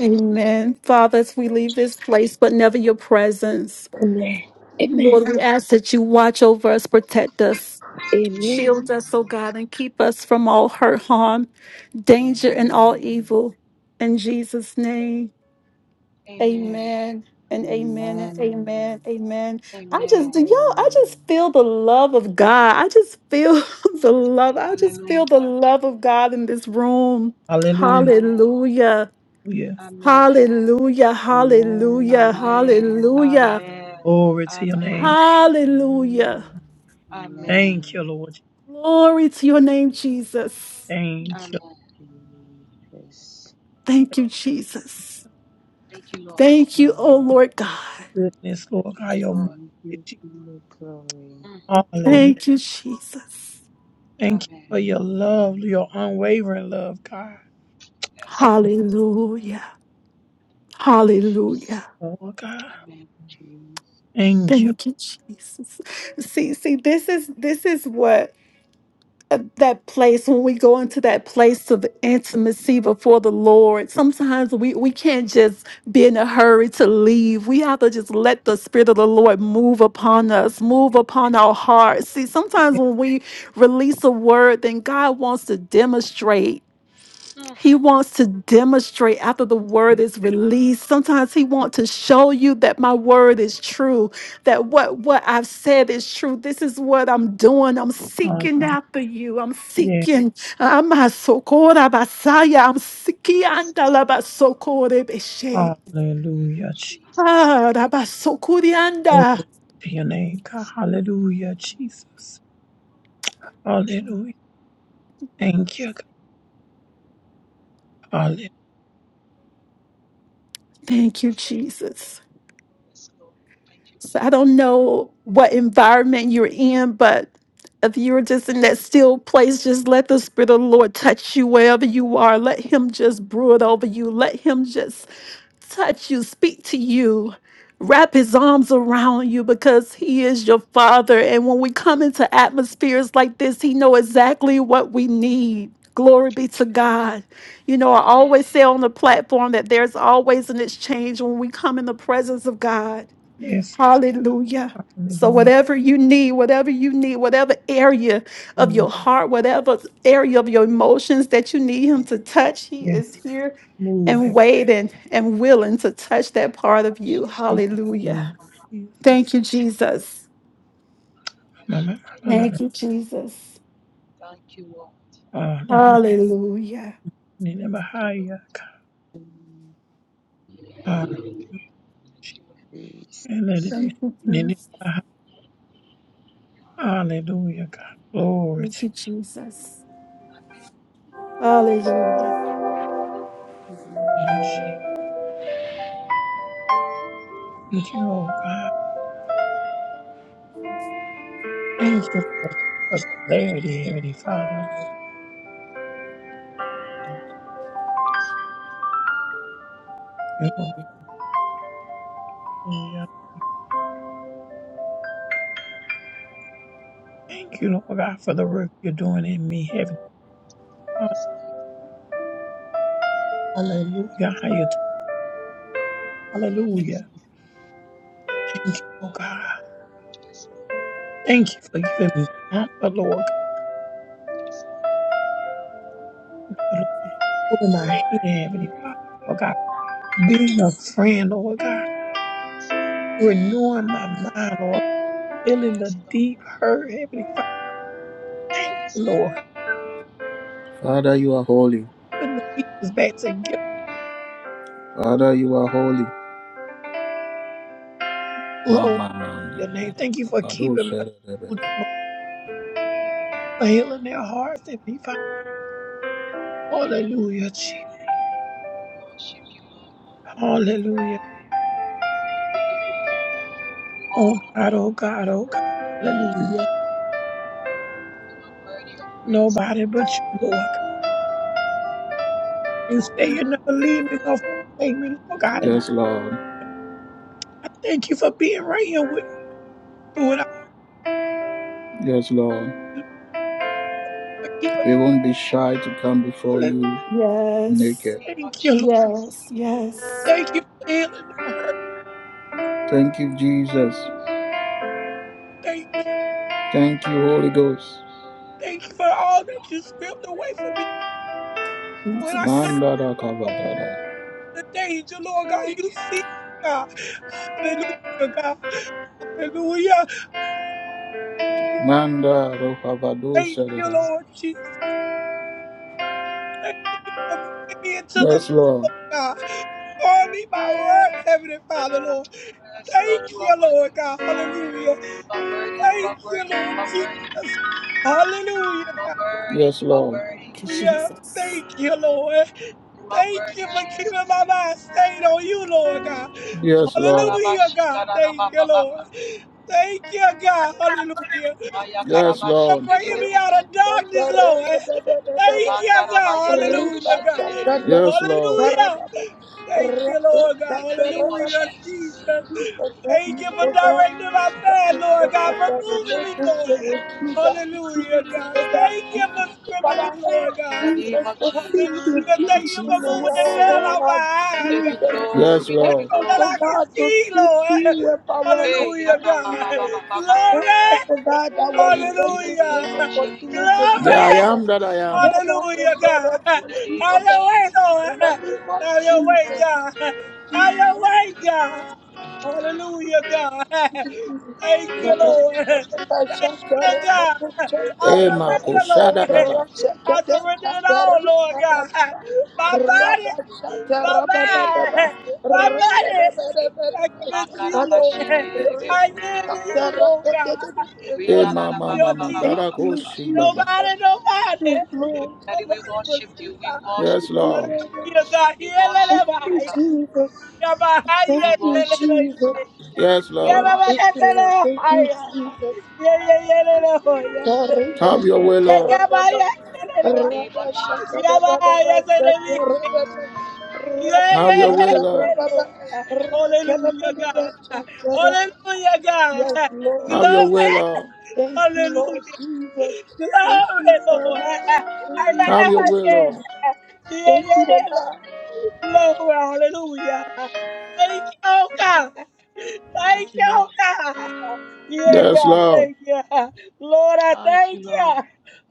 S3: Amen. Father, as we leave this place, but never your presence, Lord, we ask that you watch over us, protect us. Shield us, O God, and keep us from all hurt, harm, danger, and all
S7: Amen.
S3: evil. In Jesus' name,
S8: Amen.
S3: amen.
S7: Amen.
S3: And amen and amen,
S7: Amen.
S3: amen. I just do
S8: Amen.
S3: y'all, I just
S7: Amen.
S3: feel the love of God. I just feel the love. I just feel the
S8: Hallelujah.
S3: love of God in this room.
S6: Hallelujah.
S8: Amen.
S3: Hallelujah.
S8: Amen.
S3: Hallelujah.
S7: Amen.
S3: Hallelujah.
S8: Amen.
S7: Amen.
S3: Hallelujah.
S8: Amen.
S6: Glory to your name.
S8: Amen.
S3: Hallelujah.
S8: Amen.
S6: Thank you, Lord.
S3: Glory to your name, Jesus.
S6: Thank you.
S8: Amen.
S7: Jesus.
S3: Thank you, Jesus.
S8: Thank you, Lord.
S3: Thank you, oh
S7: Amen.
S3: Lord God.
S6: goodness, Lord
S8: Thank
S6: God,
S8: you,
S6: your
S8: Lord.
S7: Thank you,
S6: mercy.
S7: King of Glory.
S8: Mm.
S6: Hallelujah.
S3: Thank you, Jesus.
S6: Thank you
S8: Amen.
S6: for your
S7: Amen.
S6: love, your unwavering love, God.
S8: Yes,
S6: Oh,
S8: Lord.
S3: Hallelujah.
S7: Jesus,
S3: Hallelujah.
S6: Lord God,
S8: Amen.
S6: thank you.
S3: Thank you, Jesus. See, see, this is this is what uh, that place when we go into that place of intimacy before the Lord. Sometimes we we can't just be in a hurry to leave. We have to just let the Spirit of the Lord move upon us, move upon our hearts. See, sometimes when we release a word, then God wants to demonstrate.
S8: Mm.
S3: He wants to demonstrate after the word is released. Sometimes he wants to show you that my word is true, that what, what I've said is true. This is what I'm doing. I'm seeking
S6: Hallelujah.
S3: after you. I'm
S6: Yeah.
S3: seeking. uh, I'm a
S8: Lord.
S3: sokora basaya. I'm seeking.
S8: Yes,
S3: andala
S8: Lord.
S3: basokore beshe.
S8: In the name of
S6: Hallelujah. Jesus.
S8: Jesus.
S3: Ah,
S8: Thank you.
S3: rabasokurianda.
S6: To your name, God.
S8: Yes, Lord.
S6: Hallelujah, Jesus.
S8: Yes, Lord.
S6: Hallelujah. Thank
S8: Yes,
S6: you, God.
S8: Lord. Mm.
S6: Hallelujah.
S3: Thank you, Jesus.
S8: Yes, Lord. Thank you, Lord.
S3: So I don't know what environment you're in, but if you're just in that still place, just let the Spirit of the Lord touch you wherever you are. Let Him just brood over you. Let Him just touch you, speak to you, wrap His arms around you because He is your Father. And when we come into atmospheres like this, He know exactly what we need. Glory be to
S8: Amen.
S3: God. You know, I always
S8: Amen.
S3: say on the platform that there's always an exchange when we come in the presence of God
S6: Yes, God.
S3: Hallelujah. So,
S6: hallelujah.
S8: Amen.
S3: whatever you need, whatever you need, whatever area of
S6: Hallelujah.
S3: your heart, whatever area of your emotions that you need Him to touch, He
S6: Yes,
S3: is here
S6: move.
S3: and
S6: heaven.
S3: waiting and willing to touch that part of
S8: Thank
S3: you. Hallelujah.
S6: Hallelujah. Jesus.
S3: Thank you, Jesus.
S6: My, my, my, my,
S3: Thank
S6: my.
S3: you, Jesus.
S8: you, Lord.
S6: Hallelujah.
S3: Hallelujah.
S8: Thank you, Lord.
S6: Hallelujah.
S8: Thank you, Lord.
S7: Jesus.
S3: Thank you, Jesus.
S6: Hallelujah, Hallelujah, God. Glory
S3: Thank
S6: to
S3: you, Jesus.
S8: Amen.
S3: Hallelujah.
S6: you, Lord Jesus. Thank you, oh God. Thank you for, for clarity, Heavenly Father. Lord. Thank you, Lord. Hallelujah. Thank you, Lord God, for the work you're doing in me, Heavenly Father. Hallelujah. How you- Hallelujah. Thank you, oh God. Thank you for giving me comfort, Lord
S8: Yes, Lord.
S6: God. Lord, in my hand, Heavenly Father. Lord God, being a friend, Lord God, renewing my mind, Lord, feeling the
S8: Yes, Lord.
S6: deep hurt, Heavenly Father. Thank
S8: Yes,
S6: you,
S8: Lord.
S6: Lord,
S1: father you are holy
S6: putting the pieces back together.
S1: Father, you are holy. Ma,
S6: Lord.
S1: ma, ma,
S6: your name. Thank you for keeping my children, Lord, for healing their hearts, Heavenly Father. Hallelujah, Jesus.
S8: We worship you, Lord.
S6: Hallelujah.
S8: We give you glory. We
S6: Oh
S8: honor
S6: God, oh God, oh God. Hallelujah.
S8: and worthy of praise, Lord.
S6: Nobody but
S8: In
S6: you, Lord. You say you never leave me nor forsake me, Lord God. And
S1: Yes, Lord.
S6: I thank you for being right here with me through it. all,
S1: Yes, Lord.
S6: Lord, For keeping
S1: We won't be shy to come before
S6: holy.
S1: you
S3: Yes,
S8: the
S1: naked.
S8: name of
S6: Thank you, Lord.
S8: Jesus.
S3: yes, yes.
S6: Thank you for healing the hurt.
S1: Thank you, Jesus.
S6: Thank you.
S1: Thank you, Holy Ghost.
S6: Thank you for all
S8: Yes,
S6: that
S8: Lord.
S6: you scripted away from me when I couldn't
S3: Jesus,
S1: Manda da ka,
S6: see the danger, Lord God.
S8: We
S6: You
S8: again.
S6: see, God. Hallelujah, God. Hallelujah. We
S1: Manda ro, ka, ba,
S6: Thank you, Lord Jesus. Thank you for bringing me into the
S1: Yes,
S6: new,
S1: Lord.
S6: Lord God. For me, my word, Heavenly Father, Lord.
S8: Yes,
S6: Thank
S8: Lord. You are
S6: you,
S8: worthy.
S6: Lord God. Hallelujah.
S8: You are worthy. You
S6: Thank
S8: are
S6: you,
S8: worthy.
S6: Lord
S8: You
S6: Jesus. Hallelujah, God.
S8: are worthy.
S1: Yes,
S8: You are
S1: Lord.
S8: worthy. You are worthy.
S3: Thank you,
S6: Hallelujah.
S3: Jesus,
S6: Thank you, Lord.
S8: You are
S6: Thank you
S8: worthy,
S6: for keeping my
S8: Jesus.
S6: mind stayed on you, Lord God.
S1: Yes, Lord.
S6: Hallelujah,
S8: Arabashi
S6: God. Thank you, Lord.
S8: karabababa.
S6: Thank you, God. Hallelujah.
S8: Maya
S6: Thank
S1: Yes,
S6: you for
S8: karabashi
S1: Lord.
S6: bringing me
S8: kedebebe.
S6: out of darkness, Lord. Thank you,
S8: Makarabaye
S6: God. Hallelujah,
S8: kedebeshi
S6: God.
S8: kedebebe.
S1: Yes, Lord.
S2: Amen.
S6: Hallelujah. Thank you, Lord
S8: In
S6: God.
S8: the name of
S2: Amen.
S6: Hallelujah,
S8: Jesus.
S6: Jesus.
S2: Lord, help
S6: Thank you
S2: me,
S6: for
S2: Lord God.
S6: directing my
S2: Help
S6: path,
S2: me,
S6: Lord
S2: Lord
S6: God,
S2: God,
S6: for
S2: that
S6: moving me, Lord.
S2: relationship
S8: Jesus.
S2: with you, that
S6: Hallelujah,
S2: intimacy,
S6: God.
S2: Lord God.
S6: Thank you for scrimming
S2: Father,
S6: me,
S2: help
S6: Lord
S2: us,
S8: In the
S6: God.
S8: name
S2: Jesus,
S8: of
S2: to seek
S8: Jesus.
S2: you
S6: Hallelujah.
S2: give
S6: Thank
S3: Thank
S6: you
S2: it
S3: you,
S2: to
S6: for
S2: me with
S6: moving the
S3: Jesus.
S2: our
S6: veil
S2: whole
S6: out
S2: heart,
S8: We
S6: my eyes,
S8: give you
S6: God,
S2: Jesus.
S8: glory.
S1: Yes,
S8: We
S2: Help
S8: give you
S1: Lord.
S2: us,
S6: that I
S2: oh
S8: glory.
S6: can
S2: God, to
S6: see,
S2: seek
S6: Lord.
S2: you with our whole
S8: Hey,
S6: Hallelujah,
S2: heart,
S8: yaka ba
S6: God.
S8: ba ba
S2: Jesus.
S8: ba ba ba.
S2: Help
S6: Glory.
S2: us, oh God, that our
S8: In the
S6: Hallelujah.
S2: relationship
S8: name of
S2: will continue to
S8: Jesus.
S2: be
S1: The
S6: Glory.
S1: I
S2: better,
S1: am that I am.
S2: better and
S6: Hallelujah, God.
S2: better
S8: In the
S2: for you,
S8: name
S6: Have
S2: oh
S8: of
S6: your
S2: God.
S6: way,
S8: Jesus.
S6: Lord.
S2: In the name of
S6: Have your way,
S2: Jesus,
S6: God. Have your way, God.
S8: Ah,
S6: Hallelujah, God.
S8: in
S6: Thank
S8: the
S6: you,
S2: Thank
S8: name
S2: you,
S8: of
S6: Lord.
S2: Jesus.
S8: Jesus.
S2: Yes, Lord.
S6: Good
S2: Thank you,
S6: God. I
S1: Ema
S2: Father.
S1: ko,
S6: surrender,
S2: Thank
S1: sha,
S6: Lord.
S1: ba.
S6: I surrender it all, Lord God. My body, my
S8: Hey,
S6: mind, my body. I give it to you, Lord.
S8: makarabashikiri
S6: I give it to you, Lord God.
S8: We
S1: Eh,
S8: gana la
S1: mama,
S8: ba
S1: mama,
S6: Hallelujah,
S8: ba ba
S1: ma, ma,
S8: ba
S6: Jesus.
S1: da,
S8: ba
S1: da,
S8: ba ba ba.
S6: Nobody, nobody,
S8: Daddy, we
S6: nobody but
S8: worship
S6: you,
S8: you. We
S6: God.
S1: Yes,
S8: worship.
S1: Lord.
S6: Hallelujah, God.
S8: We
S6: Yeah, let
S8: worship
S6: it
S8: you,
S2: you,
S6: be.
S8: God.
S2: Jesus.
S6: Yeah, but how
S2: Thank
S8: We
S2: you,
S8: worship you,
S6: you
S2: Jesus.
S8: God.
S1: Yes,
S8: We
S1: Lord.
S2: Thank
S8: worship
S2: you,
S8: you.
S2: Lord.
S6: Hallelujah,
S2: Thank you, Jesus. Yes, Lord.
S1: Have your way, Lord.
S8: In the name of Jesus.
S1: Have your way, Lord.
S6: God. Hallelujah, God.
S1: Have your way,
S6: Glory.
S1: Lord.
S2: Thank you,
S6: Hallelujah.
S2: Lord
S6: Glory,
S2: Jesus. Thank you, Father.
S6: Lord.
S2: Thank you,
S1: Have your way,
S2: Jesus.
S1: Lord.
S6: Yeah,
S2: Thank
S8: Yes,
S2: you, Lord
S8: Lord.
S6: yeah, Glory, hallelujah. Thank you, oh God. Thank
S8: Thank you,
S6: you, oh
S8: Lord.
S6: God. Yeah,
S8: Thank
S1: Yes,
S8: you,
S6: God,
S8: Lord.
S1: Lord.
S6: thank you. Lord, I
S8: Thank you,
S6: thank
S8: Lord.
S6: you.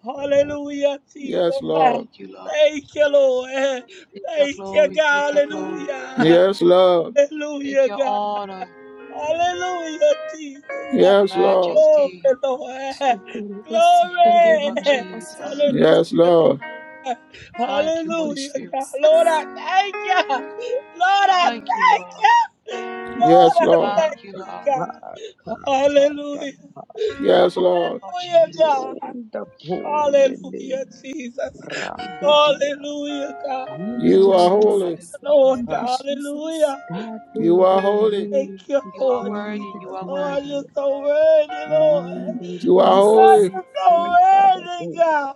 S6: Hallelujah,
S1: Yes,
S6: Jesus. I
S1: Lord.
S8: Thank you, Lord.
S6: Thank you, Lord.
S8: Take your
S6: Thank you,
S8: glory, take
S6: God.
S8: your glory,
S6: Hallelujah.
S1: Yes, Lord.
S8: take
S6: Hallelujah,
S8: your
S6: God.
S8: honor,
S6: Hallelujah, Jesus.
S1: Yes, Lord.
S6: Glory,
S8: majesty,
S6: Lord.
S3: Thank
S8: in the name of
S6: Glory.
S8: Jesus.
S1: Yes,
S6: Hallelujah,
S1: Lord.
S8: Thank you,
S3: you, Jesus, Thank you,
S8: Holy
S6: Hallelujah.
S8: Spirit.
S6: God.
S3: Jesus,
S6: Lord, I thank you. Lord, I
S8: Thank you,
S6: thank
S8: Lord.
S6: you. Lord,
S1: Yes,
S6: I
S1: Lord.
S6: thank
S8: Thank you,
S6: you,
S8: Lord,
S6: God. Hallelujah.
S7: Tabakatadaba,
S1: Yes,
S8: in the
S1: Lord.
S8: name of
S6: Hallelujah,
S8: Jesus.
S6: God.
S7: Ronda pole lei,
S6: Hallelujah, Jesus.
S7: rando dia,
S6: Hallelujah, God.
S1: You
S3: Thank
S1: are
S3: you,
S7: nimaluria
S1: holy.
S3: Jesus,
S8: Hallelujah.
S6: Lord,
S3: Thank you,
S7: tanaba,
S6: God.
S3: Jesus.
S6: Hallelujah.
S1: You
S7: Tato
S1: are holy.
S7: romo
S6: Thank you,
S8: You are
S6: Lord Jesus.
S8: worthy,
S7: sonde
S8: you are
S6: Lord,
S8: worthy,
S6: you're
S7: dia,
S6: so worthy, Lord.
S1: You
S7: manduria
S1: are
S6: Lord,
S3: Jesus.
S1: holy.
S6: you're
S7: anti
S6: so worthy,
S7: tadabo,
S6: God.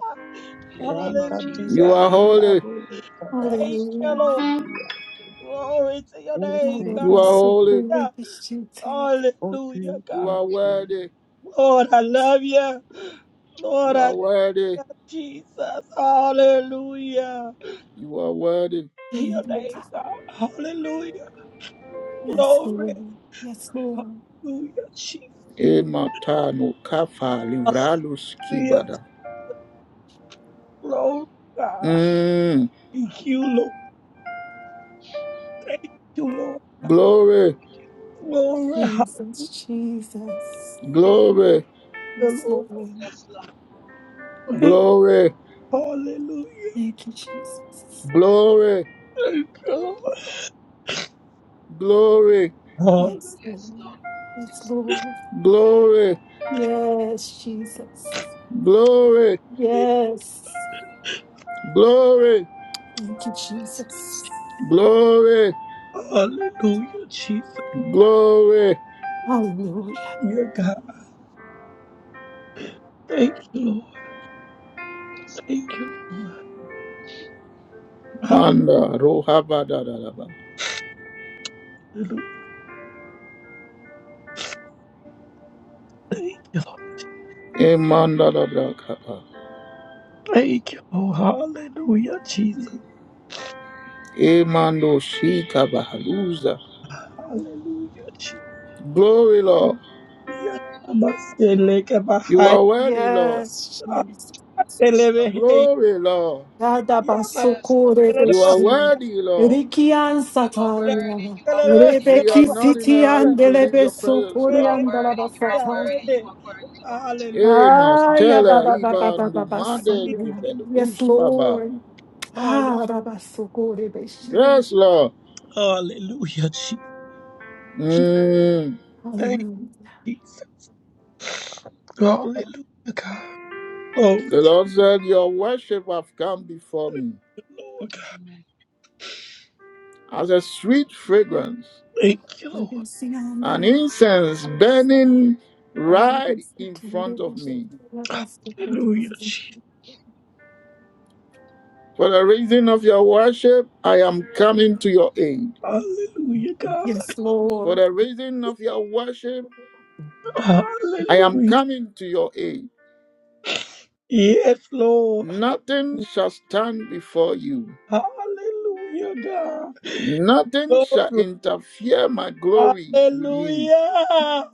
S8: in the name of
S7: randa
S6: Hallelujah.
S1: You
S7: dia,
S8: Jesus.
S1: are holy.
S7: ilaro tadaba,
S6: Thank you,
S3: Hallelujah.
S6: Lord.
S7: sende dia.
S6: Glory to your
S7: Oh,
S6: name,
S3: Lord,
S7: thank
S1: You
S6: God.
S3: I
S1: are
S3: so
S7: you,
S1: holy.
S3: glory
S6: Yeah.
S3: to
S7: Oh,
S6: Hallelujah,
S7: thank
S1: You
S6: God.
S7: you,
S1: are
S7: Jesus.
S1: worthy.
S6: Lord, I love you.
S1: You
S6: Lord, I
S1: are
S6: thank
S8: Hallelujah.
S1: worthy.
S6: you, Jesus. Hallelujah.
S1: You are worthy.
S6: To Your
S3: you.
S6: name, God. Hallelujah.
S3: Yes,
S6: Glory.
S3: Lord. Yes, Lord.
S6: Hallelujah, Jesus.
S1: Ematano kafa livralus kibada.
S6: Glory, God.
S1: Mm.
S6: Lord, you, Lord.
S1: Glory,
S3: Jesus, Jesus.
S1: glory,
S3: Yes,
S6: you Lord.
S3: Lord.
S8: Yes, Lord.
S1: glory,
S6: Hallelujah.
S3: Thank you, Jesus.
S1: glory,
S6: Lord.
S1: glory,
S3: Yes,
S8: Yes,
S3: Lord.
S8: Lord.
S3: Yes,
S8: Yes,
S3: Lord.
S1: glory,
S3: Yes, Jesus.
S1: glory,
S3: Yes.
S8: Lord.
S1: glory,
S3: Thank you,
S8: Yes, Lord.
S3: Jesus.
S1: glory,
S6: Hallelujah, Jesus.
S1: glory.
S3: Hallelujah.
S6: Your God. Thank you, Lord.
S8: yes, Lord.
S6: Thank you, Lord. Hallelujah.
S1: Manda rohabada da da ba.
S6: Thank you, Lord.
S1: E manda da da kapa.
S6: Praise.
S1: E mando shika bahaluza. Glory, Lord. You
S6: I-
S1: are worthy, Lord.
S3: Yes, Jesus.
S8: Yes, Lord.
S1: Glory, Lord.
S8: Yes,
S1: You are
S8: Lord.
S3: Yadabasokorebeshi.
S1: worthy, Lord.
S8: You are worthy,
S3: Rikiansataya.
S8: you are worthy, you
S1: We
S8: are
S1: are
S8: worthy,
S1: not in a hurry to leave your presence,
S8: you are
S1: Lord.
S8: worthy, you are worthy,
S3: Rebekisitiandelebesokoriandalabasataya.
S8: you are worthy, Lord.
S1: Emas,
S3: Ah, yeah, ba,
S1: Tele,
S3: ba, ba, ba,
S1: Iva,
S3: ba, ba, ba,
S1: Numade,
S3: son.
S1: Kiven,
S3: Yes,
S1: Uspava.
S3: Lord. Ah, ba, ba, so good, eh, ba, she.
S1: Yes, Lord. Mm.
S3: Hallelujah.
S6: Oh, God.
S1: The Lord said, Your worship have come before me
S6: Lord, God.
S8: Amen.
S1: as a sweet fragrance,
S6: Thank you, Lord.
S3: We
S8: Mm.
S3: can sing and
S1: an
S3: um,
S1: incense burning
S3: ah, ba, ba,
S1: right
S3: so
S1: in
S3: good, eh,
S1: front of
S3: ba, she.
S1: me.
S3: Ba, ba, so good,
S6: Hallelujah. Je-
S3: eh.
S1: For the reason of your worship, I am coming to your aid.
S6: Hallelujah, God.
S3: Yes,
S1: For
S3: Lord.
S1: the reason of your worship, I am
S6: Hallelujah.
S1: coming to your aid.
S6: Yeah,
S1: Nothing shall stand before you.
S6: Hallelujah, God.
S1: Nothing shall
S6: Glory.
S1: interfere my glory with you.
S6: Hallelujah.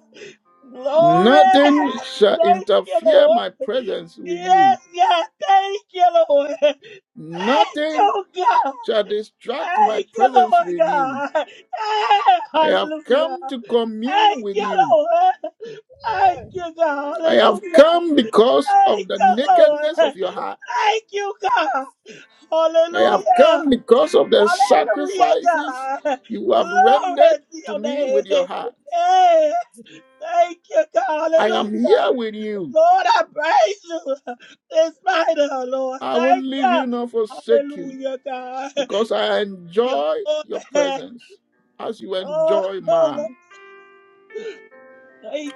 S6: Glory.
S1: Nothing shall
S6: Thank you,
S1: interfere
S6: Lord.
S1: my presence with you.
S6: Yes, God. Thank you, Lord. Thank you,
S1: Nothing
S6: God.
S1: shall distract my
S6: Thank you,
S1: presence
S6: Lord,
S1: with you.
S6: God. Ah,
S1: I have
S6: Hallelujah.
S1: come to commune
S6: Thank
S1: with
S6: you,
S1: you.
S6: Lord. Thank you, God.
S1: I have
S6: Hallelujah.
S1: come because of
S6: Thank
S1: the
S6: you, Lord.
S1: nakedness of your heart.
S6: Thank you, God.
S1: I have
S6: Hallelujah.
S1: come because of the
S6: Hallelujah,
S1: sacrifices
S6: God.
S1: you have rendered
S6: Glory to
S1: to
S6: your
S1: me with your
S6: name.
S1: heart.
S6: Yeah. Thank you, God.
S1: I am here
S6: Hallelujah.
S1: with you.
S6: Lord, I praise you in spite of, Lord.
S1: I won't
S6: Thank
S1: leave
S6: you.
S1: you nor forsake you
S6: Hallelujah, God. Thank
S1: because I
S6: you,
S1: enjoy
S6: Lord.
S1: your presence as you
S6: Oh,
S1: enjoy
S6: Lord.
S1: mine.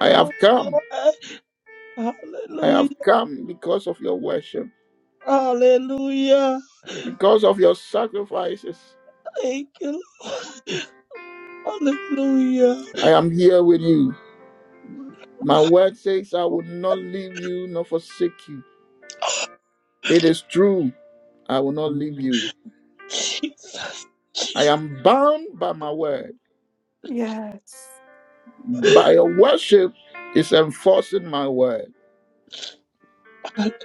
S1: I have
S6: you,
S1: come.
S6: Lord.
S1: I
S6: Hallelujah.
S1: have come because of your worship,
S6: Hallelujah.
S1: because of your sacrifices.
S6: Thank you, Lord. Hallelujah.
S1: I am here with you.
S6: Oh,
S1: My word says, I will not leave you nor forsake you. It is true. I will not leave you.
S6: Jesus,
S1: I
S6: Jesus,
S1: am bound by my word.
S3: Yes.
S1: By your worship is enforcing my word.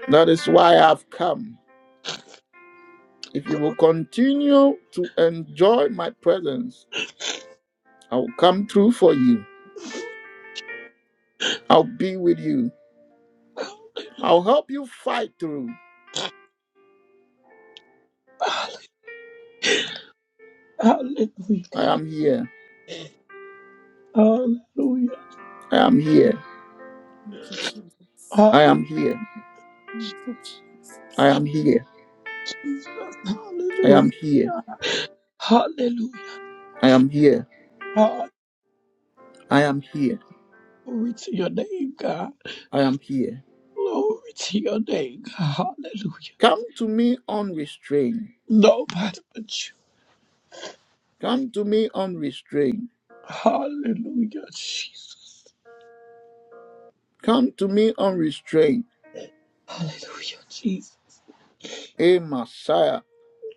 S1: That is why I have come. If you will continue to enjoy my presence, I will come through for you. I'll be with you. I'll help you fight through.
S6: hallelujah,
S1: I am here.
S6: Hallelujah, hallelujah,
S1: I am here.
S3: Thank you, Jesus.
S6: ah,
S1: I am here.
S3: Thank you,
S1: I
S3: Jesus.
S1: am here.
S6: Jesus,
S1: I am
S6: hallelujah,
S1: here.
S6: God. hallelujah,
S1: I am here.
S6: ah,
S1: I am here.
S6: glory to your name, God,
S1: I am here.
S6: glory to your name, God. hallelujah,
S1: Come to me unrestrained.
S6: nobody but you,
S1: Come to me unrestrained.
S6: hallelujah, Jesus,
S1: Come to me unrestrained.
S6: hallelujah, Jesus,
S1: A Messiah.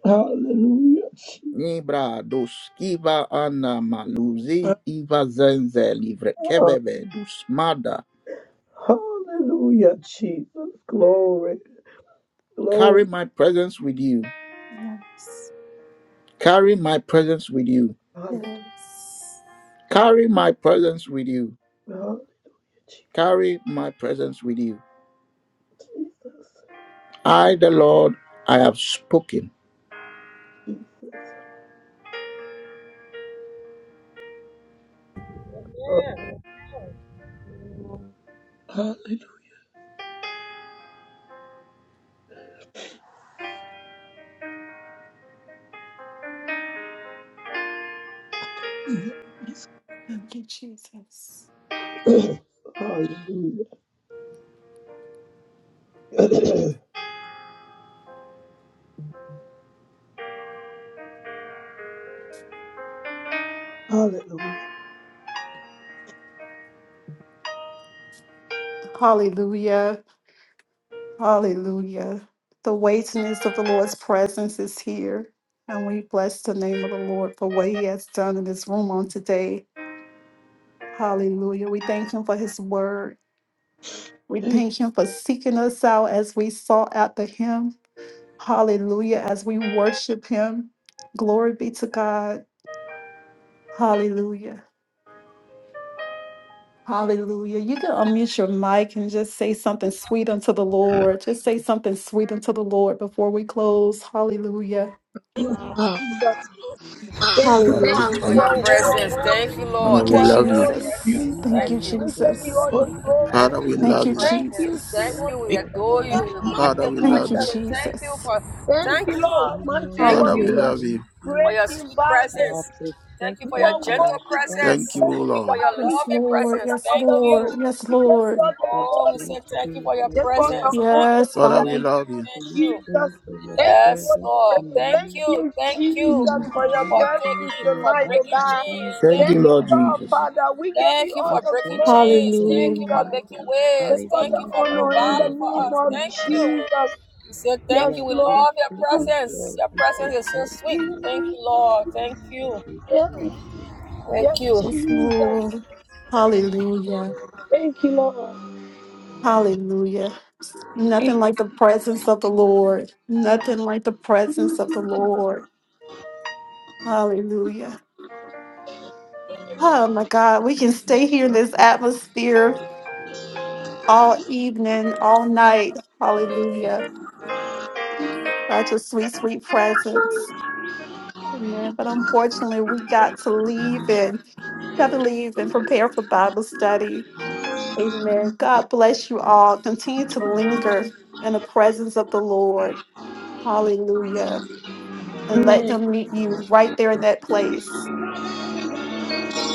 S6: hallelujah, Jesus,
S1: Nibra doskiva ana maluzi iva zenze livre
S6: Ah,
S1: keveve dusmada.
S6: hallelujah, Jesus, glory, glory,
S1: Carry my presence with you.
S3: Yes.
S1: Carry my presence with you.
S6: hallelujah,
S3: Yes.
S1: Carry my presence with you. Carry my presence with you.
S6: Jesus.
S1: I, the Lord, I have spoken.
S6: Jesus. Oh, hallelujah.
S3: Thank you, Jesus.
S6: Hallelujah. Hallelujah.
S3: Hallelujah. Hallelujah. The weightiness of the Lord's presence is here. And we bless the name of the Lord for what he has done in this room on today. Hallelujah. We thank him for his word. We
S6: Thank you,
S3: thank him for seeking us out as we sought after him. Hallelujah. As we worship him. Glory be to God. Hallelujah. Hallelujah. You can unmute your mic and just say something sweet unto the Lord. Just say something sweet unto the Lord before we close. Hallelujah.
S6: Father.
S2: Jesus. Thank you,
S1: Father, we
S2: Lord.
S3: Hallelujah.
S2: You
S1: thank
S2: are
S1: you.
S5: Blessings,
S2: holy.
S1: Father,
S2: You
S3: Thank
S5: Lord.
S1: we
S3: you,
S5: Thank
S7: Hallelujah.
S2: are
S5: you.
S1: love you.
S2: holy,
S6: You
S3: Jesus.
S7: Thank
S3: Thank
S2: Jesus.
S3: you,
S7: you,
S2: We give you
S7: God.
S3: Jesus.
S2: all
S6: are
S2: the
S7: Thank
S2: glory.
S7: you,
S1: Father, we
S3: Thank
S1: love
S3: you,
S7: King.
S1: you.
S2: Thank you,
S3: Jesus.
S7: Thank
S2: Simon.
S5: We
S6: faithful.
S7: you,
S5: adore
S7: Abba
S2: Thank
S5: you. We
S2: you,
S1: Father, we
S7: Father.
S3: Thank
S1: love
S3: you,
S1: you.
S2: Jesus.
S5: Thank you
S3: Jesus.
S5: for
S2: Thank
S7: And
S5: thank
S2: you,
S7: your
S5: you.
S2: Lord,
S7: glory,
S2: mighty
S7: we
S5: Thank
S1: Father,
S2: warrior,
S5: you
S1: we
S7: say
S3: Hallelujah.
S1: love
S7: thank
S1: you.
S5: for
S2: great
S7: you.
S5: your
S2: in
S5: sweet
S2: battle.
S7: Our
S5: presence. Thank you for
S2: You
S5: your
S7: protector,
S2: are
S7: our
S5: gentle
S2: worthy to be
S1: Thank
S5: presence.
S1: you, O
S7: shelter,
S5: Thank
S2: praised,
S5: you for
S1: Lord.
S2: God.
S5: your
S2: We give
S3: Yes,
S5: loving
S2: you all
S3: Lord.
S5: presence.
S3: Yes,
S5: Thank
S2: the
S5: you.
S3: Lord.
S2: adoration.
S3: Yes,
S2: We give you
S3: Lord.
S2: all
S7: we
S2: the
S7: say
S5: Oh, we
S2: glory.
S7: thank
S5: say thank you
S7: you,
S5: for your
S7: oh
S2: Take all the
S5: presence.
S7: God.
S5: Thank
S3: Yes,
S5: you.
S2: honor in
S1: Father, we
S2: the
S5: Thank
S3: Father.
S2: name
S1: love
S5: you.
S1: you.
S5: Thank
S2: of
S7: Thank
S5: you.
S7: you
S2: Jesus.
S7: for your
S2: Thank you,
S5: Yes,
S2: Holy
S7: presence
S5: Lord.
S2: Spirit.
S5: Thank
S2: Thank
S7: tonight.
S5: you.
S2: you,
S5: Thank you
S7: We
S2: Jesus,
S3: Mm.
S2: for your
S5: for
S7: thank you
S2: presence
S7: for
S5: taking,
S7: your
S5: for
S2: tonight, oh
S5: breaking
S2: God.
S7: Abraham
S5: chains.
S1: Thank
S5: Thank
S7: and
S1: you,
S2: Thank
S5: you.
S7: our
S2: you,
S1: Lord
S2: Lord,
S7: life.
S1: Jesus.
S2: Father. We give
S5: Thank
S2: you
S5: you
S2: all
S7: We
S5: for
S2: the
S5: breaking
S7: thank you
S5: chains.
S7: for
S2: glory,
S7: your
S5: Thank you
S3: Hallelujah.
S5: for
S2: Jesus.
S5: making
S7: guidance,
S2: Take
S5: ways.
S2: all
S7: hiding
S5: Thank
S2: the
S5: you
S7: us
S5: for
S2: honor
S7: under
S2: in the
S5: providing
S7: your
S5: for
S2: name
S5: us.
S2: of
S7: segment.
S5: Thank you. We
S2: Jesus.
S5: We say
S7: We
S2: Yes,
S5: thank you.
S7: are
S5: We
S2: Lord.
S5: love your
S7: grateful, O
S5: presence.
S7: God.
S5: Your
S7: We say
S5: presence is so
S7: thank
S5: sweet.
S7: you. Lord.
S5: Thank you, Lord. Thank
S7: We
S5: you.
S7: say thank you.
S2: Yes,
S5: Thank you.
S3: Yes,
S2: Jesus.
S3: Lord. Hallelujah.
S2: Thank you, Lord.
S3: Hallelujah. Nothing like the presence of the Lord. Nothing like the presence of the Lord. Hallelujah. Oh my God, we can stay here in this atmosphere all evening, all night. Hallelujah. Such a sweet, sweet presence. Amen. But unfortunately, we got to leave and got to leave and prepare for Bible study. Amen. God bless you all. Continue to linger in the presence of the Lord. Hallelujah. And let
S2: Amen.
S3: him meet you right there in that place.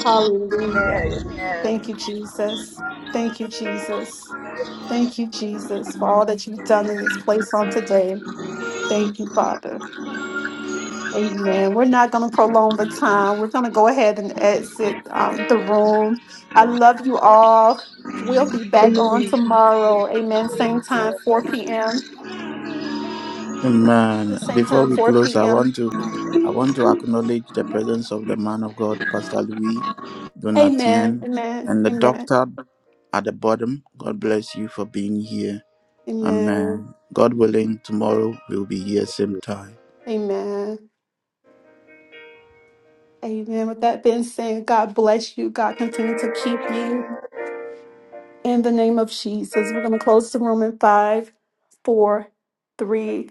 S3: Hallelujah.
S5: Amen. Amen.
S3: Thank you, Jesus. Thank you, Jesus. Thank you, Jesus, for all that you've done in this place on today. Thank you, Father. Amen. We're not going to prolong the time. We're going to go ahead and exit um, the room. I love you all. We'll be back on tomorrow. Amen. Same time, 4 p.m. The
S1: Amen.
S3: same
S1: Before
S3: time,
S1: we
S3: 4
S1: close, I
S3: p.m.
S1: want to I want to acknowledge the presence of the man of God, Pastor Louis
S3: Amen.
S1: Donatien,
S3: Amen.
S1: and the
S3: Amen.
S1: doctor at the bottom. God bless you for being here.
S3: Amen.
S1: Amen. God willing, tomorrow we'll be here same time.
S3: Amen. Amen. With that being said, God bless you. God continue to keep you. In the name of Jesus, we're going to close the room in five, four, three,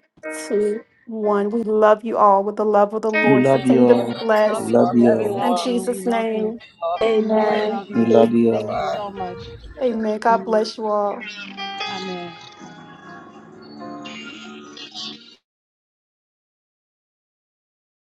S3: two, one. We love you all with the love of the
S1: We
S3: Lord.
S5: We
S1: love
S3: Continue
S1: you
S3: to
S5: love
S1: all.
S3: be
S5: you
S8: We
S1: We
S8: love
S5: too.
S3: blessed.
S8: you
S1: love
S5: Love
S1: you
S8: too. We
S1: all.
S3: In
S8: love
S5: everyone.
S8: you.
S3: Jesus'
S8: We love you.
S3: name,
S5: Love God.
S8: We
S3: amen.
S8: love
S1: We
S8: you.
S1: love you
S5: Bye
S1: all.
S8: Thank you
S5: bye.
S8: so much.
S3: Amen. God bless you all.
S8: Amen.